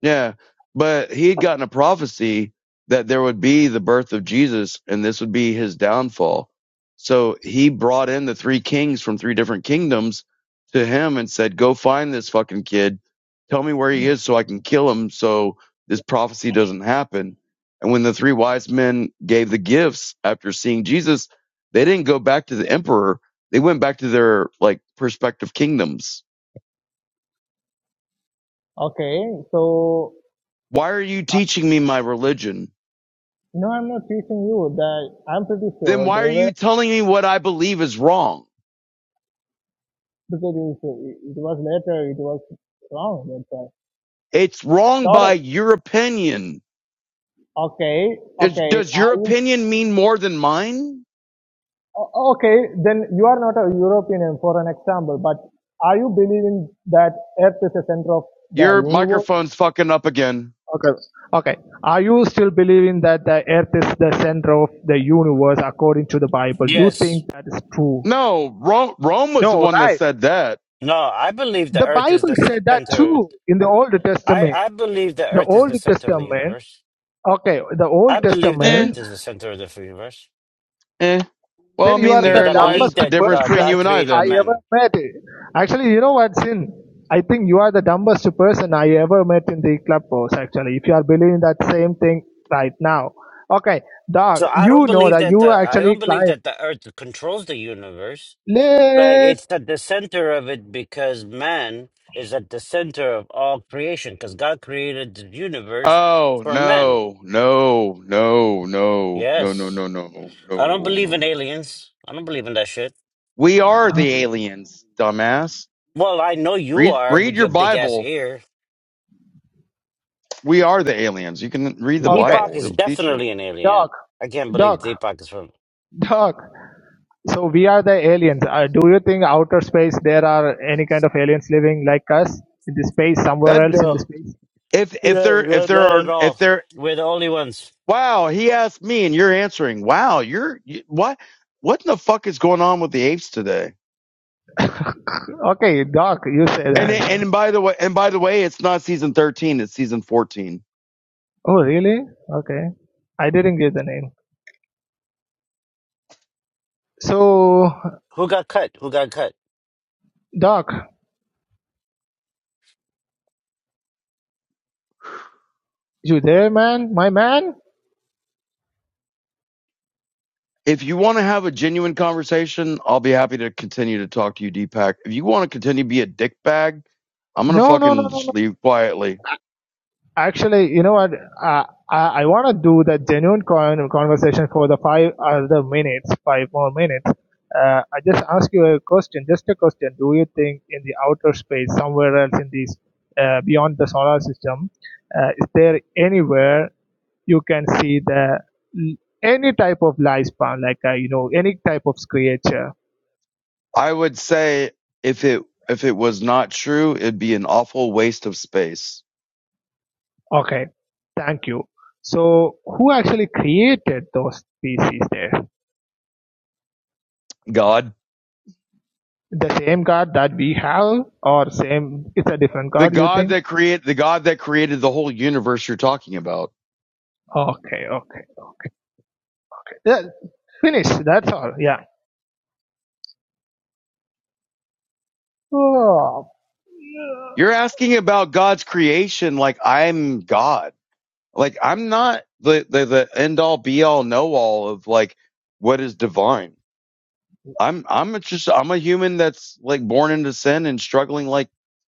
E: Yeah, but he had gotten a prophecy that there would be the birth of Jesus and this would be his downfall. So he brought in the three kings from three different kingdoms to him and said, Go find this fucking kid. Tell me where he is so I can kill him so this prophecy doesn't happen. And when the three wise men gave the gifts after seeing Jesus, they didn't go back to the emperor. They went back to their like prospective kingdoms.
F: Okay, so
E: Why are you teaching me my religion?
F: no, I'm not teaching you that. I'm pretty
E: then
F: sure
E: why are
F: they were
E: you telling me what I believe is wrong?
F: because it, was- it was later, it was wrong. That's why.
E: It's wrong
F: Sort
E: by
F: of.
E: your opinion.
F: Okay,
E: Is,
F: okay.
E: does
F: Are
E: your
F: you
E: opinion mean more than mine?
F: O- Okay, then you are not a European, for an example, but are you believing that Earth is the center of the
E: Your
F: universe?
E: microphone's fucking up again.
F: Okay. Okay. Are you still believing that the Earth is the center of the universe according to the Bible? You
C: Yes.
F: think that is true?
E: No, Rome, Rome was the
F: No,
E: one that
F: right.
E: said that.
C: No, I believe the
F: The
C: earth is
F: Bible
C: the
F: said that
C: center.
F: too in the Old
C: I,
F: Testament.
C: I believe the
F: The
C: earth is
F: Old
C: the center of the
F: Testament.
C: universe.
F: Okay, the
C: I
F: Old
C: believe the
E: Eh,
F: Testament.
C: earth is the center of the universe
E: eh. Well, I
F: then you
E: mean,
F: are the
C: because I
E: therein
C: believe
E: lies
F: dumbest
E: a
C: that
E: difference
C: uh,
E: between
F: person
E: you
C: God
E: and I
F: I
C: created
E: then.
F: ever
C: men.
F: met. Actually, you know what, Sin? I think you are the dumbest person I ever met in the clubhouse, actually, if you are believing that same thing right now. Okay, dog,
C: So I don't
F: you know
C: believe
F: that
C: that
F: you
C: the I
F: actually
C: don't believe
F: climb
C: that the earth controls the universe, but
F: late.
C: it's at the center of it because man is at the center of all creation because God created the universe
E: Oh,
C: for men.
E: no, no, no, no, no, no,
C: Yes.
E: no, no, no, no,
C: I don't believe in
E: no.
C: aliens. I don't believe in that shit.
E: We are the aliens, dumbass.
C: Well, I know you
E: Read,
C: are
E: read
C: with
E: your
C: your big ass
E: Bible
C: ear.
E: we are the aliens. You can read the
F: Okay,
C: Deepak
E: Bible;
C: is
E: it'll teach you
C: definitely an alien.
F: dog,
C: I can't believe
F: dog,
C: Deepak is from.
F: dog. So we are the aliens. Uh, do you think outer space there are any kind of aliens living like us in the space
E: that.
F: somewhere else in the
C: No,
F: space?
E: If if
C: no,
E: there
C: no,
E: if there
C: not at
E: are if
C: all.
E: there
C: We're the only ones.
E: wow, he asked me and you're answering. Wow, you're you, what what in the fuck is going on with the apes today?
F: Okay, dog, you say the
E: And it-
F: answer.
E: and by the way, and by the way, it's not season thirteen; it's season fourteen.
F: Oh, really? Okay. I didn't get the name. So,
C: Who got cut? Who got cut?
F: Doc, you there, man? My man?
E: If you want to have a genuine conversation, I'll be happy to continue to talk to you, Deepak. If you want to continue to be a dick bag, I'm gonna
F: No, no, no,
E: fucking
F: no, no,
E: just leave quietly
F: Actually, you know what? Uh, I I want to do the genuine con- conversation for the five other minutes, five more minutes. Uh, I just ask you a question, just a question. Do you think in the outer space, somewhere else in this, uh, beyond the solar system, uh, is there anywhere you can see the any type of lifespan, like uh, you know any type of creature?
E: I would say if it if it was not true, it'd be an awful waste of space.
F: Okay, thank you. So, who actually created those species there?
E: God,
F: The same card that we have, or same? It's a different
E: the
F: card. You
E: God
F: think?
E: that create the God that created the whole universe you're talking about.
F: Okay, okay. Yeah, finish. That's all. Yeah. Oh,
E: You're asking about God's creation like I'm God. Like I'm not the the, the end all be all know all of like what is divine. I'm I'm just I'm a human that's like born into sin and struggling like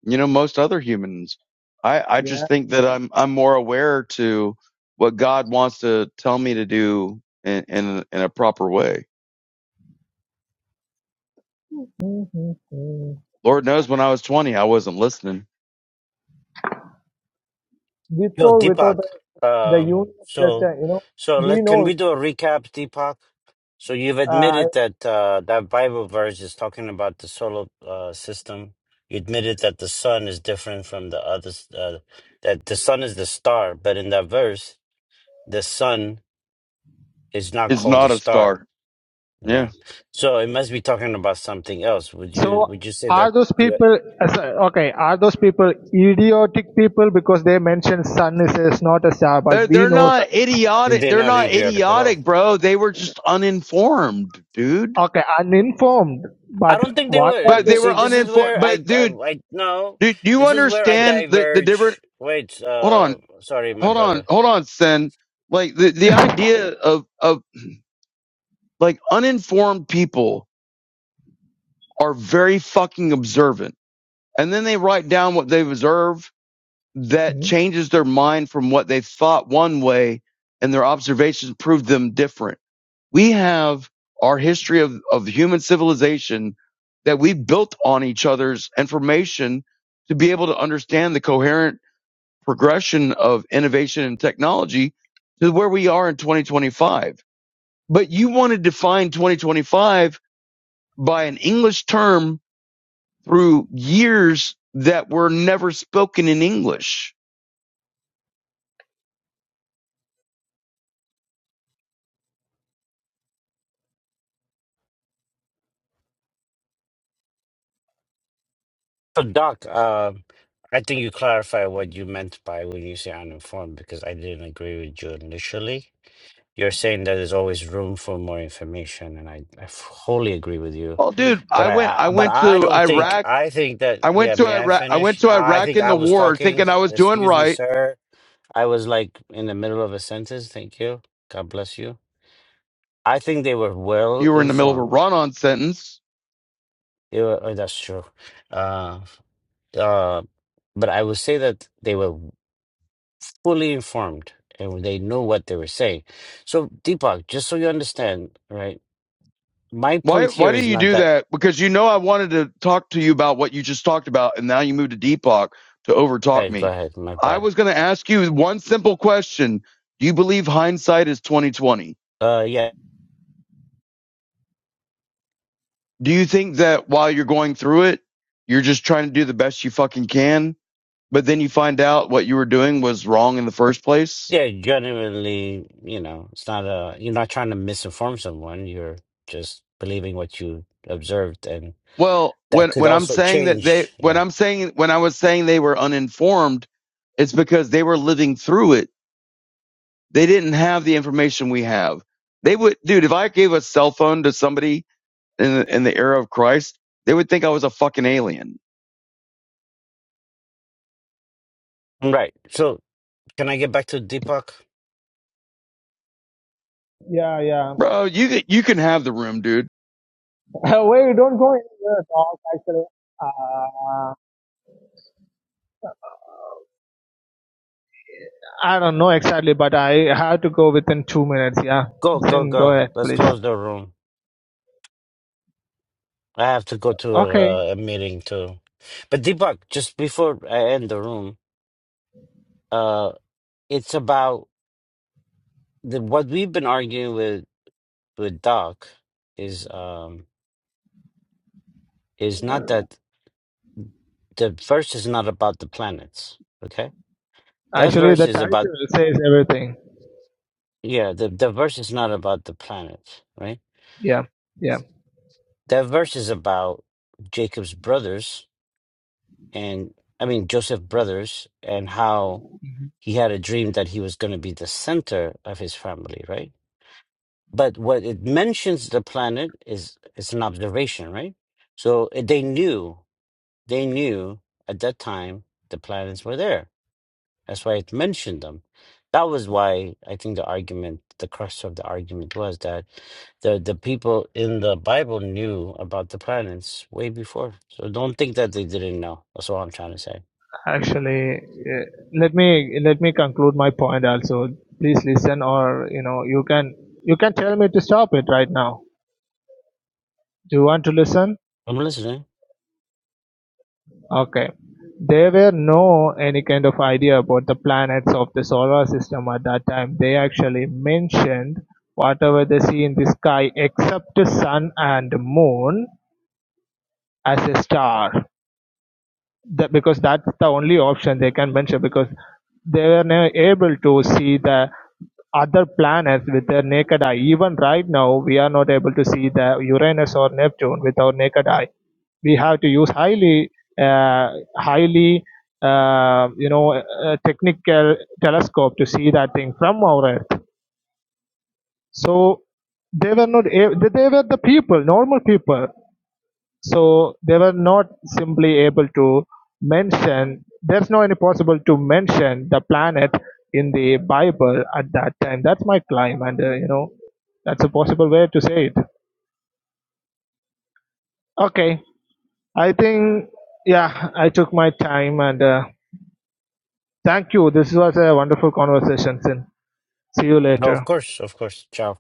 E: you know most other humans. I I
F: yeah.
E: just think that I'm I'm more aware to what God wants to tell me to do in in, in a proper way.
F: Mhm.
E: Lord knows when I was 20 I wasn't listening.
F: With
C: Yo,
F: or
C: Deepak.
F: without us, the
C: Um,
F: union is just,
C: so,
F: uh, you know,
C: so
F: we
C: let can we
F: know.
C: do a recap, Deepak? So you've
F: Uh,
C: admitted
F: I-
C: that uh, that Bible verse is talking about the solar uh, system. You admitted that the sun is different from the others. Uh, that the sun is the star, but in that verse, the sun is not
E: It's
C: called a
E: not a
C: star.
E: star. Yeah.
C: Yeah. So it must be talking about something else. Would
F: So
C: you Would you say that
F: are those
C: you?
F: people uh, so- okay? Are those people idiotic people because they mention sun is, is not a star, but
E: They're
F: we
E: they're
F: know sun
E: not
F: is a star.
C: didn't?
E: idiotic.
C: they read
E: They're
C: not
E: not
C: idiotic at all.
E: idiotic, bro. They were just uninformed, dude.
F: Okay, uninformed,
C: I
F: but
C: don't think they
F: what are
E: But
C: were.
E: they
F: they?
C: See,
E: were
C: this is
E: uninformed.
C: where I,
E: But
C: I,
E: dude,
C: I no,
E: dude, do you
C: this is where I
E: understand the the difference?
C: diverge. Wait,
E: Hold on.
C: uh, sorry, my
E: hold on,
C: brother.
E: hold on, Sen. Like the, the
F: <laughs>
E: idea of of like uninformed people are very fucking observant, and then they write down what they've observed that
F: Hmm?
E: changes their mind from what they thought one way, and their observations prove them different. We have our history of of human civilization that we built on each other's information to be able to understand the coherent progression of innovation and technology to where we are in 2025 but you want to define 2025 by an English term through years that were never spoken in English.
C: So, Doc, uh, I think you clarify what you meant by when you say uninformed because I didn't agree with you initially. You're saying that there's always room for more information, and I, I wholly agree with you.
E: Well, dude,
C: But
E: I
C: I,
E: went, I
C: I, but
E: went
C: I
E: to
C: don't think
E: Iraq.
C: I think
E: I
C: that. Yeah,
E: went to
C: may I
E: Iraq. I went
C: finish?
E: to
C: I
E: Iraq
C: think
E: in
C: I
E: the
C: was
E: war
C: talking.
E: thinking I was doing
C: Excuse me,
E: right.
C: sir. I was like in the middle of a sentence. Thank you. God bless you. I think they were well
E: You were in the middle of a
C: informed.
E: run on sentence.
C: They were, oh, that's true. Uh, uh, but I would say that they were fully informed and they knew what they were saying. So, Deepak, just so you understand, right? My
E: Why,
C: point
E: why
C: here
E: did
C: is
E: you
C: not
E: do
C: that.
E: that? Because you know, I wanted to talk to you about what you just talked about. And now you moved to Deepak to
C: all
E: overtalk
C: right, go
E: me.
C: ahead. My
E: I
C: bad.
E: was going to ask you one simple question. Do you believe hindsight is 2020?
C: Uh, yeah,
E: Do you think that while you're going through it, you're just trying to do the best you fucking can, but then you find out what you were doing was wrong in the first place?
C: yeah. Genuinely, you know, it's not a. You're not trying to misinform someone. You're just believing what you observed and.
E: Well,
C: that
E: when
C: could
E: when I'm
C: also
E: saying that they
C: change.
E: when
C: Yeah.
E: I'm saying when I was saying they were uninformed, it's because they were living through it. They didn't have the information we have. They would dude, if I gave a cell phone to somebody in the, in the era of Christ, they would think I was a fucking alien.
C: Right. So can I get back to Deepak?
F: yeah, yeah.
E: Bro, you you can have the room, dude
F: <laughs> we don't go anywhere at all, actually. Uh, I don't know exactly, but I have to go within two minutes. Yeah,
C: Go, go,
F: Sin, go
C: go.
F: ahead,
C: Let's
F: please.
C: close the room. I have to go to
F: Okay.
C: uh, a meeting too. But Deepak, just before I end the room, uh, it's about the, what we've been arguing with with Doc is um is not that the verse is not about the planets. Okay, that
F: Actually,
C: verse
F: the
C: is about
F: title says everything.
C: yeah. The the verse is not about the planets, right?
F: Yeah, yeah.
C: That verse is about Jacob's brothers and I mean Joseph Brothers and how he had a dream that he was going to be the center of his family, right? But what it mentions the planet is it's an observation, right? So eh, they knew they knew at that time the planets were there. That's why it mentioned them. That was why I think the argument, the crux of the argument was that the the people in the Bible knew about the planets way before. So don't think that they didn't know. That's all I'm trying to say.
F: Actually, eh, let me let me conclude my point. Also, please listen, or you know, you can you can tell me to stop it right now. Do you want to listen?
C: I'm listening.
F: Okay, There were no any kind of idea about the planets of the solar system at that time. They actually mentioned whatever they see in the sky except the sun and moon as a star that because that's the only option they can venture because they were never able to see the other planets with their naked eye. Even right now, we are not able to see the Uranus or Neptune with our naked eye. We have to use highly, uh, highly, uh, you know, uh, technical telescope to see that thing from our Earth. So they were not. a- They were the people, normal people. So they were not simply able to mention, there's no any possible to mention the planet in the Bible at that time. That's my claim, and uh, you know, that's a possible way to say it. Okay, I think yeah, I took my time and uh, thank you. This was a wonderful conversation. Sin. See you
C: No, of
F: later.
C: course, of course. Ciao.